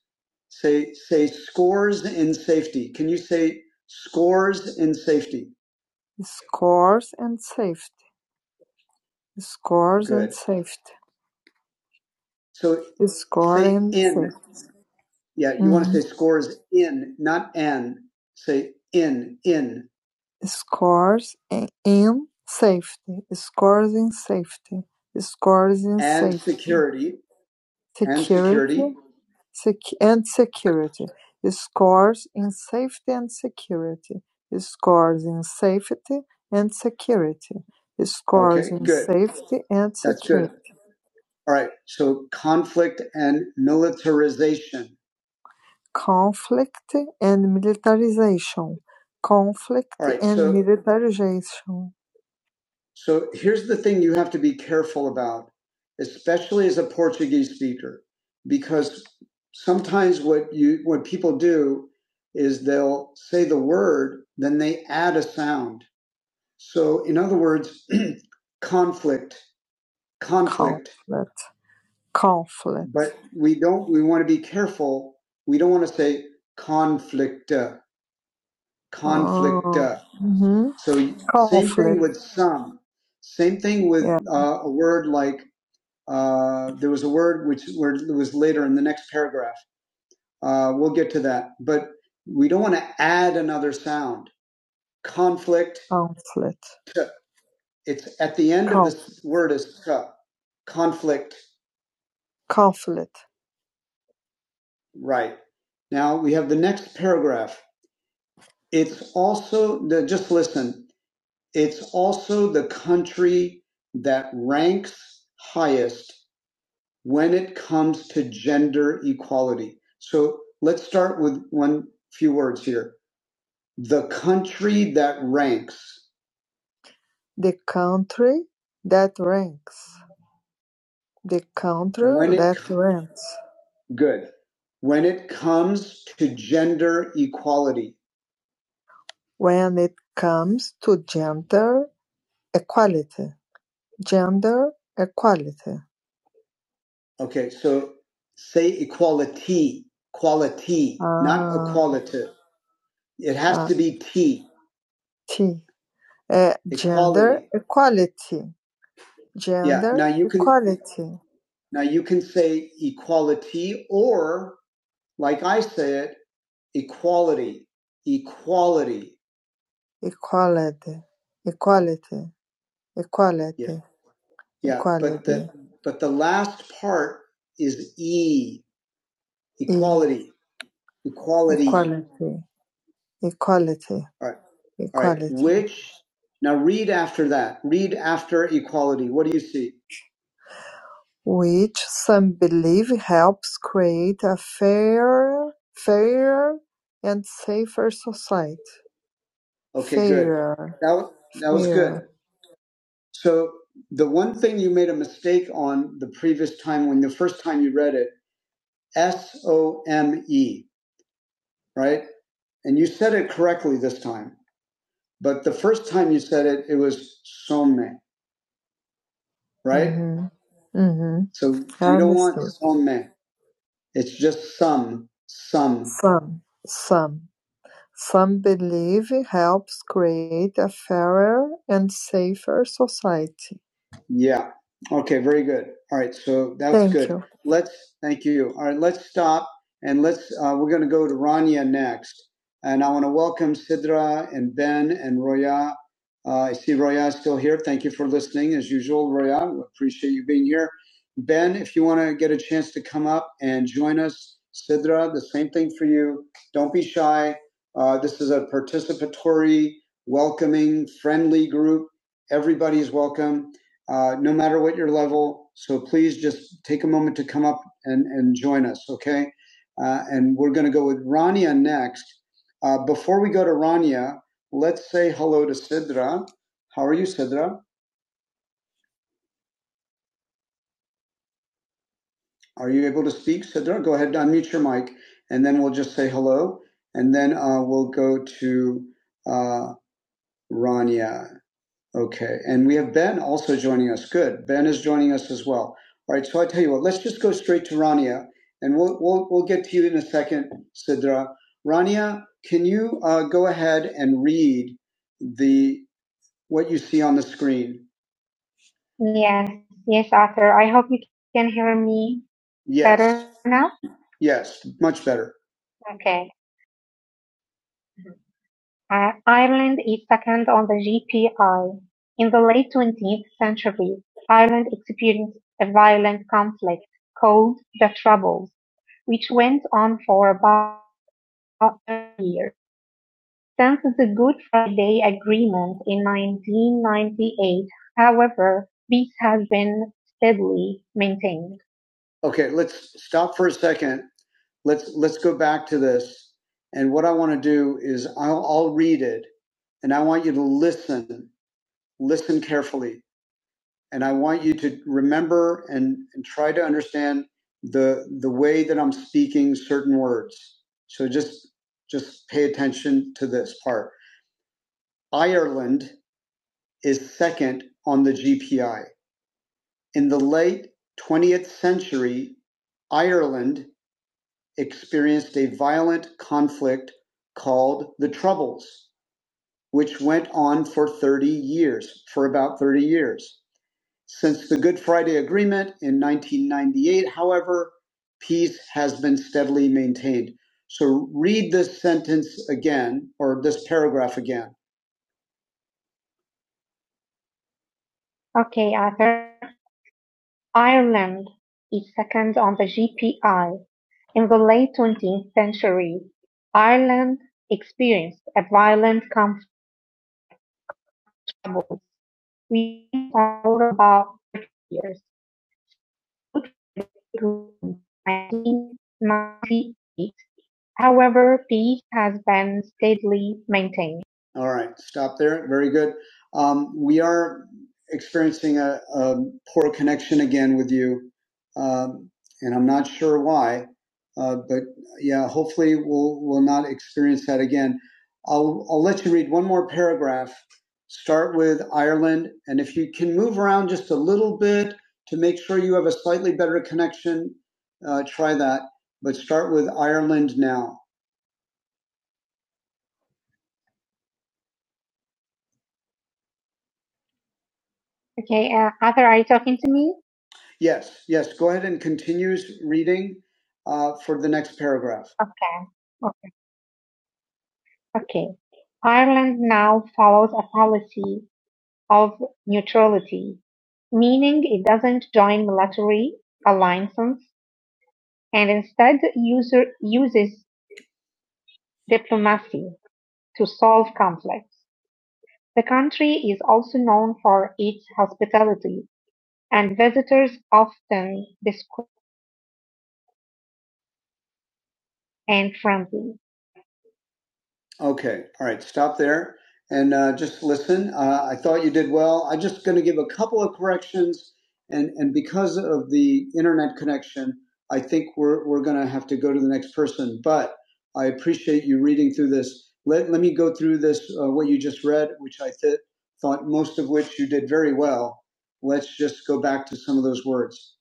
Say say scores in safety. Can you say scores in safety? Scores and safety. Scores and Good. safety. So score say in, in. safety. Yeah, you mm. want to say scores in, not and. Say in, in. Scores in safety. Scores in safety. Scores in And safety. security, and Security And security. sec- and security. Scores in safety and security. Scores in safety and security. Scores Okay, in good. safety and security. That's good. security. All right. So conflict and militarization. Conflict and militarization, conflict All right. and So, militarization. so here's the thing you have to be careful about, especially as a Portuguese speaker, because sometimes what you, what people do is they'll say the word, then they add a sound. So in other words, (clears throat) conflict, conflict, Conflict, conflict. but we don't, we want to be careful. We don't want to say conflict conflict. Oh. Uh, hmm so conflict. same thing with some. Same thing with Yeah. uh, a word like uh, there was a word which where it was later in the next paragraph. Uh, we'll get to that, but we don't want to add another sound. Conflict. Conflict. t. It's at the end of Conf- of this word is t. Conflict. conflict. Right. Now we have the next paragraph. It's also the, just listen. It's also the country that ranks highest when it comes to gender equality. So let's start with one few words here. The country that ranks. The country that ranks. The country that ranks. Good. When it comes to gender equality. When it comes to gender equality. Gender equality Okay, so say equality, quality, uh, not Ah, equality. It has ah, to be T, T. Uh, gender equality. equality. Yeah. Now you can equality. now you can say equality or like I say it, equality, equality. Equality. Equality. Yeah, Equality. yeah. But Equality. But the but the last part is E, E. equality. E. equality. Equality. Equality. All right, Equality. all right. Which now read after that. Read after equality. What do you see? Which some believe helps create a fair, fairer and safer society. Okay, good. Fairer. That wa- that was good. Fairer. So the one thing you made a mistake on the previous time when the first time you read it, S O M E, right? And you said it correctly this time. But the first time you said it, it was some, right? Mm-hmm. Mm-hmm. So you don't want some. It's just some, some. Some, some. Some believe helps create a fairer and safer society. Yeah. Okay. Very good. All right. So that's Thank good. you. Let's, thank you. All right. Let's stop and let's, uh, we're going to go to Rania next. And I want to welcome Sidra and Ben and Roya. Uh, I see Roya is still here. Thank you for listening as usual, Roya. We appreciate you being here. Ben, if you want to get a chance to come up and join us, Sidra, the same thing for you. Don't be shy. Uh, this is a participatory, welcoming, friendly group. Everybody's welcome, uh, no matter what your level. So please just take a moment to come up and, and join us, okay? Uh, and we're going to go with Rania next. Uh, before we go to Rania, let's say hello to Sidra. How are you, Sidra? Are you able to speak, Sidra? Go ahead and unmute your mic, and then we'll just say hello, and then uh, we'll go to uh, Rania. Okay, and we have Ben also joining us. Good, Ben is joining us as well. All right, so I tell you what, let's just go straight to Rania, and we'll we'll, we'll get to you in a second, Sidra. Rania, can you uh, go ahead and read the what you see on the screen? Yes, yes, Arthur. I hope you can hear me yes. better now. Yes, much better. Okay. Uh, Ireland is second on the GPI. In the late twentieth century, Ireland experienced a violent conflict called the Troubles, which went on for about a year. Since the Good Friday Agreement in 1998, however, peace has been steadily maintained okay let's stop for a second let's let's go back to this and what i want to do is I'll, I'll read it and i want you to listen listen carefully and i want you to remember and, and try to understand the the way that i'm speaking certain words so just just pay attention to this part ireland is second on the gpi in the late 20th century ireland experienced a violent conflict called the Troubles, which went on for 30 years, for about 30 years. Since the Good Friday Agreement in 1998, however, peace has been steadily maintained. So read this sentence again, or this paragraph again. Okay, Arthur. Ireland is second on the GPI. In the late 20th century, Ireland experienced a violent conflict We traveled about 30 years nineteen ninety-eight. However, peace has been steadily maintained. All right, stop there. Very good. Um, we are experiencing a, a poor connection again with you, um, and I'm not sure why. Uh, but yeah, hopefully we'll we'll not experience that again. I'll I'll let you read one more paragraph. Start with Ireland, and if you can move around just a little bit to make sure you have a slightly better connection, uh, try that. But start with Ireland now. Okay, uh, Arthur, are you talking to me? Yes, yes. Go ahead and continue reading uh, for the next paragraph. Okay. okay. Okay. Ireland now follows a policy of neutrality, meaning it doesn't join military alliances and instead user, uses diplomacy to solve conflicts. The country is also known for its hospitality, and visitors often distant and friendly. Okay, all right, stop there and uh, just listen. Uh, I thought you did well. I'm just going to give a couple of corrections, and and because of the internet connection, I think we're we're going to have to go to the next person. But I appreciate you reading through this. Let let me go through this uh, what you just read, which I th- thought most of which you did very well. Let's just go back to some of those words,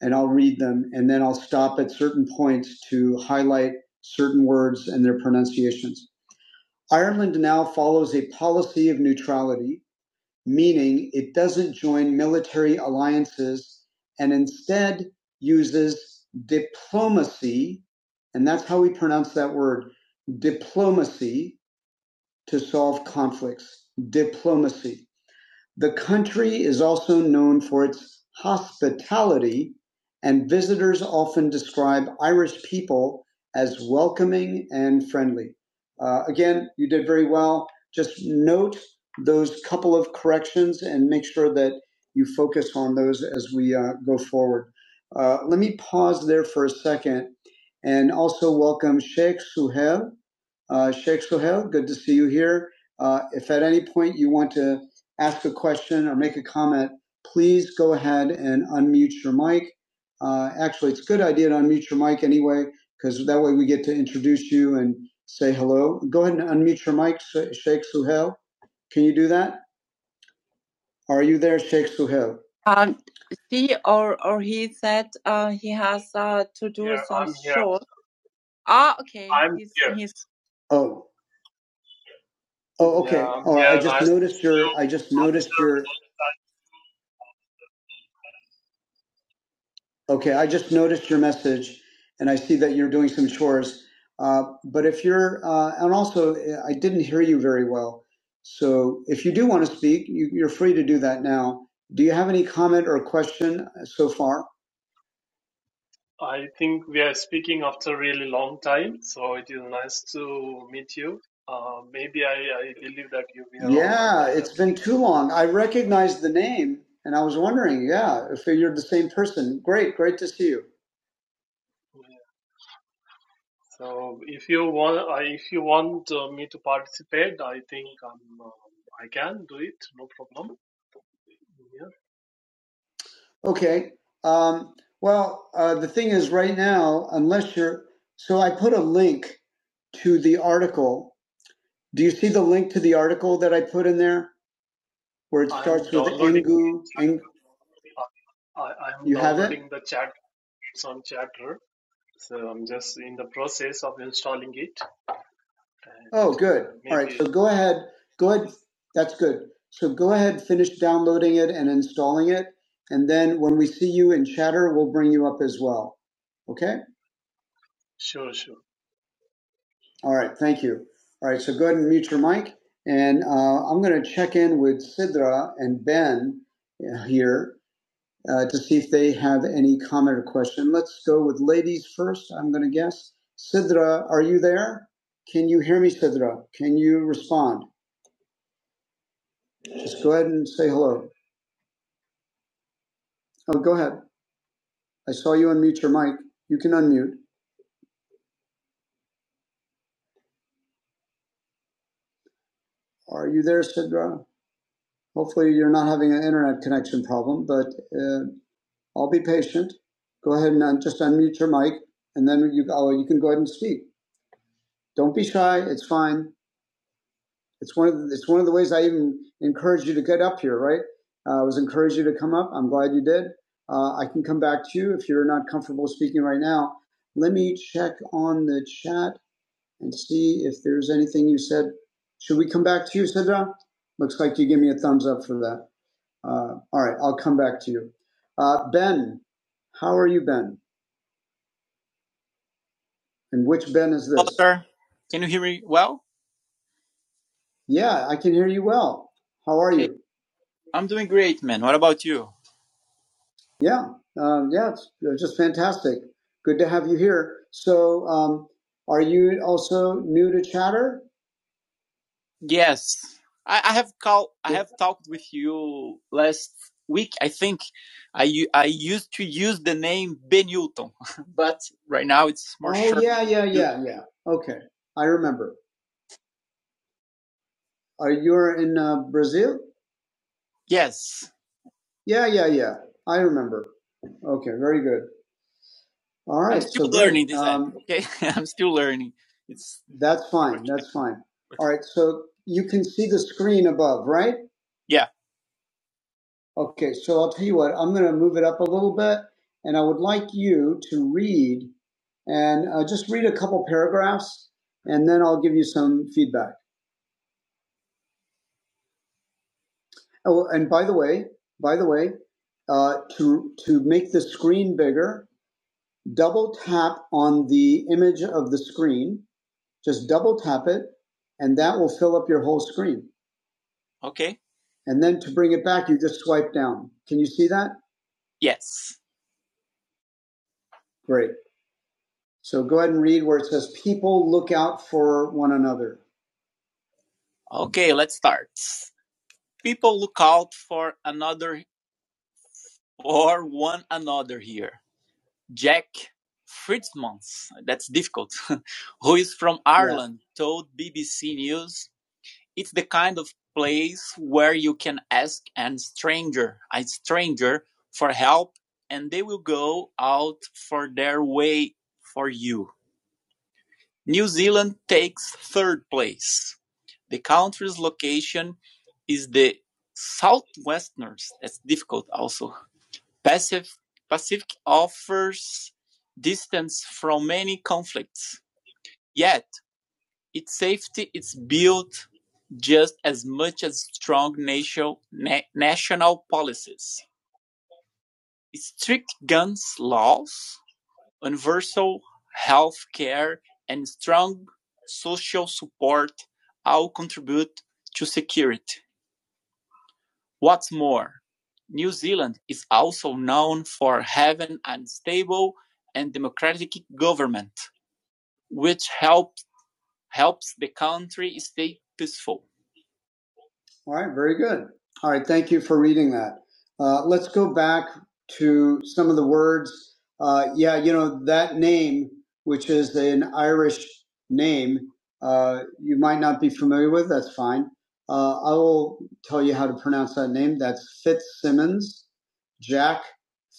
and I'll read them, and then I'll stop at certain points to highlight certain words and their pronunciations. Ireland now follows a policy of neutrality, meaning it doesn't join military alliances and instead uses diplomacy, and that's how we pronounce that word, diplomacy to solve conflicts. Diplomacy. The country is also known for its hospitality, and visitors often describe Irish people as welcoming and friendly. Uh, again, you did very well. Just note those couple of corrections and make sure that you focus on those as we uh, go forward. Uh, let me pause there for a second and also welcome Sheikh Suhail. Uh, Sheikh Suhail, good to see you here. Uh, if at any point you want to ask a question or make a comment, please go ahead and unmute your mic. Uh, actually, it's a good idea to unmute your mic anyway, because that way we get to introduce you and say hello. Go ahead and unmute your mic, Sheikh Suhail. Can you do that? Are you there, Sheikh Suhail? Um, she or or he said uh, he has.
Yeah, I'm here.
Ah, okay,
I'm
he's
here.
he's. Oh, oh,
Yeah,
okay.
I'm
All right. I
here.
just
Nice to
noticed
see you.
your. I just noticed
After,
your. Okay, I just noticed your message, and I see that you're doing some chores. Uh, but if you're, uh, and also uh, I didn't hear you very well, so if you do want to speak, you, you're free to do that now. Do you have any comment or question so far?
I think we are speaking after a really long time, so it is nice to meet you. Uh, maybe I, I believe that you were on
Yeah,
another
it's been
application.
too long. I recognized the name, and I was wondering, yeah, if you're the same person. Great, great to see you.
Yeah. So if you want, I if you want uh, me to participate, I think I'm, uh, I can do it. No problem. Yeah.
Okay. Um, well, uh, the thing is, right now, unless you're, so I put a link to the article Do you see the link to the article that I put in there where it
I'm
starts with
downloading.
Engu? Eng,
Uh, I, I'm
you have it?
downloading the chat. It's on Chatter. So I'm just in the process of installing it. and
Oh,
uh,
good. All right.
maybe
So go ahead. Go ahead. That's good. So go ahead, finish downloading it and installing it. And then when we see you in chatter, we'll bring you up as well. Okay.
sure, sure.
All right. Thank you. All right. So go ahead and mute your mic. And uh, I'm going to check in with Sidra and Ben uh, here uh, to see if they have any comment or question. Let's go with ladies first, I'm going to guess. Sidra, are you there? Can you hear me, Sidra? Can you respond? Just go ahead and say hello. Oh, go ahead. I saw you unmute your mic. You can unmute. Are you there, Sidra? Hopefully, you're not having an internet connection problem, but uh, I'll be patient. Go ahead and un- just unmute your mic, and then you, oh, you can go ahead and speak. Don't be shy. It's fine. It's one of the, it's one of the ways I even encouraged you to get up here, right? Uh, I was encouraged you to come up. I'm glad you did. Uh, I can come back to you if you're not comfortable speaking right now. Let me check on the chat and see if there's anything you said. Should we come back to you, Sidra? Looks like you give me a thumbs up for that. Uh, all right, I'll come back to you. Uh, ben, how are you, Ben? And which Ben is this? Hello, sir. Can you hear me well? Yeah, I can hear you well. How are Okay. you? I'm doing great, man. What about you? Yeah, um, yeah, it's just fantastic. Good to have you here. So, um, are you also new to Chatter? Yes, I, I have call. I have talked with you last week. I think I I used to use the name Ben Newton, (laughs) but right now it's more Oh, short. yeah, yeah, yeah, yeah. Okay, I remember. Are you're in uh, Brazil? Yeah, yeah, yeah. I remember. Okay, very good. All I'm right, so still so great. learning this app. It's That's fine. That's fine. All right. So you can see the screen above, right? Yeah. Okay. So I'll tell you what. I'm going to move it up a little bit, and I would like you to read and uh, just read a couple paragraphs, and then I'll give you some feedback. Oh, and by the way, by the way, uh, to to make the screen bigger, double tap on the image of the screen. Just double tap it, and that will fill up your whole screen. Okay. And then to bring it back, you just swipe down. Can you see that? Yes. Great. So go ahead and read where it says, People look out for one another. Okay, let's start. People look out for another or one yeah. Ireland's conflict. Safety is na- na- strict guns laws, health care, and strong social support all contribute All right, very good. All right, thank you for reading that. Uh, let's go back to some of the words. Uh, yeah, you know, that name, which is an Irish name, uh, you might not be familiar with, that's fine. Uh, I will tell you how to pronounce that name. That's Fitzsimmons, Jack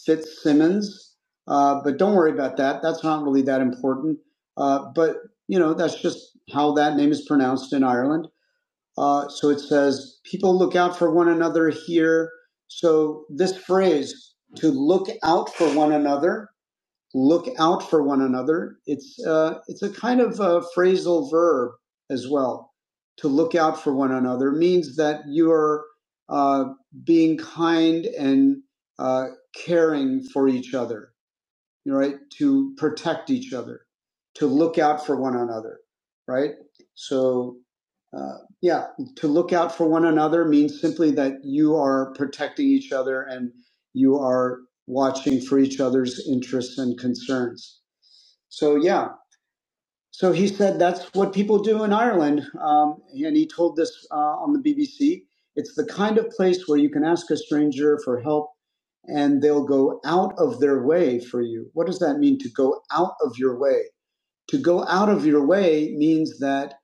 Fitzsimmons. Uh, but don't worry about that. That's not really that important. Uh, but, you know, that's just how that name is pronounced in Ireland. Uh, so it says, people look out for one another here. So this phrase, to look out for one another, look out for one another, it's, uh, it's a kind of a phrasal verb as well. To look out for one another means that you're uh, being kind and uh, caring for each other right? To protect each other, to look out for one another, right? So, uh, yeah, to look out for one another means simply that you are protecting each other and you are watching for each other's interests and concerns. So, yeah, so he said that's what people do in Ireland. Um, and he told this uh, on the BBC. It's the kind of place where you can ask a stranger for help and they'll go out of their way for you. What does that mean to go out of your way? To go out of your way means that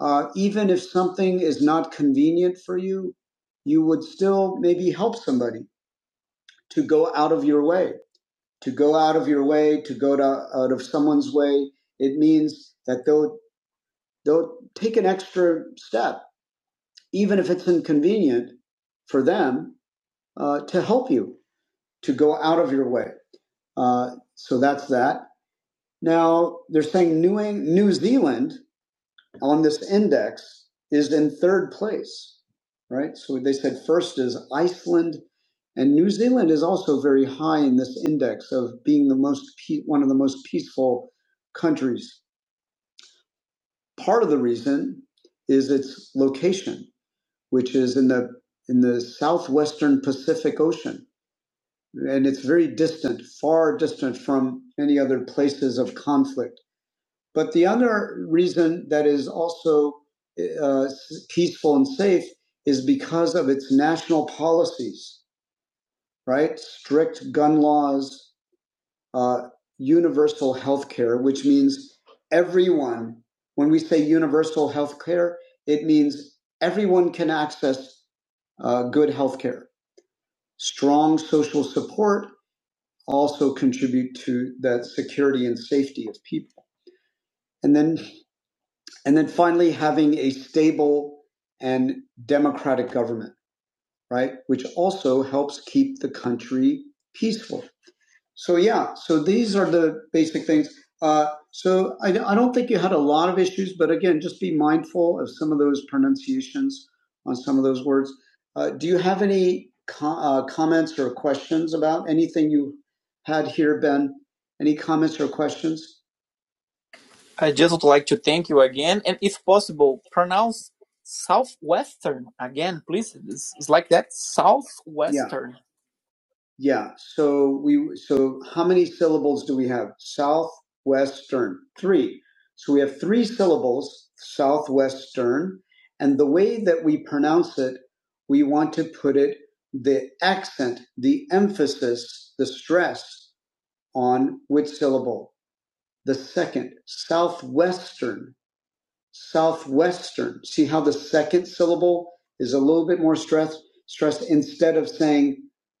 uh, even if something is not convenient for you, you would still maybe help somebody to go out of your way. To go out of your way, to go to, out of someone's way, it means that though they'll take an extra step, even if it's inconvenient for them, uh, to help you to go out of your way. Uh, so that's that. Now they're saying New, Eng- New Zealand on this index is in third place, right? So they said first is Iceland, and New Zealand is also very high in this index of being the most pe- one of the most peaceful countries. Part of the reason is its location which is in the in the southwestern Pacific Ocean, and it's very distant, far distant from any other places of conflict. But the other reason that is also uh, peaceful and safe is because of its national policies, right? Strict gun laws, uh, universal health care, which means everyone. When we say universal health care, it means everyone can access uh, good health care Strong social support also contribute to that security and safety of people. And then, and then finally, having a stable and democratic government, right? Which also helps keep the country peaceful. So yeah, so these are the basic things. Uh, so I, I don't think you had a lot of issues, but again, just be mindful of some of those pronunciations on some of those words. Uh, do you have any co- uh, comments or questions about anything you had here, Ben? Any comments or questions? I just would like to thank you again, and if possible, pronounce southwestern again, please. It's, it's like that southwestern. Yeah. Yeah. So we so how many syllables do we have? Southwestern. Three. So we have three syllables, southwestern, and the way that we pronounce it, we want to put it the accent, the emphasis, the stress on which syllable? The second, southwestern Southwestern. See how the second syllable is a little bit more stressed, stressed instead of saying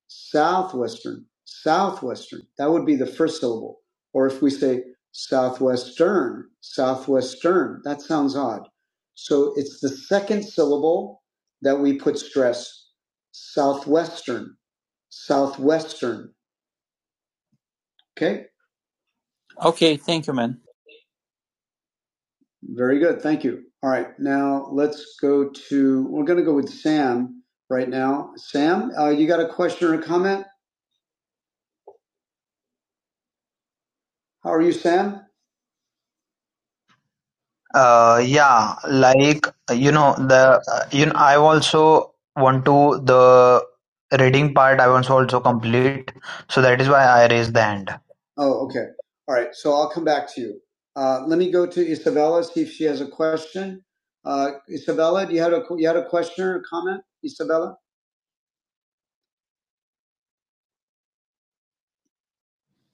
Southwestern, Southwestern. That would be the first syllable. Or if we say Southwestern, Southwestern, that sounds odd. So it's the second syllable that we put stress. Southwestern, Southwestern. Okay. Okay. Thank you, man. Very good. Thank you. All right. Now let's go to, we're going to go with Sam right now. Sam, uh, you got a question or a comment? How are you, Sam? Uh, yeah, like, you know, the, uh, you know, I also want to, the reading part, I want to also complete. So that is why I raised the hand. Oh, okay. All right. So I'll come back to you. Uh, let me go to Isabella, see if she has a question. Uh, Isabella, do you have a, you had a question or a comment, Isabella?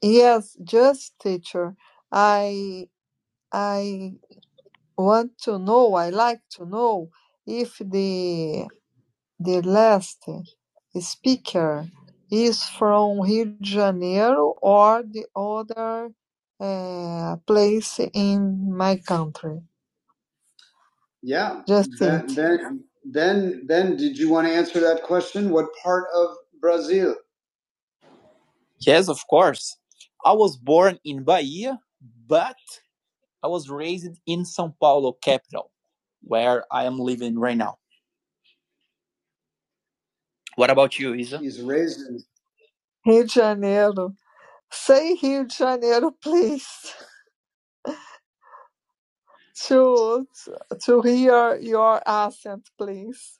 Yes, just teacher. I I want to know, I like to know if the the last speaker is from Rio de Janeiro or the other uh, place in my country. Yeah. Just Then, it. then, then, then, did you want to answer that question? What part of Brazil? Yes, of course. I was born in Bahia, I was raised in São Paulo capital, where I am living right now. Lisa? He's raised in Rio de Janeiro. Say Rio de Janeiro, please, (laughs) to to hear your accent, please.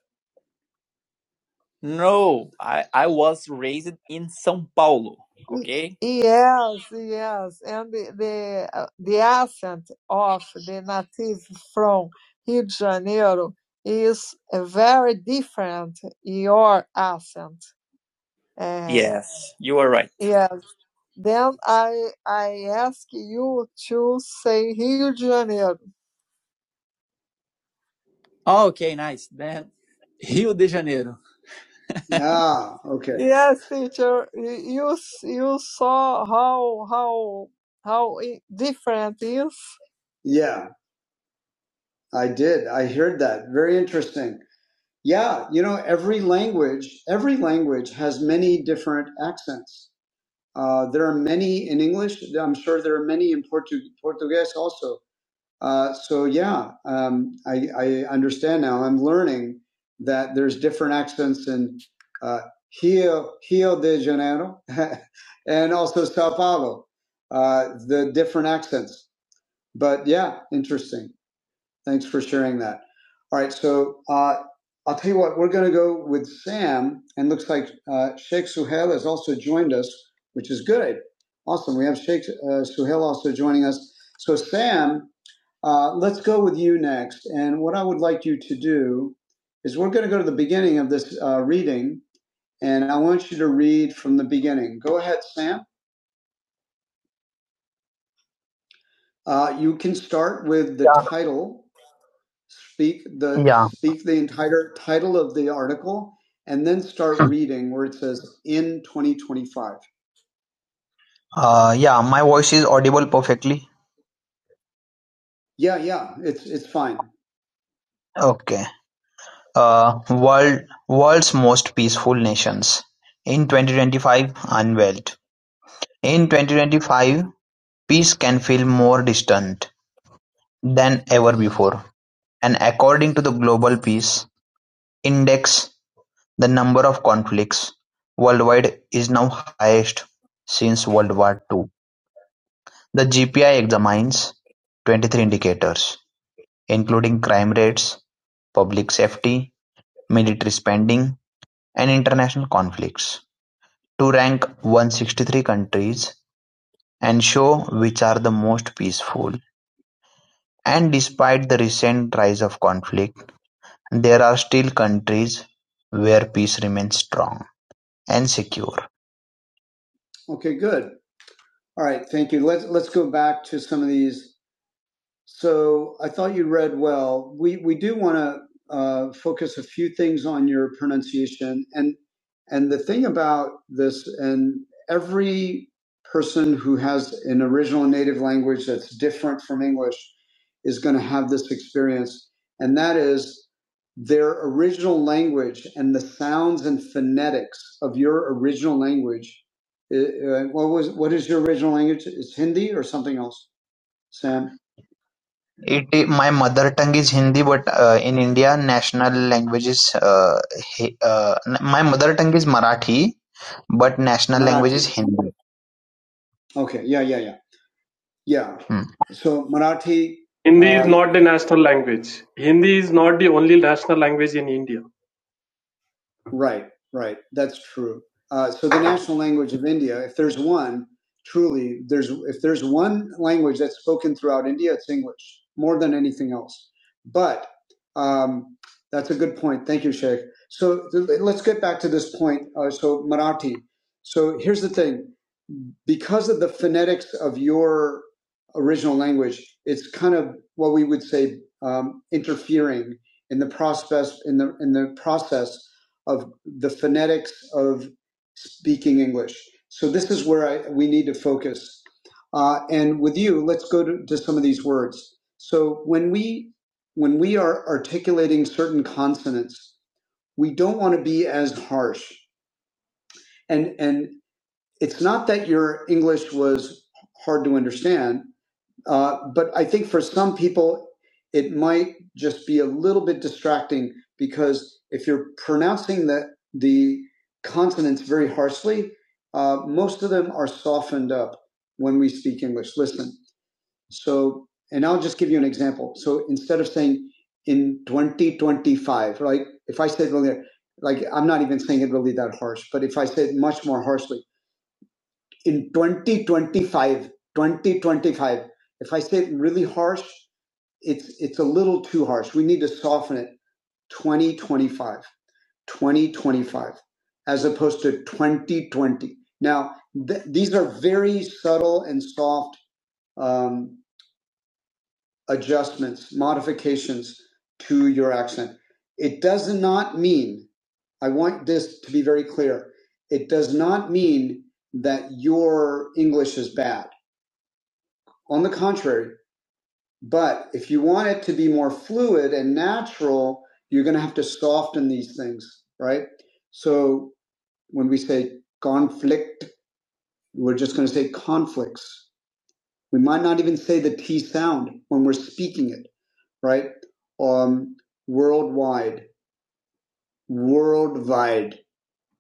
Okay. Yes, yes, and the the, uh, the accent of the native from Rio de Janeiro is uh, very different. Your accent, uh, Yes. Yes, Then I I ask you to say Rio de Janeiro. Ah, okay. (laughs) Yes, teacher. You you saw how how how different it is. Yeah, I did. I heard that. Very interesting. Yeah, you know, every language, every language has many different accents. Uh, there are many in English. I'm sure there are many in Portu- Portuguese also. Uh, so yeah, um, I, I understand now. I'm learning that there's different accents in uh, Rio, Rio de Janeiro (laughs) and also Sao Paulo. Uh, the different accents, but yeah, interesting. Thanks for sharing that. All right, so uh, I'll tell you what. We're going to go with Sam, and looks like uh, Sheikh Suhail has also joined us, which is good. Awesome. We have Sheikh uh, Suhail also joining us. So Sam. Uh, let's go with you next. And what I would like you to do is we're going to go to the beginning of this uh, reading, and I want you to read from the beginning. Go ahead, Sam. Uh, you can start with the Yeah. title, speak the yeah. speak the entire title of the article, and then start (laughs) reading where it says in 2025. Uh, yeah, my voice is audible perfectly. Yeah, yeah, it's it's fine. Okay. Uh, world World's Most Peaceful Nations: In Twenty-Twenty-Five Unveiled: In twenty-twenty-five, peace can feel more distant than ever before, and according to the Global Peace Index, the number of conflicts worldwide is now highest since World War Two. The GPI examines twenty-three indicators, including crime rates, public safety, military spending, and international conflicts. To rank one hundred sixty-three countries and show which are the most peaceful. And despite the recent rise of conflict, there are still countries where peace remains strong and secure. Okay, good. All right, thank you. Let's let's go back to some of these So I thought you read well. We we do want to uh, focus a few things on your pronunciation and and the thing about this and every person who has an original native language that's different from English is going to have this experience, and that is their original language and the sounds and phonetics of your original language. Uh, uh, what was what is your original language? Is Hindi or something else, Sam? It my mother tongue is Hindi, but uh, in India, national language is uh, uh, my mother tongue is Marathi, but national Marathi. language is Hindi. Okay. Yeah, yeah, yeah. Yeah. Hmm. So Marathi, is uh, Right, right. That's true. Uh, so the national language of India, if there's one, truly, there's if there's one language that's spoken throughout India, it's English more than anything else. But um, that's a good point. Thank you, Sheikh. So th- let's get back to this point. Uh, so Marathi. So here's the thing because of the phonetics of your original language, it's kind of what we would say um, interfering in the process in the in the process of the phonetics of speaking English. So this is where I, we need to focus. Uh, and with you, let's go to, to some of these words. So when we when we are articulating certain consonants, we don't want to be as harsh and and it's not that your English was hard to understand, uh, but I think for some people, it might just be a little bit distracting because if you're pronouncing the the consonants very harshly, uh, most of them are softened up when we speak English. Listen, so and I'll just give you an example. So instead of saying in 2025, right? If I said really, like I'm not even saying it really that harsh, but if I said much more harshly in 2025, 2025. if i say it really harsh it's it's a little too harsh we need to soften it 2025, 2025, as opposed to 2020 now th- these are very subtle and soft um, adjustments modifications to your accent it does not mean i want this to be very clear it does not mean that your english is bad On the contrary, but if you want it to be more fluid and natural, you're going to have to soften these things, right? So when we say conflict, we're just going to say conflicts. We might not even say the T sound when we're speaking it, right? Um, worldwide, worldwide,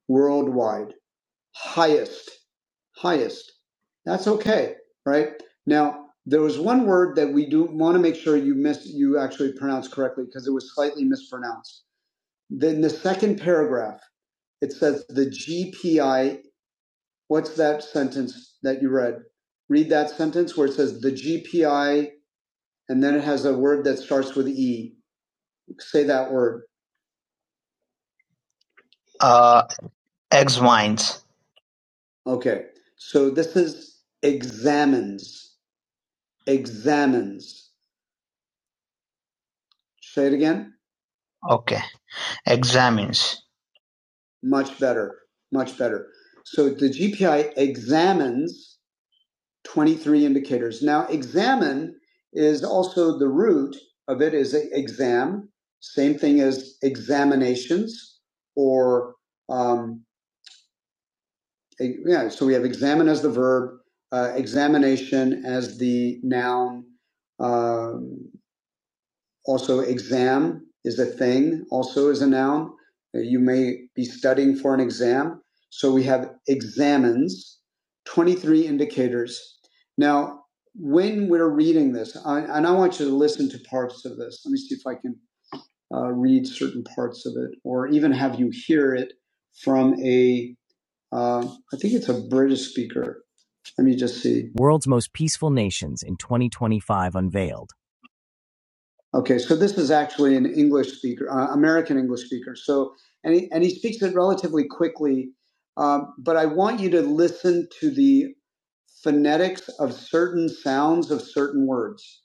worldwide. highest, highest. That's okay, right? Now, there was one word that we do want to make sure you miss, you actually pronounce correctly because it was slightly mispronounced. Then the second paragraph, it says the GPI. What's that sentence that you read? Read that sentence where it says the GPI, and then it has a word that starts with E. Say that word. Uh, ex Okay. So this is examines. examines. Say it again. Okay. Examines. Much better. Much better. So the GPI examines 23 indicators. Now, examine is also the root of it is exam, same thing as examinations or, um, e- yeah, so we have examine as the verb, uh, examination as the noun. um, Also, exam is a thing, also is a noun. Uh, You may be studying for an exam. So we have examines, 23 indicators. Now, when we're reading this, I, and I want you to listen to parts of this. Let me see if I can uh, read certain parts of it or even have you hear it from a, uh, I think it's a British speaker. Let me just see. World's most peaceful nations in 2025 unveiled. Okay, so this is actually an English speaker, uh, American English speaker. So, and he, and he speaks it relatively quickly, um, but I want you to listen to the phonetics of certain sounds of certain words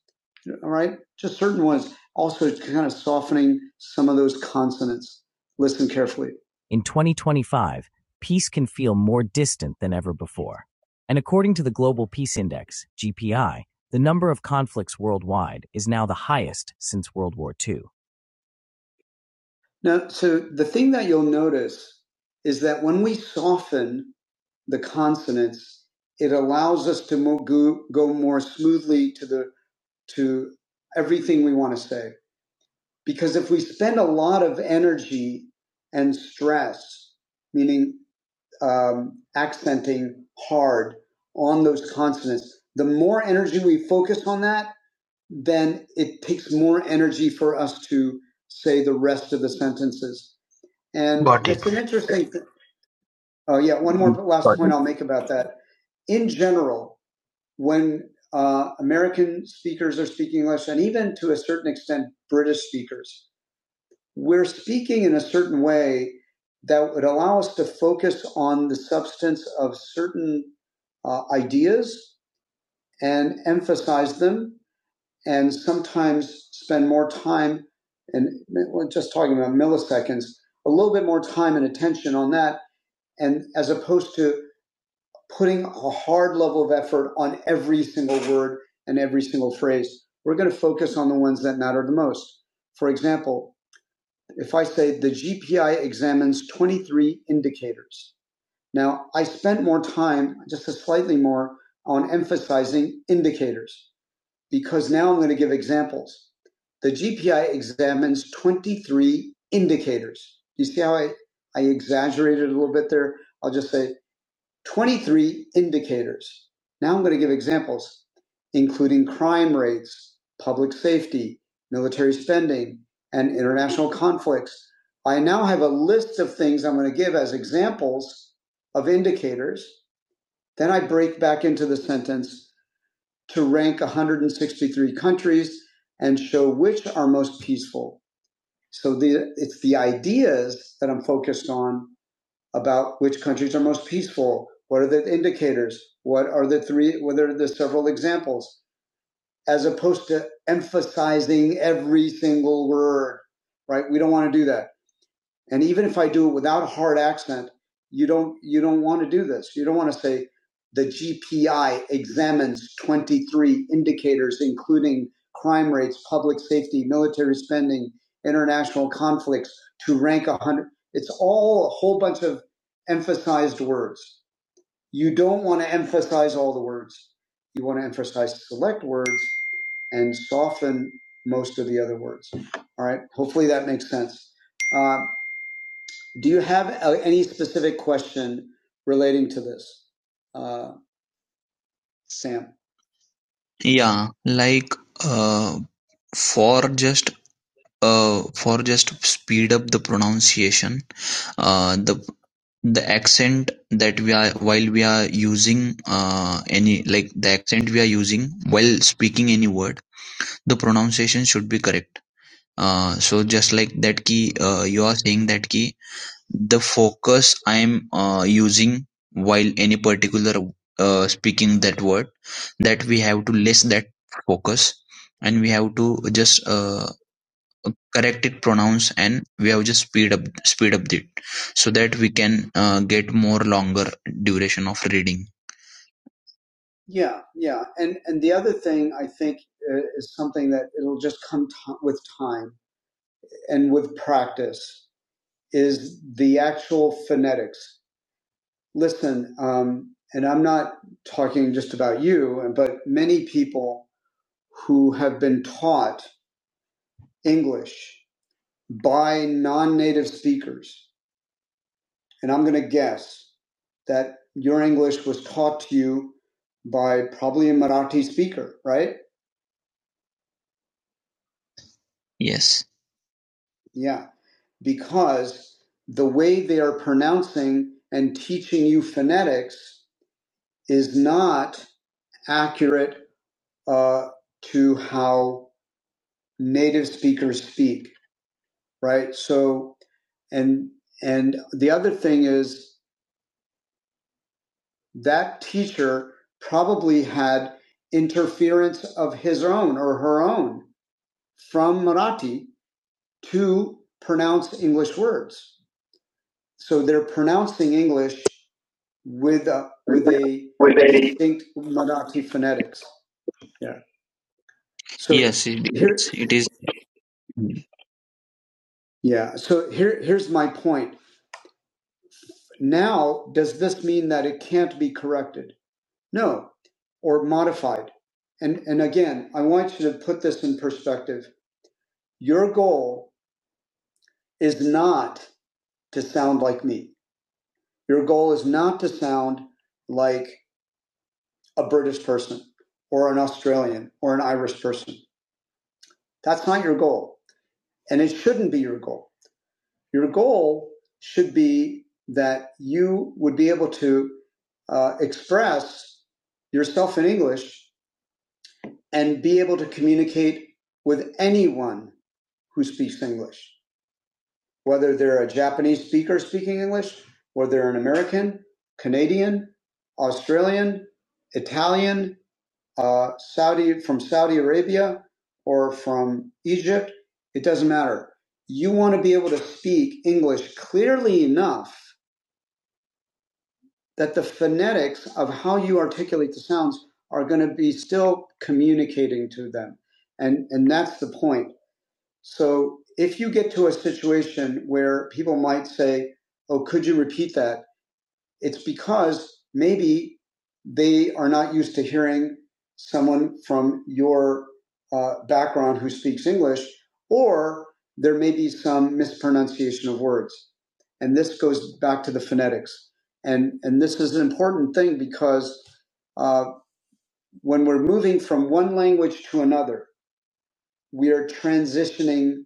all right? Just certain ones. Also, kind of softening some of those consonants. Listen carefully. In 2025, peace can feel more distant than ever before. And according to the Global Peace Index, GPI, the number of conflicts worldwide is now the highest since World War II. Now, so the thing that you'll notice is that when we soften the consonants, it allows us to go more smoothly to the to everything we want to say. Because if we spend a lot of energy and stress, meaning um, accenting hard on those consonants, the more energy we focus on that, then it takes more energy for us to say the rest of the sentences. And Got it. it's it. an interesting. Th- oh yeah, one more last Got it. point it. I'll make about that. In general, when uh, American speakers are speaking English, and even to a certain extent British speakers, we're speaking in a certain way that would allow us to focus on the substance of certain uh, ideas and emphasize them, and sometimes spend more time and we're just talking about milliseconds, a little bit more time and attention on that, and as opposed to putting a hard level of effort on every single word and every single phrase, we're going to focus on the ones that matter the most. For example, if I say the GPI examines 23 indicators. Now, I spent more time, just a slightly more, on emphasizing indicators because now I'm going to give examples. The GPI examines 23 indicators. You see how I, I exaggerated a little bit there? I'll just say 23 indicators. Now I'm going to give examples, including crime rates, public safety, military spending, and international conflicts. I now have a list of things I'm going to give as examples of indicators. Then I break back into the sentence to rank 163 countries and show which are most peaceful. So the, it's the ideas that I'm focused on about which countries are most peaceful. What are the indicators? What are the three? What are the several examples? As opposed to emphasizing every single word, right? We don't want to do that. And even if I do it without a hard accent, you don't you don't want to do this. You don't want to say the GPI examines 23 indicators including crime rates, public safety, military spending, international conflicts to rank 100. It's all a whole bunch of emphasized words. You don't want to emphasize all the words. You want to emphasize select words and soften most of the other words. All right. Hopefully that makes sense. Uh, do you have uh, any specific question relating to this, uh, Sam? Yeah, like uh, for just uh, for just speed up the pronunciation, uh, the the accent that we are while we are using uh, any like the accent we are using while speaking any word, the pronunciation should be correct. Uh, so just like that key, uh, you are saying that key. The focus I'm uh, using while any particular uh, speaking that word that we have to less that focus and we have to just uh, correct it pronounce and we have just speed up speed up it so that we can uh, get more longer duration of reading Yeah, yeah, and and the other thing I think uh, is something that it'll just come t- with time and with practice is the actual phonetics. listen, um, and I'm not talking just about you, but many people who have been taught English by non native speakers. And I'm going to guess that your English was taught to you by probably a Marathi speaker, right? Yes. Yeah, because the way they are pronouncing and teaching you phonetics is not accurate uh, to how native speakers speak, right? So, and and the other thing is that teacher probably had interference of his own or her own from Marathi to pronounce English words. So they're pronouncing English with a with a distinct Marathi phonetics. Yeah. So Yes, it here, is. It is. yeah. So here, here's my point. Now, does this mean that it can't be corrected? No, or modified. And, and again, I want you to put this in perspective. Your goal is not to sound like me. Your goal is not to sound like a British person or an Australian or an Irish person. That's not your goal. And it shouldn't be your goal. Your goal should be that you would be able to uh, express yourself in English and be able to communicate with anyone who speaks English, whether they're a Japanese speaker speaking English, or they're an American, Canadian, Australian, Italian, uh, Saudi from Saudi Arabia, or from Egypt. It doesn't matter. You want to be able to speak English clearly enough that the phonetics of how you articulate the sounds are going to be still communicating to them, and and that's the point So if you get to a situation where people might say, Oh, could you repeat that? It's because maybe they are not used to hearing someone from your uh, background who speaks English, or there may be some mispronunciation of words. And this goes back to the phonetics. And, and this is an important thing because uh, when we're moving from one language to another, we are transitioning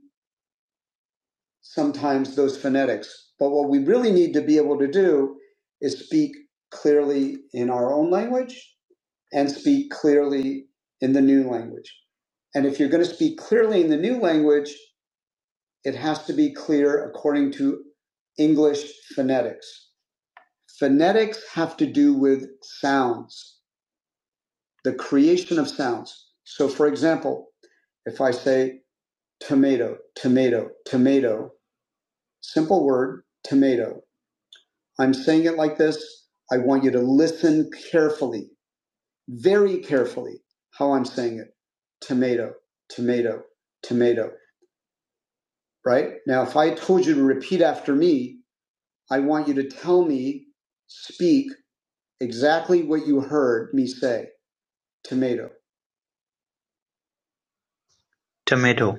sometimes those phonetics. But what we really need to be able to do is speak clearly in our own language and speak clearly in the new language. And if you're going to speak clearly in the new language, it has to be clear according to English phonetics. Phonetics have to do with sounds, the creation of sounds. So, for example, if I say tomato, tomato, tomato, simple word, tomato. I'm saying it like this. I want you to listen carefully, very carefully, how I'm saying it. Tomato, tomato, tomato, right? Now, if I told you to repeat after me, I want you to tell me, speak exactly what you heard me say. Tomato. Tomato.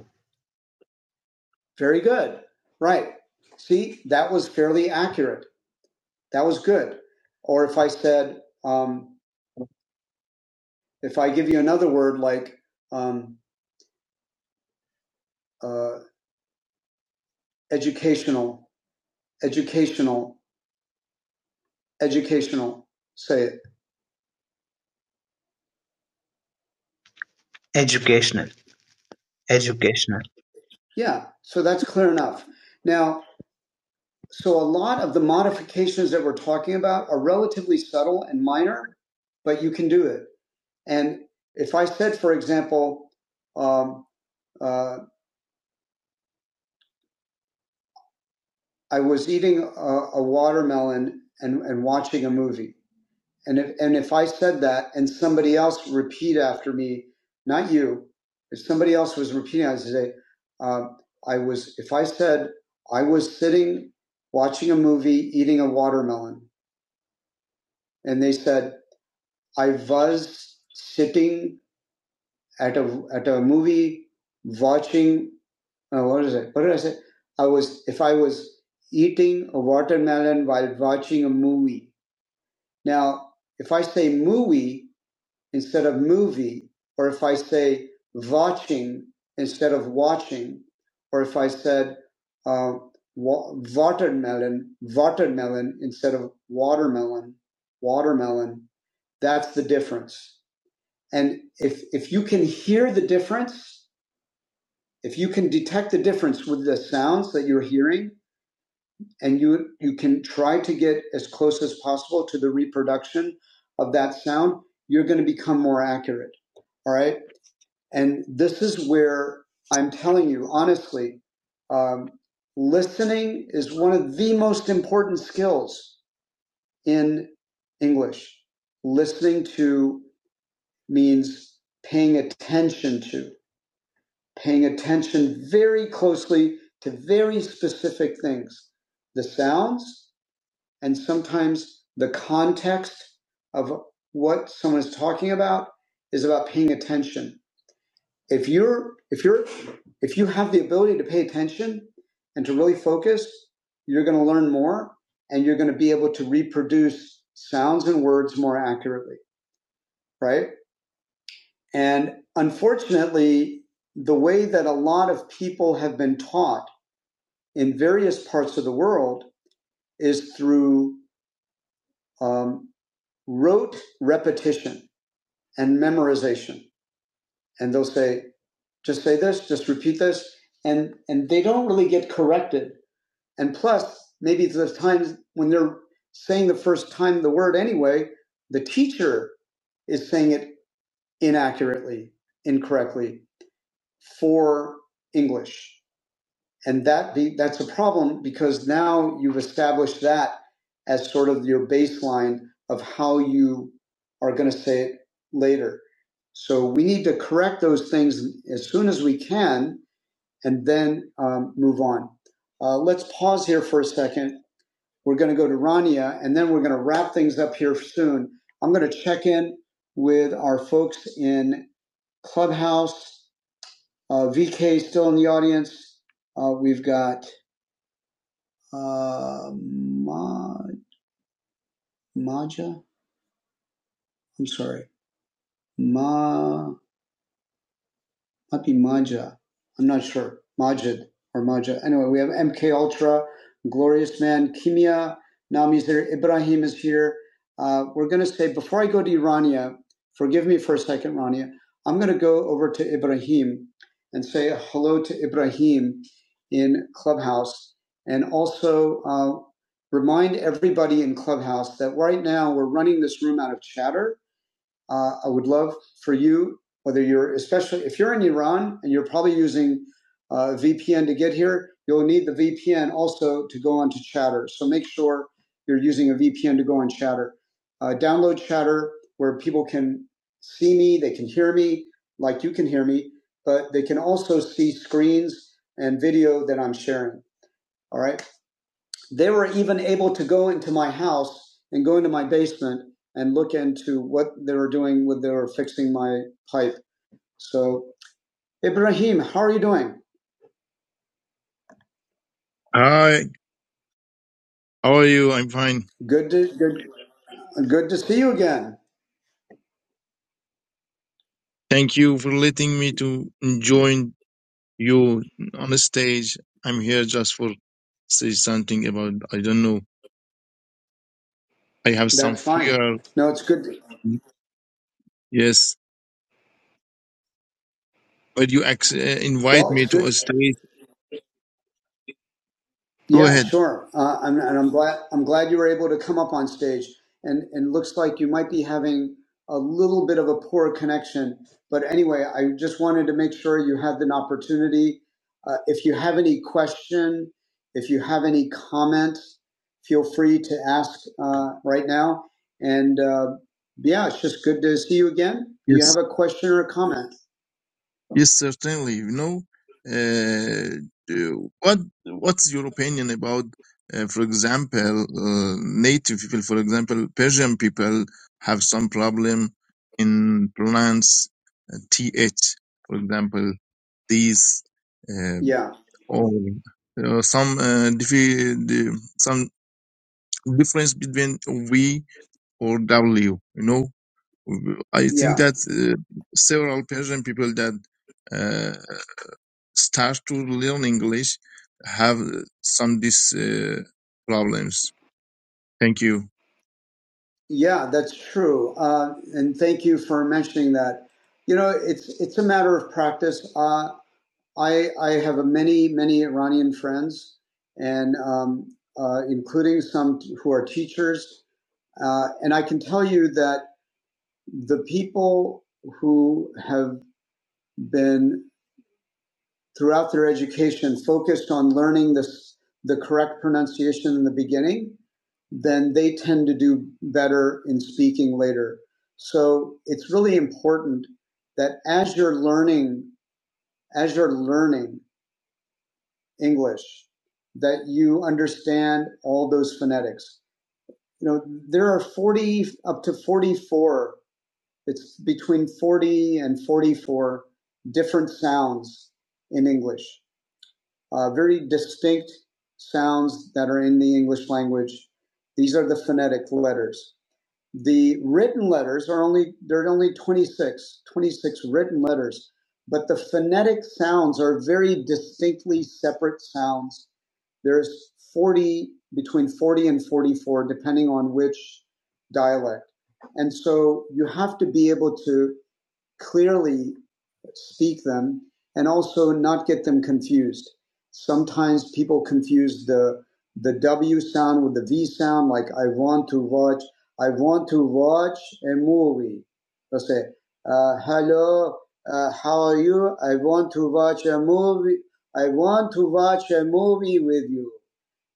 Very good. Right. See, that was fairly accurate. That was good. Or if I said, um, if I give you another word like, um, uh, Educational, educational, educational. Say it. Educational. Educational. Yeah, so that's clear enough. Now, so a lot of the modifications that we're talking about are relatively subtle and minor, but you can do it. And if I said, for example, um, uh, I was eating a, a watermelon and, and watching a movie, And if and if I said that and somebody else repeat after me, not you, if somebody else was repeating, I'd say, um, I was. If I said I was sitting watching a movie, eating a watermelon, and they said I was sitting at a at a movie watching. Uh, what is it? What did I say? I was if I was eating a watermelon while watching a movie. Now, if I say movie instead of movie, or if I say watching instead of watching, or if I said uh, wa- watermelon, watermelon instead of watermelon, watermelon, that's the difference. And if if you can hear the difference, if you can detect the difference with the sounds that you're hearing, and you you can try to get as close as possible to the reproduction of that sound, you're going to become more accurate. All right. And this is where I'm telling you, honestly, um, listening is one of the most important skills in English. Listening to means paying attention to, paying attention very closely to very specific things the sounds and sometimes the context of what someone is talking about is about paying attention if you're if you're if you have the ability to pay attention and to really focus you're going to learn more and you're going to be able to reproduce sounds and words more accurately right and unfortunately the way that a lot of people have been taught in various parts of the world is through um, rote repetition and memorization and they'll say just say this just repeat this and and they don't really get corrected And plus, maybe the times when they're saying the first time the word anyway, the teacher is saying it inaccurately, incorrectly for English. And that be, that's a problem because now you've established that as sort of your baseline of how you are going to say it later. So we need to correct those things as soon as we can and then um, move on. Uh, let's pause here for a second we're going to go to Rania, and then we're going to wrap things up here soon. I'm going to check in with our folks in Clubhouse. Uh, VK still in the audience. Uh, we've got uh, Ma- Maja. I'm sorry, Ma. might be Maja. I'm not sure. Majid or Maja. Anyway, we have MK Ultra, Glorious Man, Kimia, Nami's there, Ibrahim is here. Uh, we're going to say, before I go to Rania, forgive me for a second, Rania, I'm going to go over to Ibrahim and say hello to Ibrahim in Clubhouse and also uh, remind everybody in Clubhouse that right now we're running this room out of chatter uh, I would love for you, whether you're especially if you're in Iran and you're probably using uh, VPN to get here, you'll need the VPN also to go onto Chatter. So make sure you're using a VPN to go on Chatter. Uh, download Chatter where people can see me, they can hear me, like you can hear me, but they can also see screens and video that I'm sharing. All right. They were even able to go into my house and go into my basement and look into what they were doing when they were fixing my pipe. So, Ibrahim, how are you doing?
Hi, how are you? I'm fine.
Good to good, good to see you again.
Thank you for letting me to join you on the stage. I'm here just for say something about I don't know. I have some
That's fine.
fear.
No, it's good.
Yes, but you ex- uh, invite
Well, it's
me
good.
to a stage. Go
Yeah,
ahead.
sure. Uh, I'm, and I'm glad I'm glad you were able to come up on stage. And and looks like you might be having a little bit of a poor connection. But anyway, I just wanted to make sure you had an opportunity. Uh, if you have any question, if you have any comment, feel free to ask uh, right now. And uh, yeah, it's just good to see you again. Do you
Yes.
have a question or a comment?
Yes, certainly. You know, uh, do- what what's your opinion about, uh, for example, uh, native people? For example, Persian people have some problem in pronounce uh, th. For example, these uh,
Yeah,
or uh, some uh, diffi- the- some difference between v or w. You know, I think
yeah,
that uh, several Persian people that. uh, start to learn English have some these uh, problems. Thank you.
yeah. That's true. Uh, and thank you for mentioning that. You know, it's it's a matter of practice. Uh, I I have many many Iranian friends, and um, uh, including some who are teachers. Uh, and I can tell you that the people who have been throughout their education focused on learning this, the correct pronunciation in the beginning, then they tend to do better in speaking later. So it's really important that as you're learning, as you're learning English, that you understand all those phonetics. You know, there are 40 up to 44 It's between 40 and 44 different sounds in English, uh, very distinct sounds that are in the English language. These are the phonetic letters. The written letters are only, there are only 26, 26 written letters, but the phonetic sounds are very distinctly separate sounds there's 40 between 40 and 44 depending on which dialect and so you have to be able to clearly speak them and also not get them confused. Sometimes people confuse the the W sound with the V sound, like I want to watch, I want to watch a movie. They'll say, uh, hello, uh, how are you? I want to watch a movie. I want to watch a movie with you.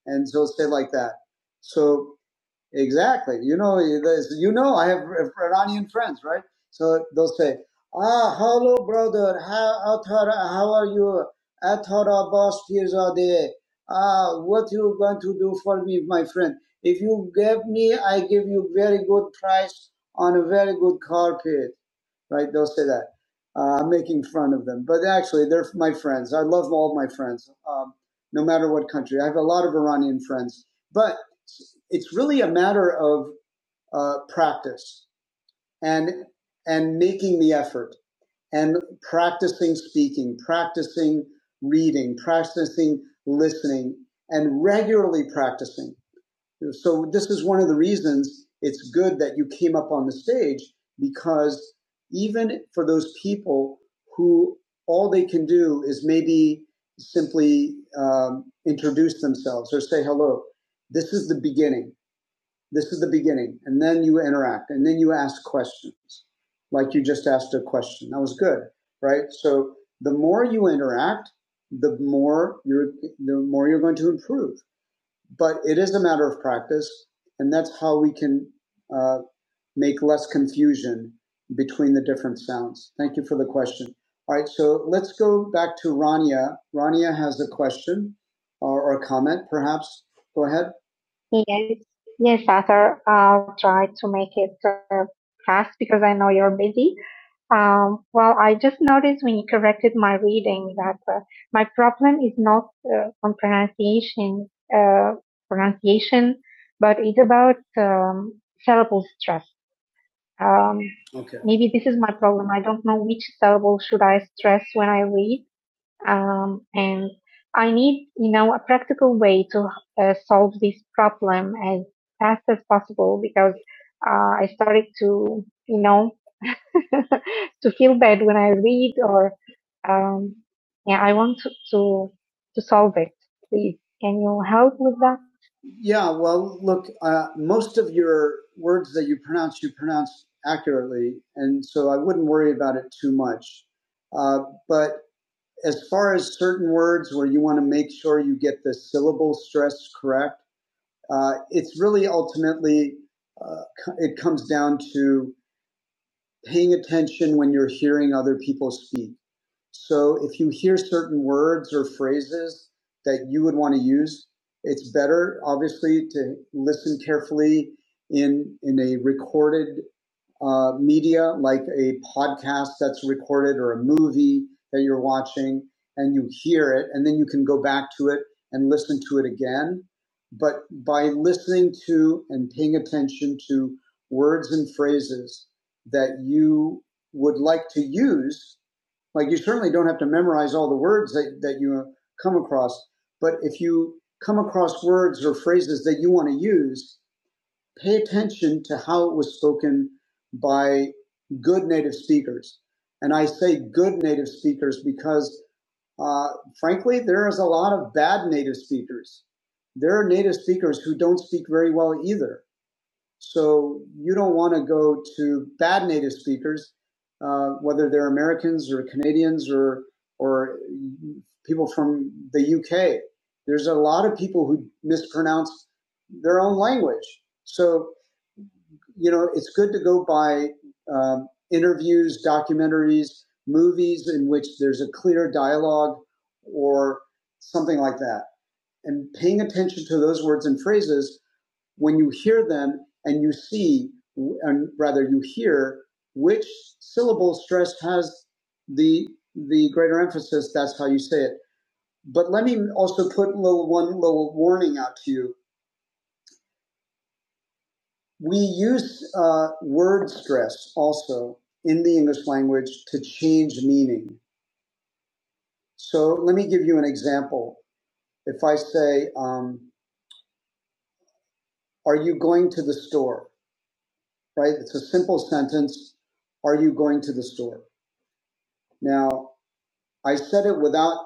And so say like that. So Exactly. You know, you know, I have Iranian friends, right? So they'll say, "Ah, hello, brother. How how are you? Athar Abbas Firzadeh. Ah, what you going to do for me, my friend? If you give me, I give you very good price on a very good carpet, right? They'll say that. Uh, I'm making fun of them, but actually, they're my friends. I love all my friends, um, no matter what country. I have a lot of Iranian friends, but it's really a matter of uh, practice and and making the effort and practicing speaking, practicing reading, practicing listening, and regularly practicing. So this is one of the reasons it's good that you came up on the stage because even for those people who all they can do is maybe simply um, introduce themselves or say hello, this is the beginning this is the beginning. And then you interact and then you ask questions. Like you just asked a question. That was good, right? So the more you interact, the more you're the more you're going to improve. But it is a matter of practice, and that's how we can uh, make less confusion between the different sounds. Thank you for the question. All right, so let's go back to Rania. Rania has a question or, or a comment, perhaps. Go ahead. Yes, yes, Arthur. I'll try to make it uh, fast because I know you're busy. Um, well, I just noticed when you corrected my reading that uh, my problem is not uh, on pronunciation, uh, pronunciation, but it's about um, syllable stress. Um, Okay. maybe this is my problem. I don't know which syllable should I stress when I read um, and I need, you know, a practical way to uh, solve this problem as fast as possible because uh, I started to, you know, (laughs) to feel bad when I read or, um, yeah, I want to, to to solve it. Please, can you help with that? Yeah, well, look, uh, most of your words that you pronounce, you pronounce accurately, and so I wouldn't worry about it too much. Uh, but as far as certain words where you want to make sure you get the syllable stress correct, uh, it's really ultimately uh, it comes down to paying attention when you're hearing other people speak. So if you hear certain words or phrases that you would want to use, it's better, obviously, to listen carefully in in a recorded uh, media like a podcast that's recorded or a movie that you're watching, and you hear it, and then you can go back to it and listen to it again. But by listening to and paying attention to words and phrases that you would like to use like you certainly don't have to memorize all the words that, that you come across, but if you come across words or phrases that you want to use, pay attention to how it was spoken by good native speakers. And I say good native speakers because, uh, frankly, there is a lot of bad native speakers. There are native speakers who don't speak very well either so you don't want to go to bad native speakers, uh, whether they're Americans or Canadians or or people from the UK. There's a lot of people who mispronounce their own language. So you know, it's good to go by um, interviews, documentaries, movies in which there's a clear dialogue or something like that. And paying attention to those words and phrases when you hear them and you see, and rather you hear which syllable stressed has the the greater emphasis, that's how you say it. But let me also put little one little warning out to you. We use uh, word stress also in the English language to change meaning. So let me give you an example. If I say, um, "Are you going to the store?" Right? It's a simple sentence. Are you going to the store? Now, I said it without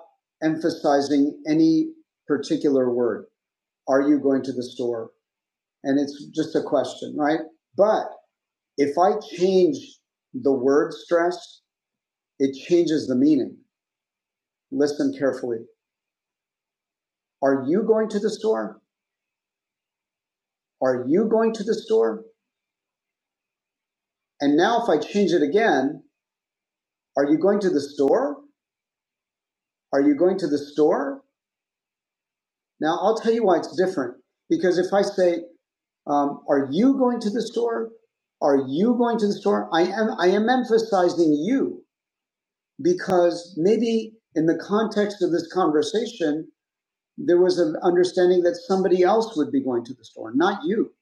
emphasizing any particular word. Are you going to the store? And it's just a question, right? But if I change the word stress, it changes the meaning. Listen carefully. Are you going to the store? Are you going to the store? And now if I change it again, are you going to the store? Are you going to the store? Now I'll tell you why it's different. Because if I say, Um, are you going to the store? Are you going to the store? I am, I am emphasizing you because maybe in the context of this conversation, there was an understanding that somebody else would be going to the store, not you.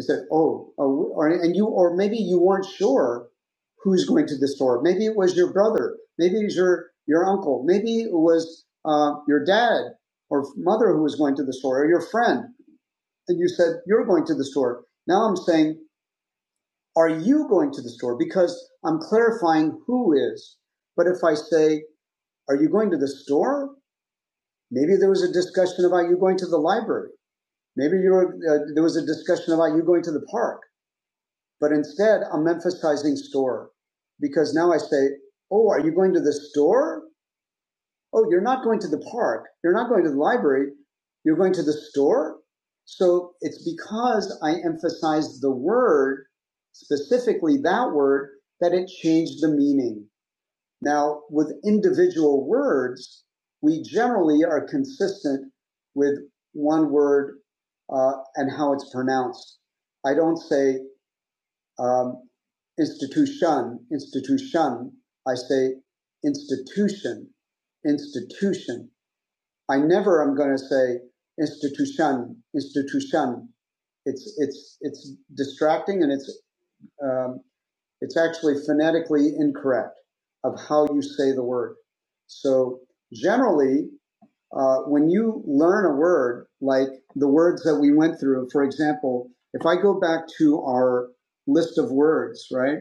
I said, oh, oh, or, and you, or maybe you weren't sure who's going to the store. Maybe it was your brother. Maybe it was your, your uncle. Maybe it was uh, your dad or mother who was going to the store or your friend. And you said, you're going to the store. Now I'm saying, are you going to the store? Because I'm clarifying who is. But if I say, are you going to the store? Maybe there was a discussion about you going to the library. Maybe you were, uh, there was a discussion about you going to the park. But instead, I'm emphasizing store because now I say, oh, are you going to the store? oh, you're not going to the park, you're not going to the library, you're going to the store. So it's because I emphasized the word, specifically that word, that it changed the meaning. Now, with individual words, we generally are consistent with one word uh, and how it's pronounced. I don't say um, institution, institution. I say institution, institution. I never am going to say institution, institution. It's it's it's distracting and it's um, it's actually phonetically incorrect of how you say the word. So generally, uh, when you learn a word like the words that we went through, for example, if I go back to our list of words, right,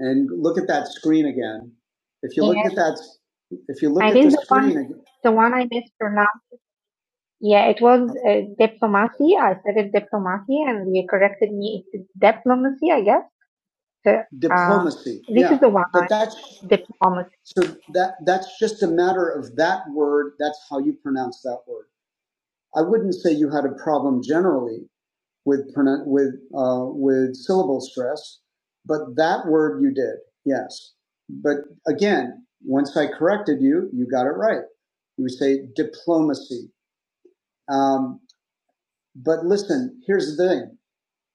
and look at that screen again, if you look Yes. at that, if you look I at the think the one, screen, ag- the one I missed Yeah, it was uh, diplomacy. I said it diplomacy, and you corrected me. It's diplomacy, I guess. So, Uh, Diplomacy, this is yeah. the one. But that's Diplomacy. so that that's just a matter of that word. That's how you pronounce that word. I wouldn't say you had a problem generally with pronoun with uh, with syllable stress, but that word you did, yes. But again, once I corrected you, you got it right. You would say diplomacy. Um, but listen, here's the thing.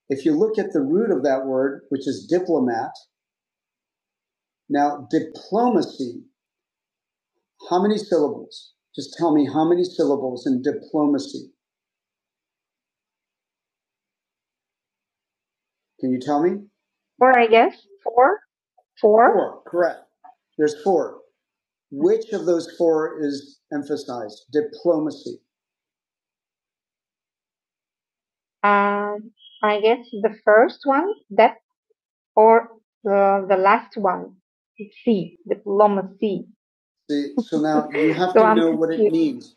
If you look at the root of that word, which is diplomat, now diplomacy, how many syllables? Just tell me how many syllables in diplomacy. Can you tell me? Four, I guess. Four? Four? Four, correct. There's four. Which of those four is emphasized? Diplomacy. Um, I guess the first one, that or the, the last one, C, diplomacy. See, so now you have (laughs) So to I'm know what it confused. means.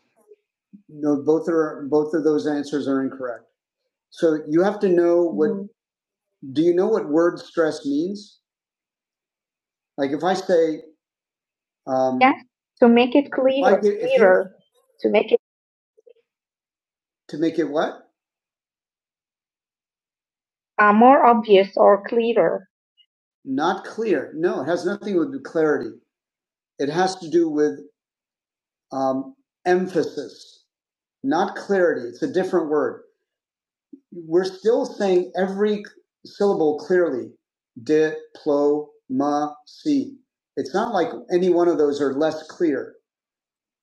No, both are both of those answers are incorrect. So you have to know what. Mhm. Do you know what word stress means? Like if I say, um, Yes, to make it if I clearer, get, if you clearer, to make it to make it what? uh, more obvious or clearer. Not clear. No, it has nothing to do with clarity. It has to do with um, emphasis, not clarity. It's a different word. we're still saying every syllable clearly. Diplomacy. It's not like any one of those are less clear.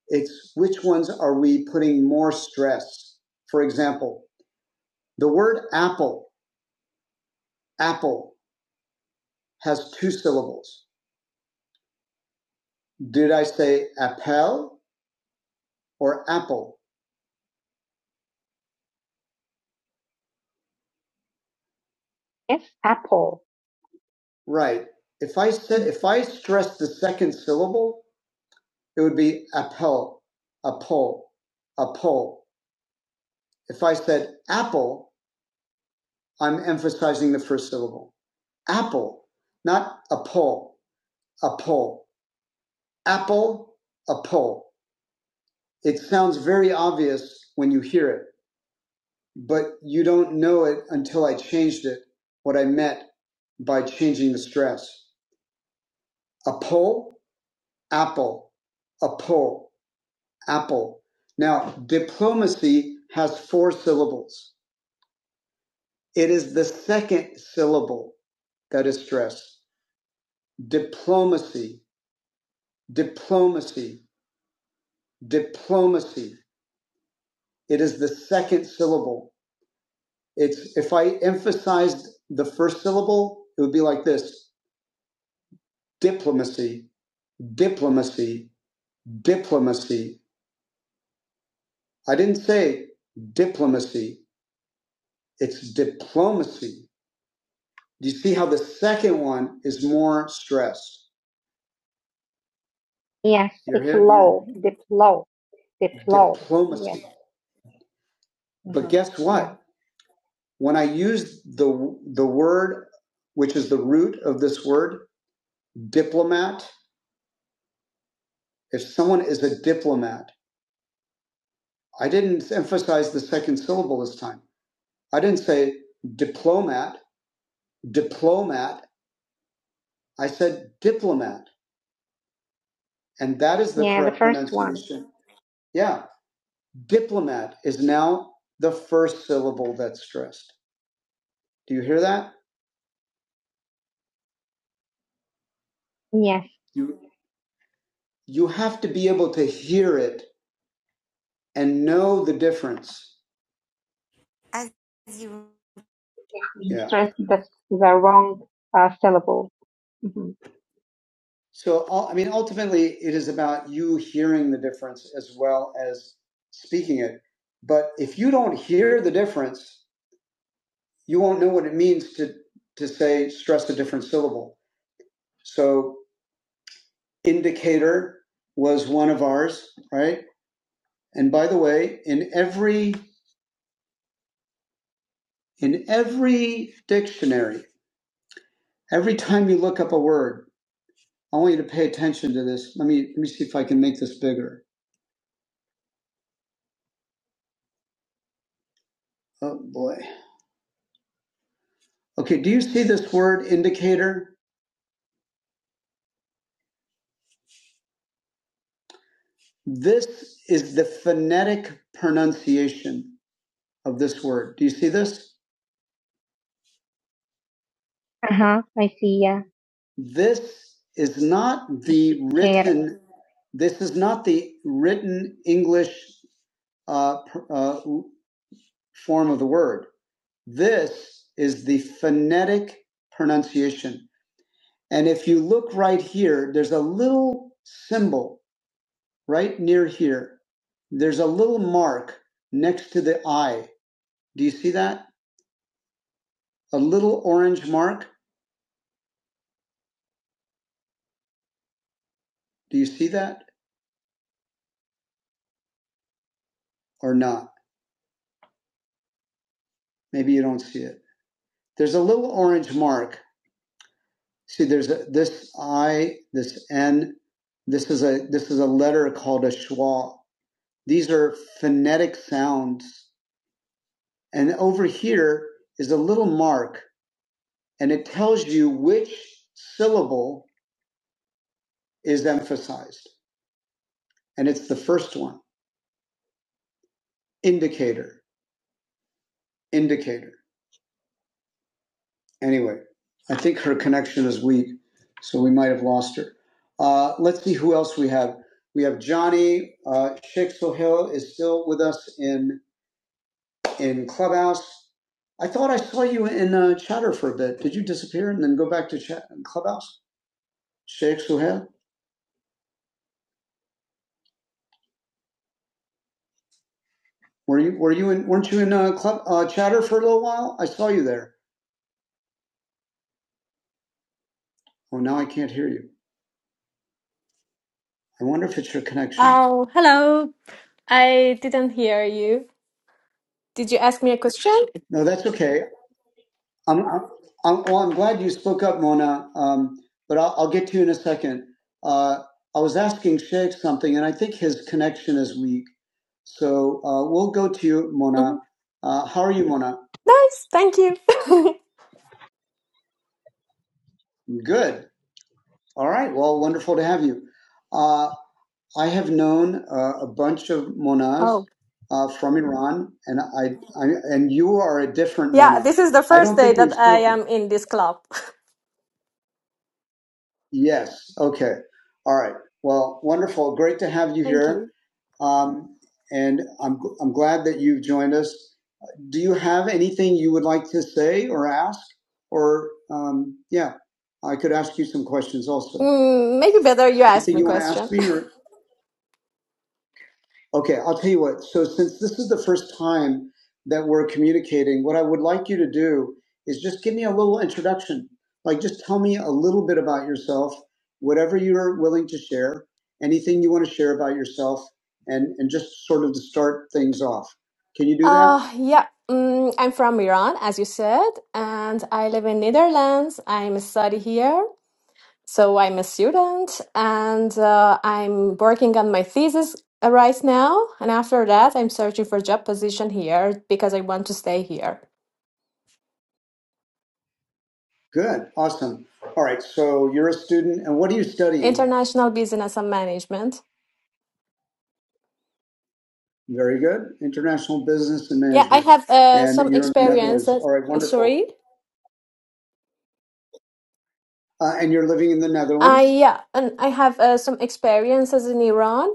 It's which ones are we putting more stress? For example, the word apple, apple has two syllables. Did I say appel or apple? Yes, apple. Right. If I said if I stressed the second syllable, it would be appel, appel, appel. If I said apple, I'm emphasizing the first syllable. Apple, not a pole, a pole, Apple, a pole. It sounds very obvious when you hear it, but you don't know it until I changed it, what I meant by changing the stress. A pole, apple, a pole, apple. Now, diplomacy has four syllables. It is the second syllable that is stressed. diplomacy, diplomacy, diplomacy. It is the second syllable. It's if I emphasized the first syllable, it would be like this: diplomacy, diplomacy, diplomacy. I didn't say diplomacy. It's diplomacy. Do you see how the second one is more stressed? Yes, You're it's hearing me? low, diplo, diplo. Diplomacy. Yes. But guess what? When I use the the word which is the root of this word, diplomat, if someone is a diplomat, I didn't emphasize the second syllable this time. I didn't say diplomat, diplomat. I said diplomat. And that is the yeah, correct the first pronunciation. One. Yeah. Diplomat is now the first syllable that's stressed. Do you hear that? Yes. You you have to be able to hear it and know the difference. As you. You Yeah. stress the, the wrong uh, syllable. hmm So, I mean, ultimately, it is about you hearing the difference as well as speaking it. But if you don't hear the difference, you won't know what it means to, to say, stress a different syllable. So, indicator was one of ours, right? And by the way, in every, in every dictionary, every time you look up a word, I want you to pay attention to this. Let me let me see if I can make this bigger. Oh boy. Okay, do you see this word indicator? This is the phonetic pronunciation of this word. Do you see this? Uh-huh. I see, yeah. This is not the Yeah. written this is not the written English uh, uh, form of the word. This is the phonetic pronunciation. And if you look right here, there's a little symbol right near here. There's a little mark next to the eye. Do you see that? A little orange mark. Do you see that or not? Maybe you don't see it. There's a little orange mark. See, there's a, this I, this N. This is a this is a letter called a schwa. These are phonetic sounds. And over here is a little mark and it tells you which syllable is emphasized. And it's the first one indicator, indicator. Anyway, I think her connection is weak, so we might have lost her. Uh, let's see who else we have. We have Johnny. Uh, Sheikh Sohail is still with us in, in Clubhouse. I thought I saw you in uh, chatter for a bit. Did you disappear and then go back to chat, Clubhouse? Sheikh Sohail? Were you were you in weren't you in uh, club uh, chatter for a little while? I saw you there. Oh, now I can't hear you. I wonder if it's your connection.
Oh, hello. I didn't hear you. Did you ask me a question?
No, that's okay. I'm, I'm, I'm, well, I'm glad you spoke up, Mona, um, but I'll, I'll get to you in a second. Uh, I was asking Sheikh something, and I think his connection is weak. So uh, we'll go to you, Mona.
Mhm.
Uh, how are you, Mona?
Nice, thank you. (laughs)
Good. All right. Well, wonderful to have you. Uh, I have known uh, a bunch of Monas
Oh,
uh, from Iran, and I, I and you are a different
yeah,
Mona.
this is the
I
first
don't
day
think we've
that I
spoken.
am in this club. (laughs)
Yes. Okay. All right. Well, wonderful. Great to have you
Thank
here.
you.
Um, and I'm, I'm glad that you've joined us. Do you have anything you would like to say or ask? Or, um, yeah, I could ask you some questions also.
Mm, maybe better you ask
Anything
me
you want to
question.
ask me
(laughs)
or? Okay, I'll tell you what. So, since this is the first time that we're communicating, what I would like you to do is just give me a little introduction. Like, just tell me a little bit about yourself, whatever you're willing to share, anything you want to share about yourself, and, and just sort of to start things off. Can you do that?
Uh, yeah, mm, I'm from Iran, as you said, and I live in Netherlands. I'm study here. So I'm a student and uh, I'm working on my thesis uh, right now. And after that, I'm searching for job position here because I want to stay here.
Good. Awesome. All right. So you're a student, and what are you studying?
International business and management.
Very good. International business and
Yeah, I
management.
have uh,
And
some
you're in the
experience.
Netherlands.
uh,
All right. Wonderful.
Sorry.
Uh, and you're living in the
I
Netherlands?
yeah, and I have uh, some experiences in Iran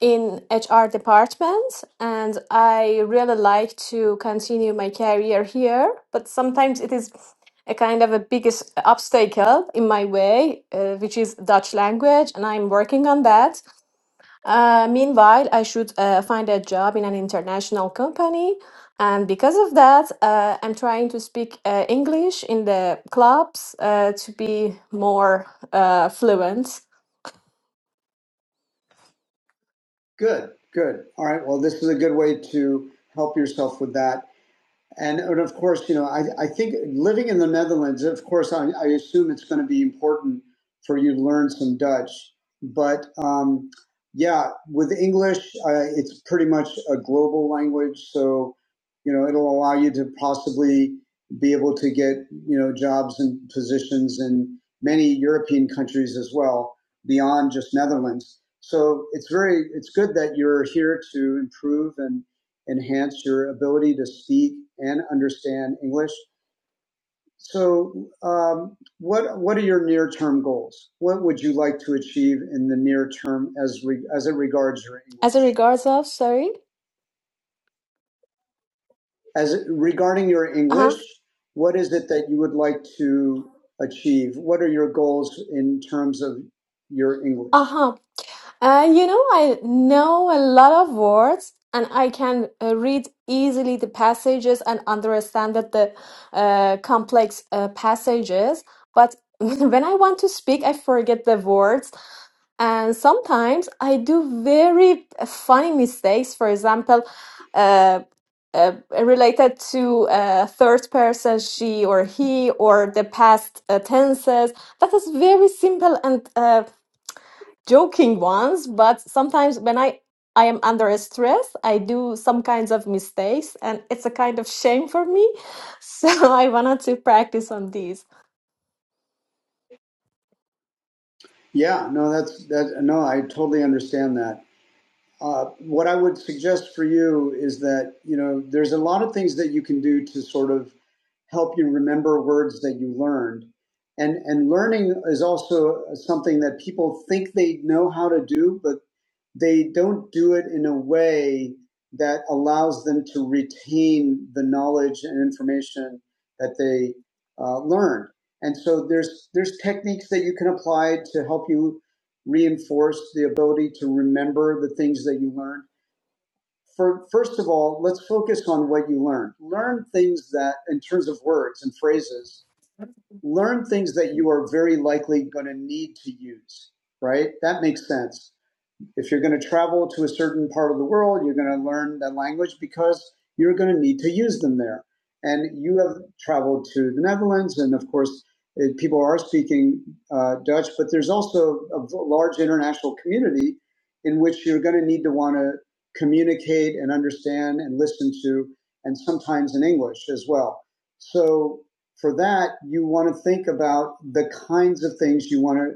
in HR departments, and I really like to continue my career here. But sometimes it is a kind of a biggest obstacle in my way, uh, which is Dutch language, and I'm working on that. Uh, meanwhile, I should uh, find a job in an international company. And because of that, uh, I'm trying to speak uh, English in the clubs uh, to be more uh, fluent.
Good. Good. All right. Well, this is a good way to help yourself with that. And, and of course, you know, I, I think living in the Netherlands, of course, I, I assume it's going to be important for you to learn some Dutch. But um, yeah, with English, uh, it's pretty much a global language. So, you know, it'll allow you to possibly be able to get, you know, jobs and positions in many European countries as well, beyond just Netherlands. So it's very, it's good that you're here to improve and enhance your ability to speak and understand English. So, um, what what are your near term goals? What would you like to achieve in the near term as re, as it regards your
As a
English?
regards of, sorry.
As it, regarding your
Uh
English,
huh.
what is it that you would like to achieve? What are your goals in terms of your
Uh
English?
huh. Uh, you know, I know a lot of words and I can uh, read easily the passages and understand that the uh, complex uh, passages, but (laughs) when I want to speak, I forget the words. And sometimes I do very funny mistakes. For example, uh, uh, related to uh, third person, she or he, or the past uh, tenses. That is very simple and uh, joking ones but sometimes when i i am under stress i do some kinds of mistakes and it's a kind of shame for me (laughs) so i wanted to practice on these
Yeah, no, that's that. No, I totally understand that. Uh, what I would suggest for you is that you know there's a lot of things that you can do to sort of help you remember words that you learned, and and learning is also something that people think they know how to do, but they don't do it in a way that allows them to retain the knowledge and information that they uh, learned. And so there's there's techniques that you can apply to help you reinforced the ability to remember the things that you learned? For, first of all, let's focus on what you learned. Learn things that, in terms of words and phrases, learn things that you are very likely going to need to use, right? That makes sense. If you're going to travel to a certain part of the world, you're going to learn that language because you're going to need to use them there. And you have traveled to the Netherlands, and of course, eh, people are speaking uh, Dutch, but there's also a large international community in which you're going to need to want to communicate and understand and listen to, and sometimes in English as well. So for that, you want to think about the kinds of things you want to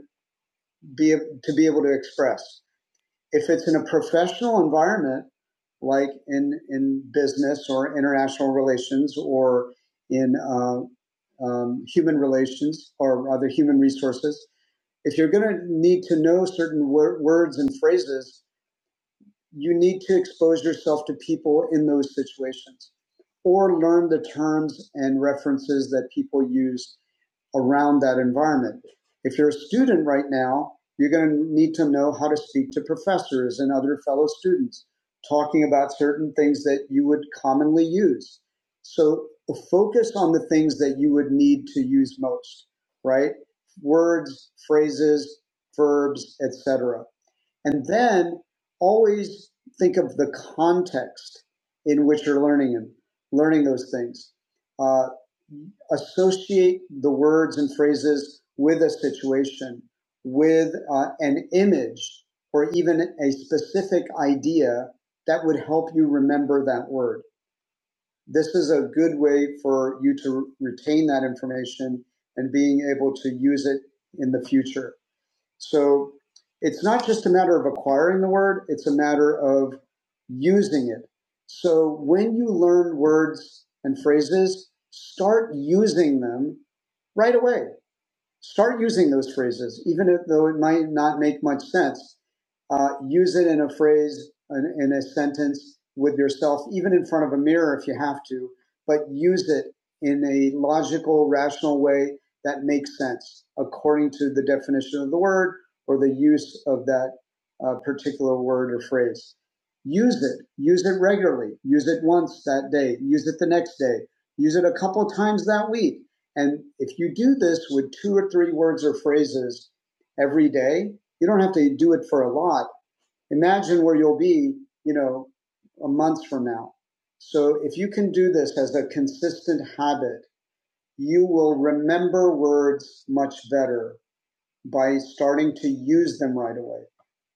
be to be able to express if it's in a professional environment, like in in business or international relations or in uh, um, human relations or other human resources, if you're going to need to know certain wor- words and phrases, you need to expose yourself to people in those situations or learn the terms and references that people use around that environment. If you're a student right now, you're going to need to know how to speak to professors and other fellow students, talking about certain things that you would commonly use. So focus on the things that you would need to use most, right? Words, phrases, verbs, etc and then always think of the context in which you're learning and learning those things. Uh, associate the words and phrases with a situation, with uh, an image, or even a specific idea that would help you remember that word. This is a good way for you to retain that information and being able to use it in the future. So it's not just a matter of acquiring the word, it's a matter of using it. So when you learn words and phrases, start using them right away. Start using those phrases, even if, though it might not make much sense. Uh, use it in a phrase, in, in a sentence with yourself, even in front of a mirror if you have to, but use it in a logical, rational way that makes sense according to the definition of the word or the use of that uh, particular word or phrase. Use it. Use it regularly. Use it once that day. Use it the next day. Use it a couple times that week and if you do this with two or three words or phrases every day, you don't have to do it for a lot. Imagine where you'll be, you know, a month from now. So if you can do this as a consistent habit, you will remember words much better by starting to use them right away.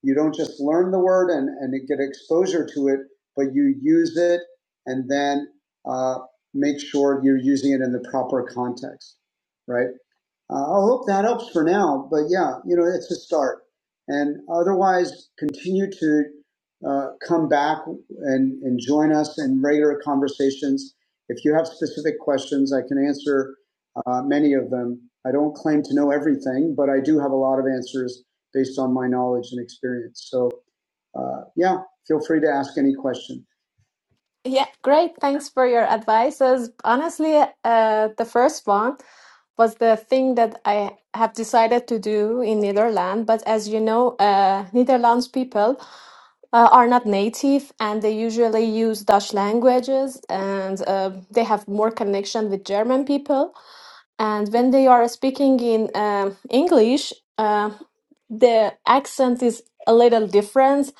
You don't just learn the word and, and get exposure to it, but you use it and then uh, make sure you're using it in the proper context, right? Uh, I hope that helps for now, but yeah, you know, it's a start. And otherwise, continue to uh, come back and, and join us in regular conversations. If you have specific questions, I can answer uh, many of them. I don't claim to know everything, but I do have a lot of answers based on my knowledge and experience. So, uh, yeah, feel free to ask any question.
yeah great thanks for your advices honestly uh, the first one was the thing that i have decided to do in netherlands but as you know uh, netherlands people uh, are not native and they usually use dutch languages and uh, they have more connection with german people and when they are speaking in um, English, uh, the accent is a little different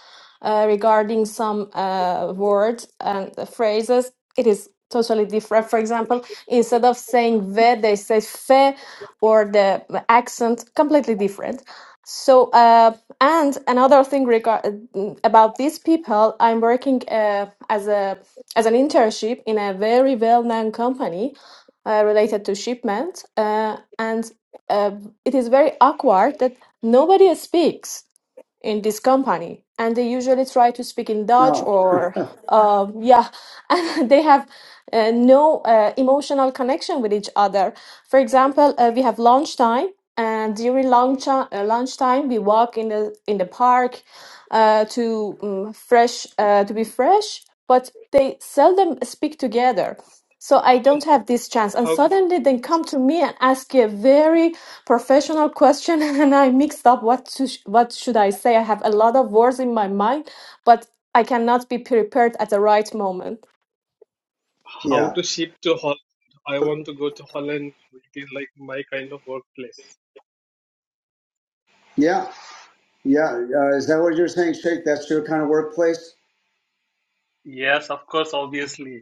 uh, regarding some uh, words and the phrases. It is totally different. For example, instead of saying ve, they say fe, or the accent completely different. So, uh, and another thing regard about these people, I'm working uh, as a as an internship in a very well known company uh, related to shipment, uh, and uh, it is very awkward that nobody speaks in this company, and they usually try to speak in Dutch
No,
or uh, yeah, (laughs) and they have uh, no uh, emotional connection with each other. For example, uh, we have lunchtime. And during lunch, uh, lunchtime, we walk in the in the park uh, to um, fresh uh, to be fresh, but they seldom speak together. So I don't have this chance. And
How
suddenly they come to me and ask a very professional question, (laughs) and I mixed up what to sh- what should I say. I have a lot of words in my mind, but I cannot be prepared at the right moment.
(laughs)
how
yeah,
to shift to Holland? I want to go to Holland. It is like my kind of workplace.
yeah. Yeah, uh, is that what you're saying, Sheikh? That's your kind of workplace?
Yes, of course, obviously.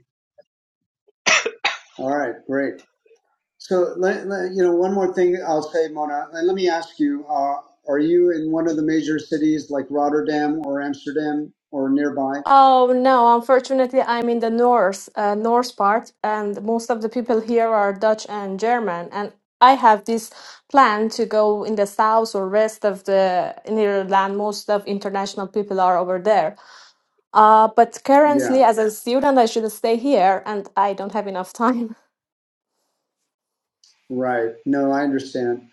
All right, great. So, let, let- you know, one more thing I'll say, Mona, and let me ask you: uh, Are you in one of the major cities like Rotterdam or Amsterdam or nearby?
Oh no, unfortunately, I'm in the north, uh, north part, and most of the people here are Dutch and German. And I have this plan to go in the south or west of the Netherlands. Most of international people are over there. Uh, but
Yeah.
currently, as a student, I should stay here, and I don't have enough (laughs) time.
Right. No, I understand.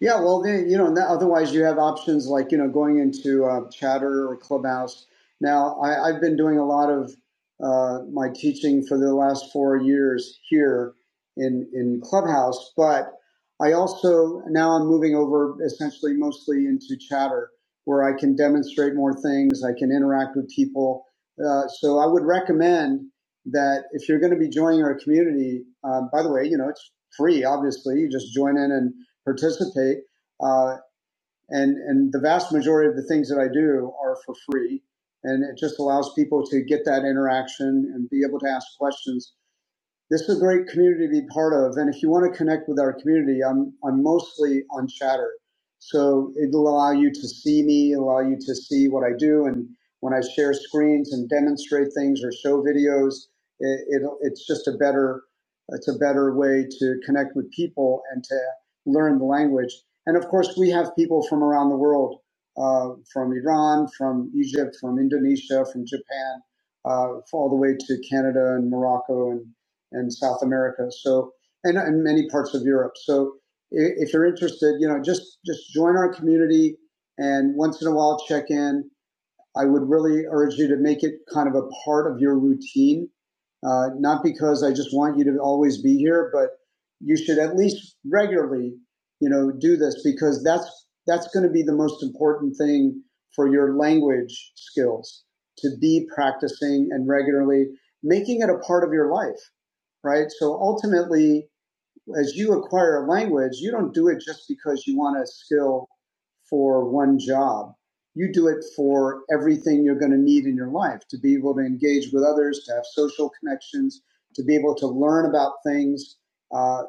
Yeah, well, then, you know, otherwise you have options like, you know, going into uh, Chatter or Clubhouse. Now, I, I've been doing a lot of uh, my teaching for the last four years here in, in Clubhouse, but I also, now I'm moving over essentially mostly into Chatter where I can demonstrate more things, I can interact with people. Uh, so I would recommend that if you're going to be joining our community, um, by the way, you know, it's free, obviously. You just join in and participate. Uh, and, and the vast majority of the things that I do are for free. And it just allows people to get that interaction and be able to ask questions. This is a great community to be part of, and if you want to connect with our community, I'm I'm mostly on Chatter, so it'll allow you to see me, it'll allow you to see what I do, and when I share screens and demonstrate things or show videos, it, it it's just a better it's a better way to connect with people and to learn the language. And of course, we have people from around the world uh, from Iran, from Egypt, from Indonesia, from Japan, uh, all the way to Canada and Morocco and and South America. So, and, and many parts of Europe. So, if you're interested, you know, just just join our community and once in a while check in. I would really urge you to make it kind of a part of your routine. Uh, not because I just want you to always be here, but you should at least regularly, you know, do this because that's that's going to be the most important thing for your language skills to be practicing and regularly making it a part of your life, right? So ultimately, as you acquire a language, you don't do it just because you want a skill for one job. You do it for everything you're going to need in your life to be able to engage with others, to have social connections, to be able to learn about things. Uh,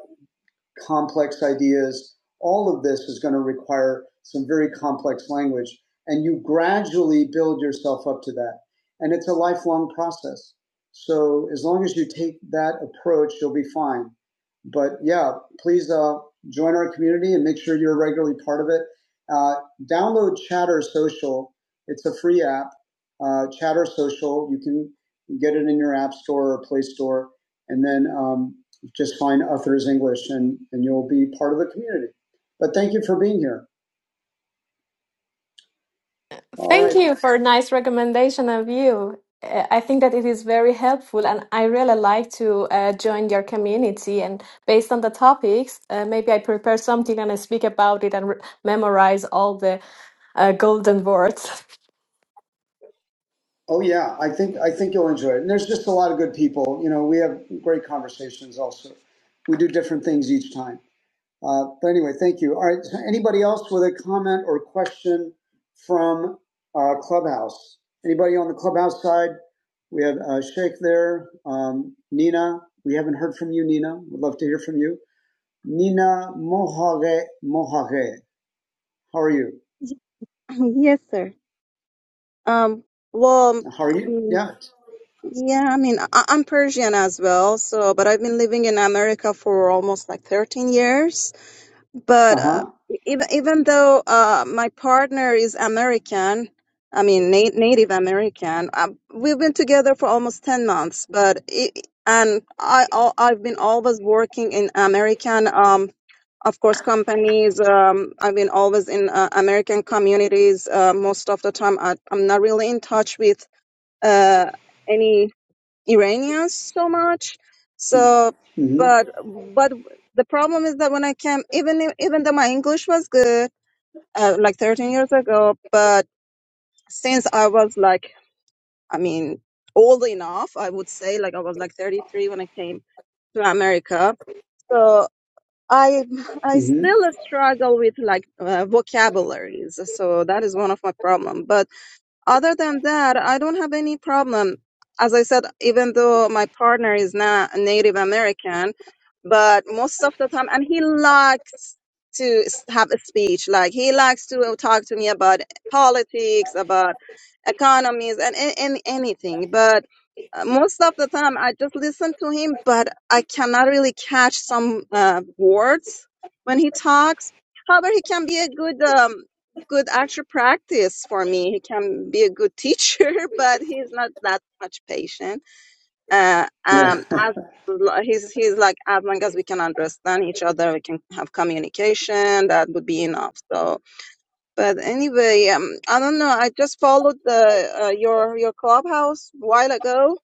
complex ideas. All of this is going to require some very complex language. And you gradually build yourself up to that. And it's a lifelong process. So as long as you take that approach, you'll be fine. But yeah, please uh, join our community and make sure you're regularly part of it. Uh, download Chatter Social. It's a free app. Uh, Chatter Social. You can get it in your app store or Play Store. And then um, just find Uthers English and, and you'll be part of the community. But thank you for being here. All
Thank
right.
you for a nice recommendation of you. Uh, I think that it is very helpful, and I really like to uh, join your community. And based on the topics, uh, maybe I prepare something and I speak about it and re- memorize all the uh, golden words.
Oh yeah, I think I think you'll enjoy it. And there's just a lot of good people. You know, we have great conversations. Also, we do different things each time. Uh, but anyway, thank you. All right, so anybody else with a comment or question from uh, Clubhouse? Anybody on the Clubhouse side? We have uh, Sheikh there. Um, Nina, we haven't heard from you, Nina. We'd love to hear from you. Nina Mohage Mohage. How are you?
Y- (laughs) Yes, sir. Um, well,
How are you?
um,
Yeah.
yeah, I mean, I I'm Persian as well, so, but I've been living in America for almost like 13 years
Uh
but uh,
huh.
even even though uh, my partner is American, I mean na- Native American, um, we've been together for almost ten months. But it, and I al- I've been always working in American, um, of course, companies. Um, I've been always in uh, American communities. Uh, most of the time, I, I'm not really in touch with uh, any. Iranians so much. So,
Mm
but but the problem is that when I came, even if- even though my English was good, uh, like 13 years ago, but since I was like, I mean, old enough, I would say, like I was like 33 when I came to America. So I (laughs)
hmm.
I
Mm hmm.
still struggle with like uh, vocabularies. So that is one of my problem. But other than that, I don't have any problem. As I said, even though my partner is not a Native American, but most of the time, and he likes to s- have a speech. Like he likes to uh, talk to me about politics, about economies, and, and, and anything. But uh, most of the time, I just listen to him, but I cannot really catch some uh, words when he talks. However, he can be a good um, good actual practice for me. He can be a good teacher, (laughs) but he's not that much patient. Uh, um,
Yeah. (laughs)
as lo- he's he's like as long as we can understand each other, we can have communication. That would be enough. So, but anyway, um, I don't know. I just followed the uh, your your clubhouse a while ago,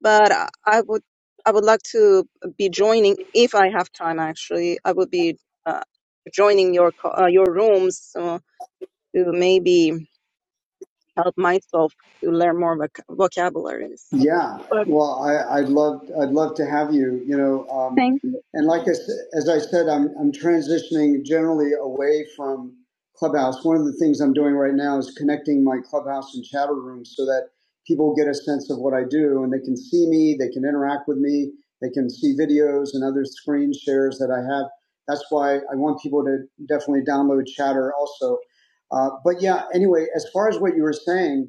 but I, I would. I would like to be joining if I have time. Actually, I would be uh, joining your co- uh, your rooms so to maybe help myself to learn more voc- vocabularies.
Yeah,
But
well, I, I'd love I'd love to have you. You know, um,
thank you.
and like I, s- as I said, I'm I'm transitioning generally away from Clubhouse. One of the things I'm doing right now is connecting my Clubhouse and chatter rooms so that people get a sense of what I do and they can see me, they can interact with me, they can see videos and other screen shares that I have. That's why I want people to definitely download Chatter also. Uh, but yeah, anyway, as far as what you were saying.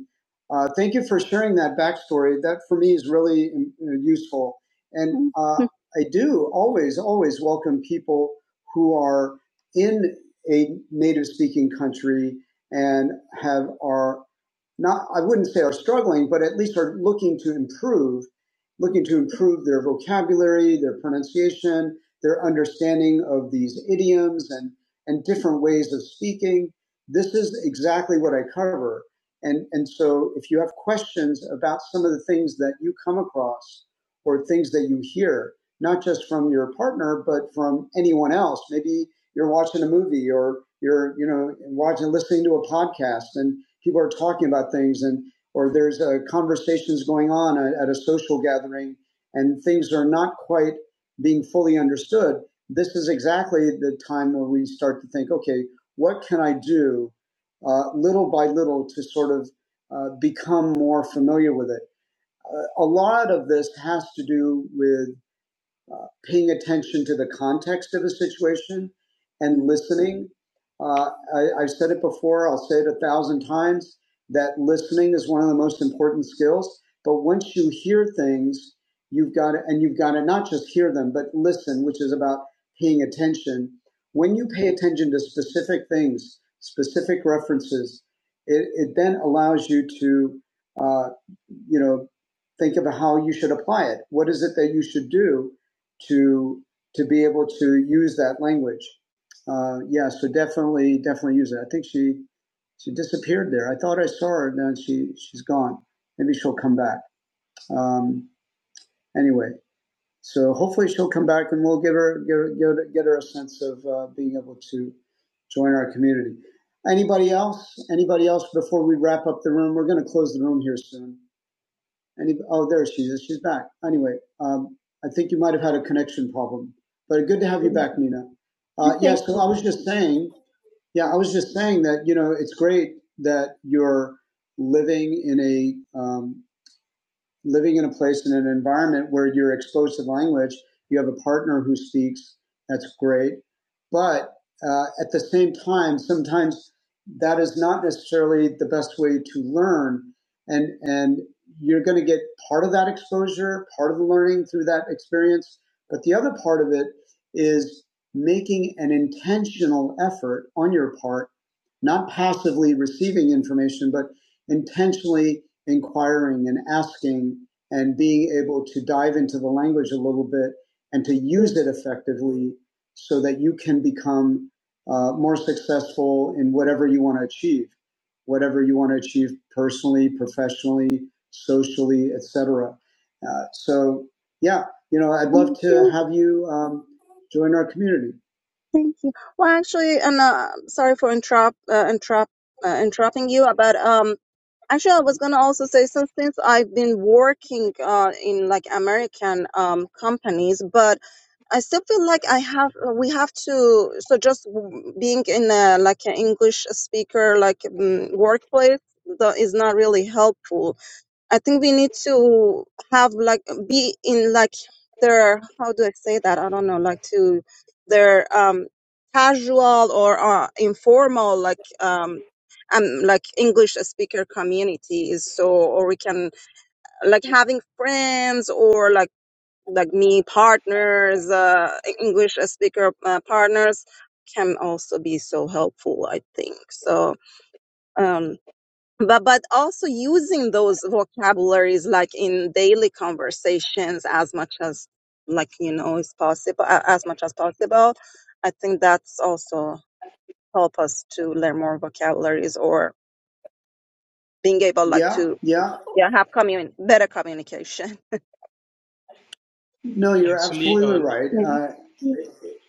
Uh, thank you for sharing that backstory. That for me is really mm, useful. And
(laughs)
uh, I do always, always welcome people who are in a native speaking country and have are not, I wouldn't say are struggling, but at least are looking to improve, looking to improve their vocabulary, their pronunciation, their understanding of these idioms and, and different ways of speaking. This is exactly what I cover and, and so if you have questions about some of the things that you come across or things that you hear, not just from your partner, but from anyone else, maybe you're watching a movie or you're, you know, watching, listening to a podcast and people are talking about things and, or there's uh, conversations going on at, at a social gathering and things are not quite being fully understood. This is exactly the time when we start to think, okay, what can I do uh, little by little to sort of uh, become more familiar with it. Uh, a lot of this has to do with uh, paying attention to the context of a situation and listening. Uh, I, I've said it before, I'll say it a thousand times that listening is one of the most important skills. But once you hear things, you've got to, and you've got to not just hear them, but listen, which is about paying attention. When you pay attention to specific things, specific references, it, it then allows you to, uh, you know, think about how you should apply it. What is it that you should do to to be able to use that language. Uh, yeah, so definitely, definitely use it. I think she she disappeared there. I thought I saw her, and then she she's gone. Maybe she'll come back. Um, anyway, so hopefully she'll come back, and we'll give her get her, get her, get her a sense of uh, being able to join our community. Anybody else? Anybody else? Before we wrap up the room, we're going to close the room here soon. Any, oh, there she is. She's back. Anyway, um, I think you might have had a connection problem, but good to have you back, Nina. Uh, yeah,
thank
so I was just saying, yeah, I was just saying that, you know, it's great that you're living in a, um, living in a place in an environment where you're exposed to language, you have a partner who speaks, that's great. But uh, at the same time, sometimes that is not necessarily the best way to learn. And, and you're going to get part of that exposure, part of the learning through that experience. But the other part of it is making an intentional effort on your part, not passively receiving information, but intentionally inquiring and asking and being able to dive into the language a little bit and to
you.
use it effectively so that you can become uh, more successful in whatever you want to achieve, whatever you want to achieve personally, professionally, socially, etc. Uh, so, yeah, you know, I'd
Um,
love to
Thank,
have you um, join our community.
thank you. Well, actually, and uh, sorry for interrupt, uh, interrupt, uh, interrupting you. uh, But um, actually, I was gonna also say since since I've been working uh in like American um companies, but I still feel like I have uh, we have to so just w- being in a like an English speaker like um, workplace tho- is not really helpful I think we need to have like be in like their how do I say that? I don't know, like to their um casual or uh, informal like um um like English speaker community is so or we can like having friends or like like me partners uh English speaker uh, partners can also be so helpful I think so um, but but also using those vocabularies like in daily conversations as much as like you know is possible a- as much as possible i think that's also help us to learn more vocabularies or being able like
Yeah,
to
yeah.
yeah have commun- better communication
No, you're
Actually,
absolutely
uh,
right.
Mm.
Uh,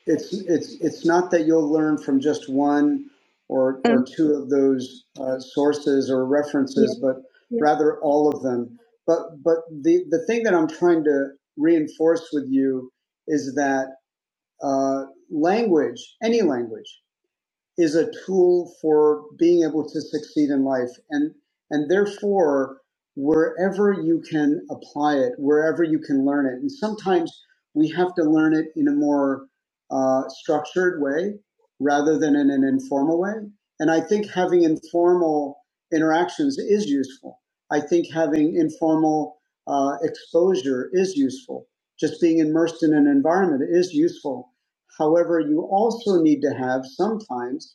it's it's it's not that you'll learn from just one or or
Mm.
two of those uh, sources or references,
Yes,
but rather all of them. But but the the thing that I'm trying to reinforce with you is that uh, language, any language. is a tool for being able to succeed in life and and therefore wherever you can apply it wherever you can learn it and sometimes we have to learn it in a more uh, structured way rather than in an informal way and i think having informal interactions is useful i think having informal uh, exposure is useful just being immersed in an environment is useful However, you also need to have sometimes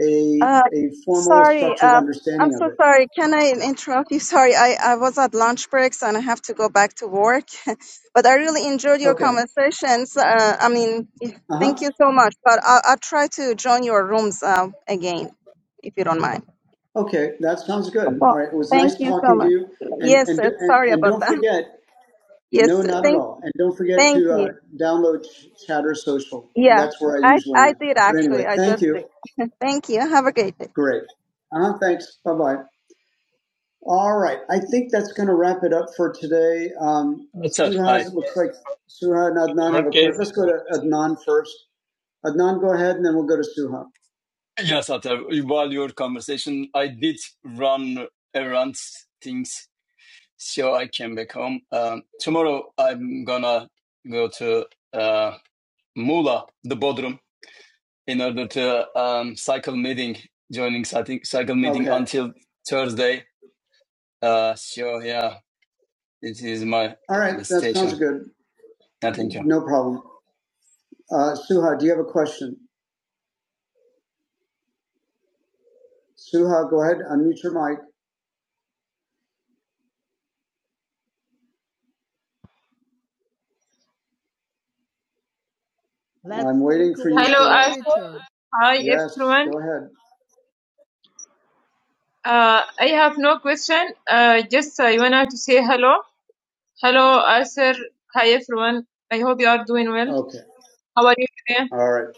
a,
Uh,
a formal
sorry.
structured
Um, I'm
understanding of
so
it.
sorry. Can I
Yeah.
interrupt you? (laughs) Sorry, I, I was at lunch breaks and I have to go back to work. (laughs) but I really enjoyed your
Okay.
conversations. Uh, I mean,
Uh
thank
huh.
you so much. But I'll, I'll try to join your rooms uh, again, if you don't mind.
Okay. That sounds good. All
Well,
right. It was
thank
nice
you so
talking to
much.
you. And,
Yes,
and,
sir.
and,
Sorry
and
about
don't
that. (laughs)
forget,
Yes,
no,
sir.
not at
Thank,
all. And don't forget
thank
to uh,
you.
download Ch- Chatter Social.
Yeah,
That's where I
I,
usually
I
am.
did
But anyway,
actually. I
thank
just
you.
did. (laughs) thank you. Have a great day.
Great. Uh huh. Thanks. Bye bye. All right. I think that's going to wrap it up for today. Um, Suhas, it looks like Suha and Adnan
her
have a question.
case,
Let's go to Adnan first. Adnan, go ahead, and then we'll go to Suha. Yes, Atar, while your conversation, I did run around things so I came back home. Um, tomorrow I'm gonna go to uh, Mula, the Bodrum, in order to um, cycle meeting, joining cycling- cycle meeting Okay. until Thursday. Uh, so yeah, it is my All right. That sounds good. Yeah, thank you. No problem. Uh, Suha, do you have a question? Suha, go ahead. Unmute your mic. Let's I'm waiting for you. Hello, I Yes, Truman. go ahead. Well, Okay. Yeah. All right.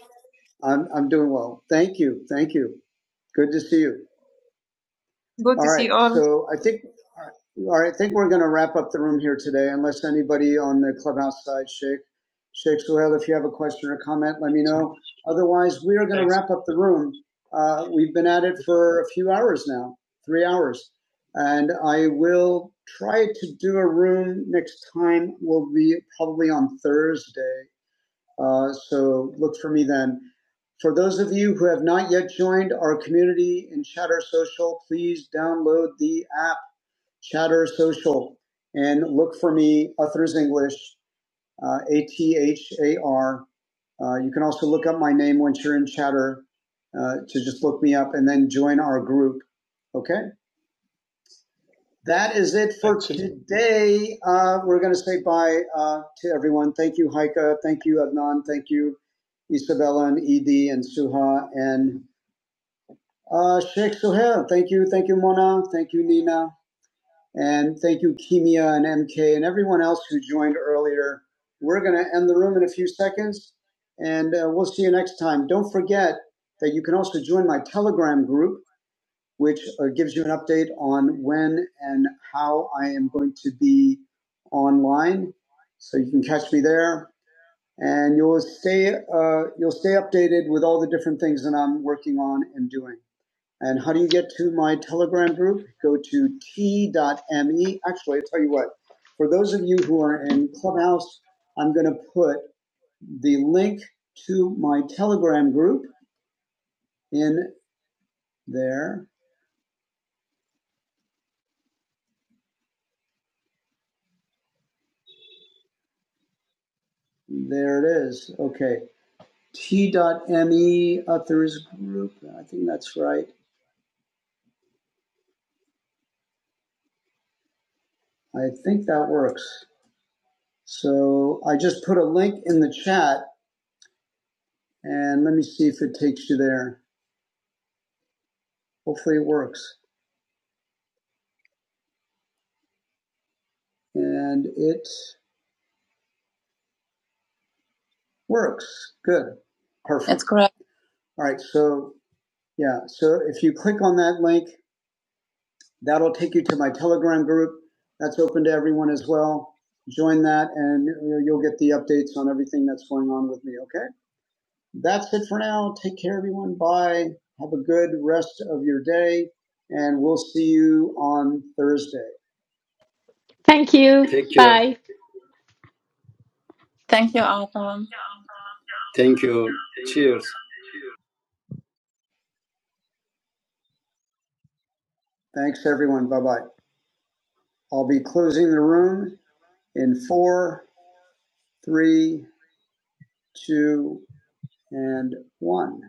I'm, I'm doing well. Thank you. Thank you. Good to see you. Good all to right. see you all. So I think, all right, I think we're going to wrap up the room here today, unless anybody on the clubhouse side, Sheikh, Sheikh Suhail, if you have a question or comment, let me know. Otherwise, we are going to
act-
wrap up the room. Uh, we've been at it for a few hours now, three hours, and I will try to do a room next time. Will be probably on Thursday Uh, so look for me then. For those of you who have not yet joined our community in Chatter Social, please download the app Chatter Social and look for me, Uthers English, uh, A T H A R. Uh, you can also look up my name once you're in Chatter uh, to just look me up and then join our group. Okay? That is it for
actually.
today. Uh, we're going to say bye uh, to everyone. Thank you, Heike. Thank you, Adnan. Thank you, Isabella and Edie and Suha and uh, Sheikh Suhail. Thank you. Thank you, Mona. Thank you, Nina. And thank you, Kimia and MK and everyone else who joined earlier. We're going to end the room in a few seconds and uh, we'll see you next time. Don't forget that you can also join my Telegram group which uh, gives you an update on when and how I am going to be online. So you can catch me there, and you'll stay uh, you'll stay updated with all the different things that I'm working on and doing. And how do you get to my Telegram group? Go to t.me. Actually, I tell you what. For those of you who are in Clubhouse, I'm going to put the link to my Telegram group in there. There it is. Okay. T dot me authors group. I think that's right. I think that works. So I just put a link in the chat and let me see if it takes you there. Hopefully it works. And it works. Good. Perfect. That's correct. All right. So yeah. So if you click on that link, that'll take you to my Telegram group. That's open to everyone as well. Join that and you'll get the updates on everything that's going on with me. Okay. that's it for now. Take care, everyone. Bye. Have a good rest of your day, and we'll see you on Thursday.
(laughs) Thank you.
Take care.
Bye.
Thank you, Arthur. Thank you. Cheers. Thanks, everyone. Bye bye. I'll be closing the room in four, three, two, and one.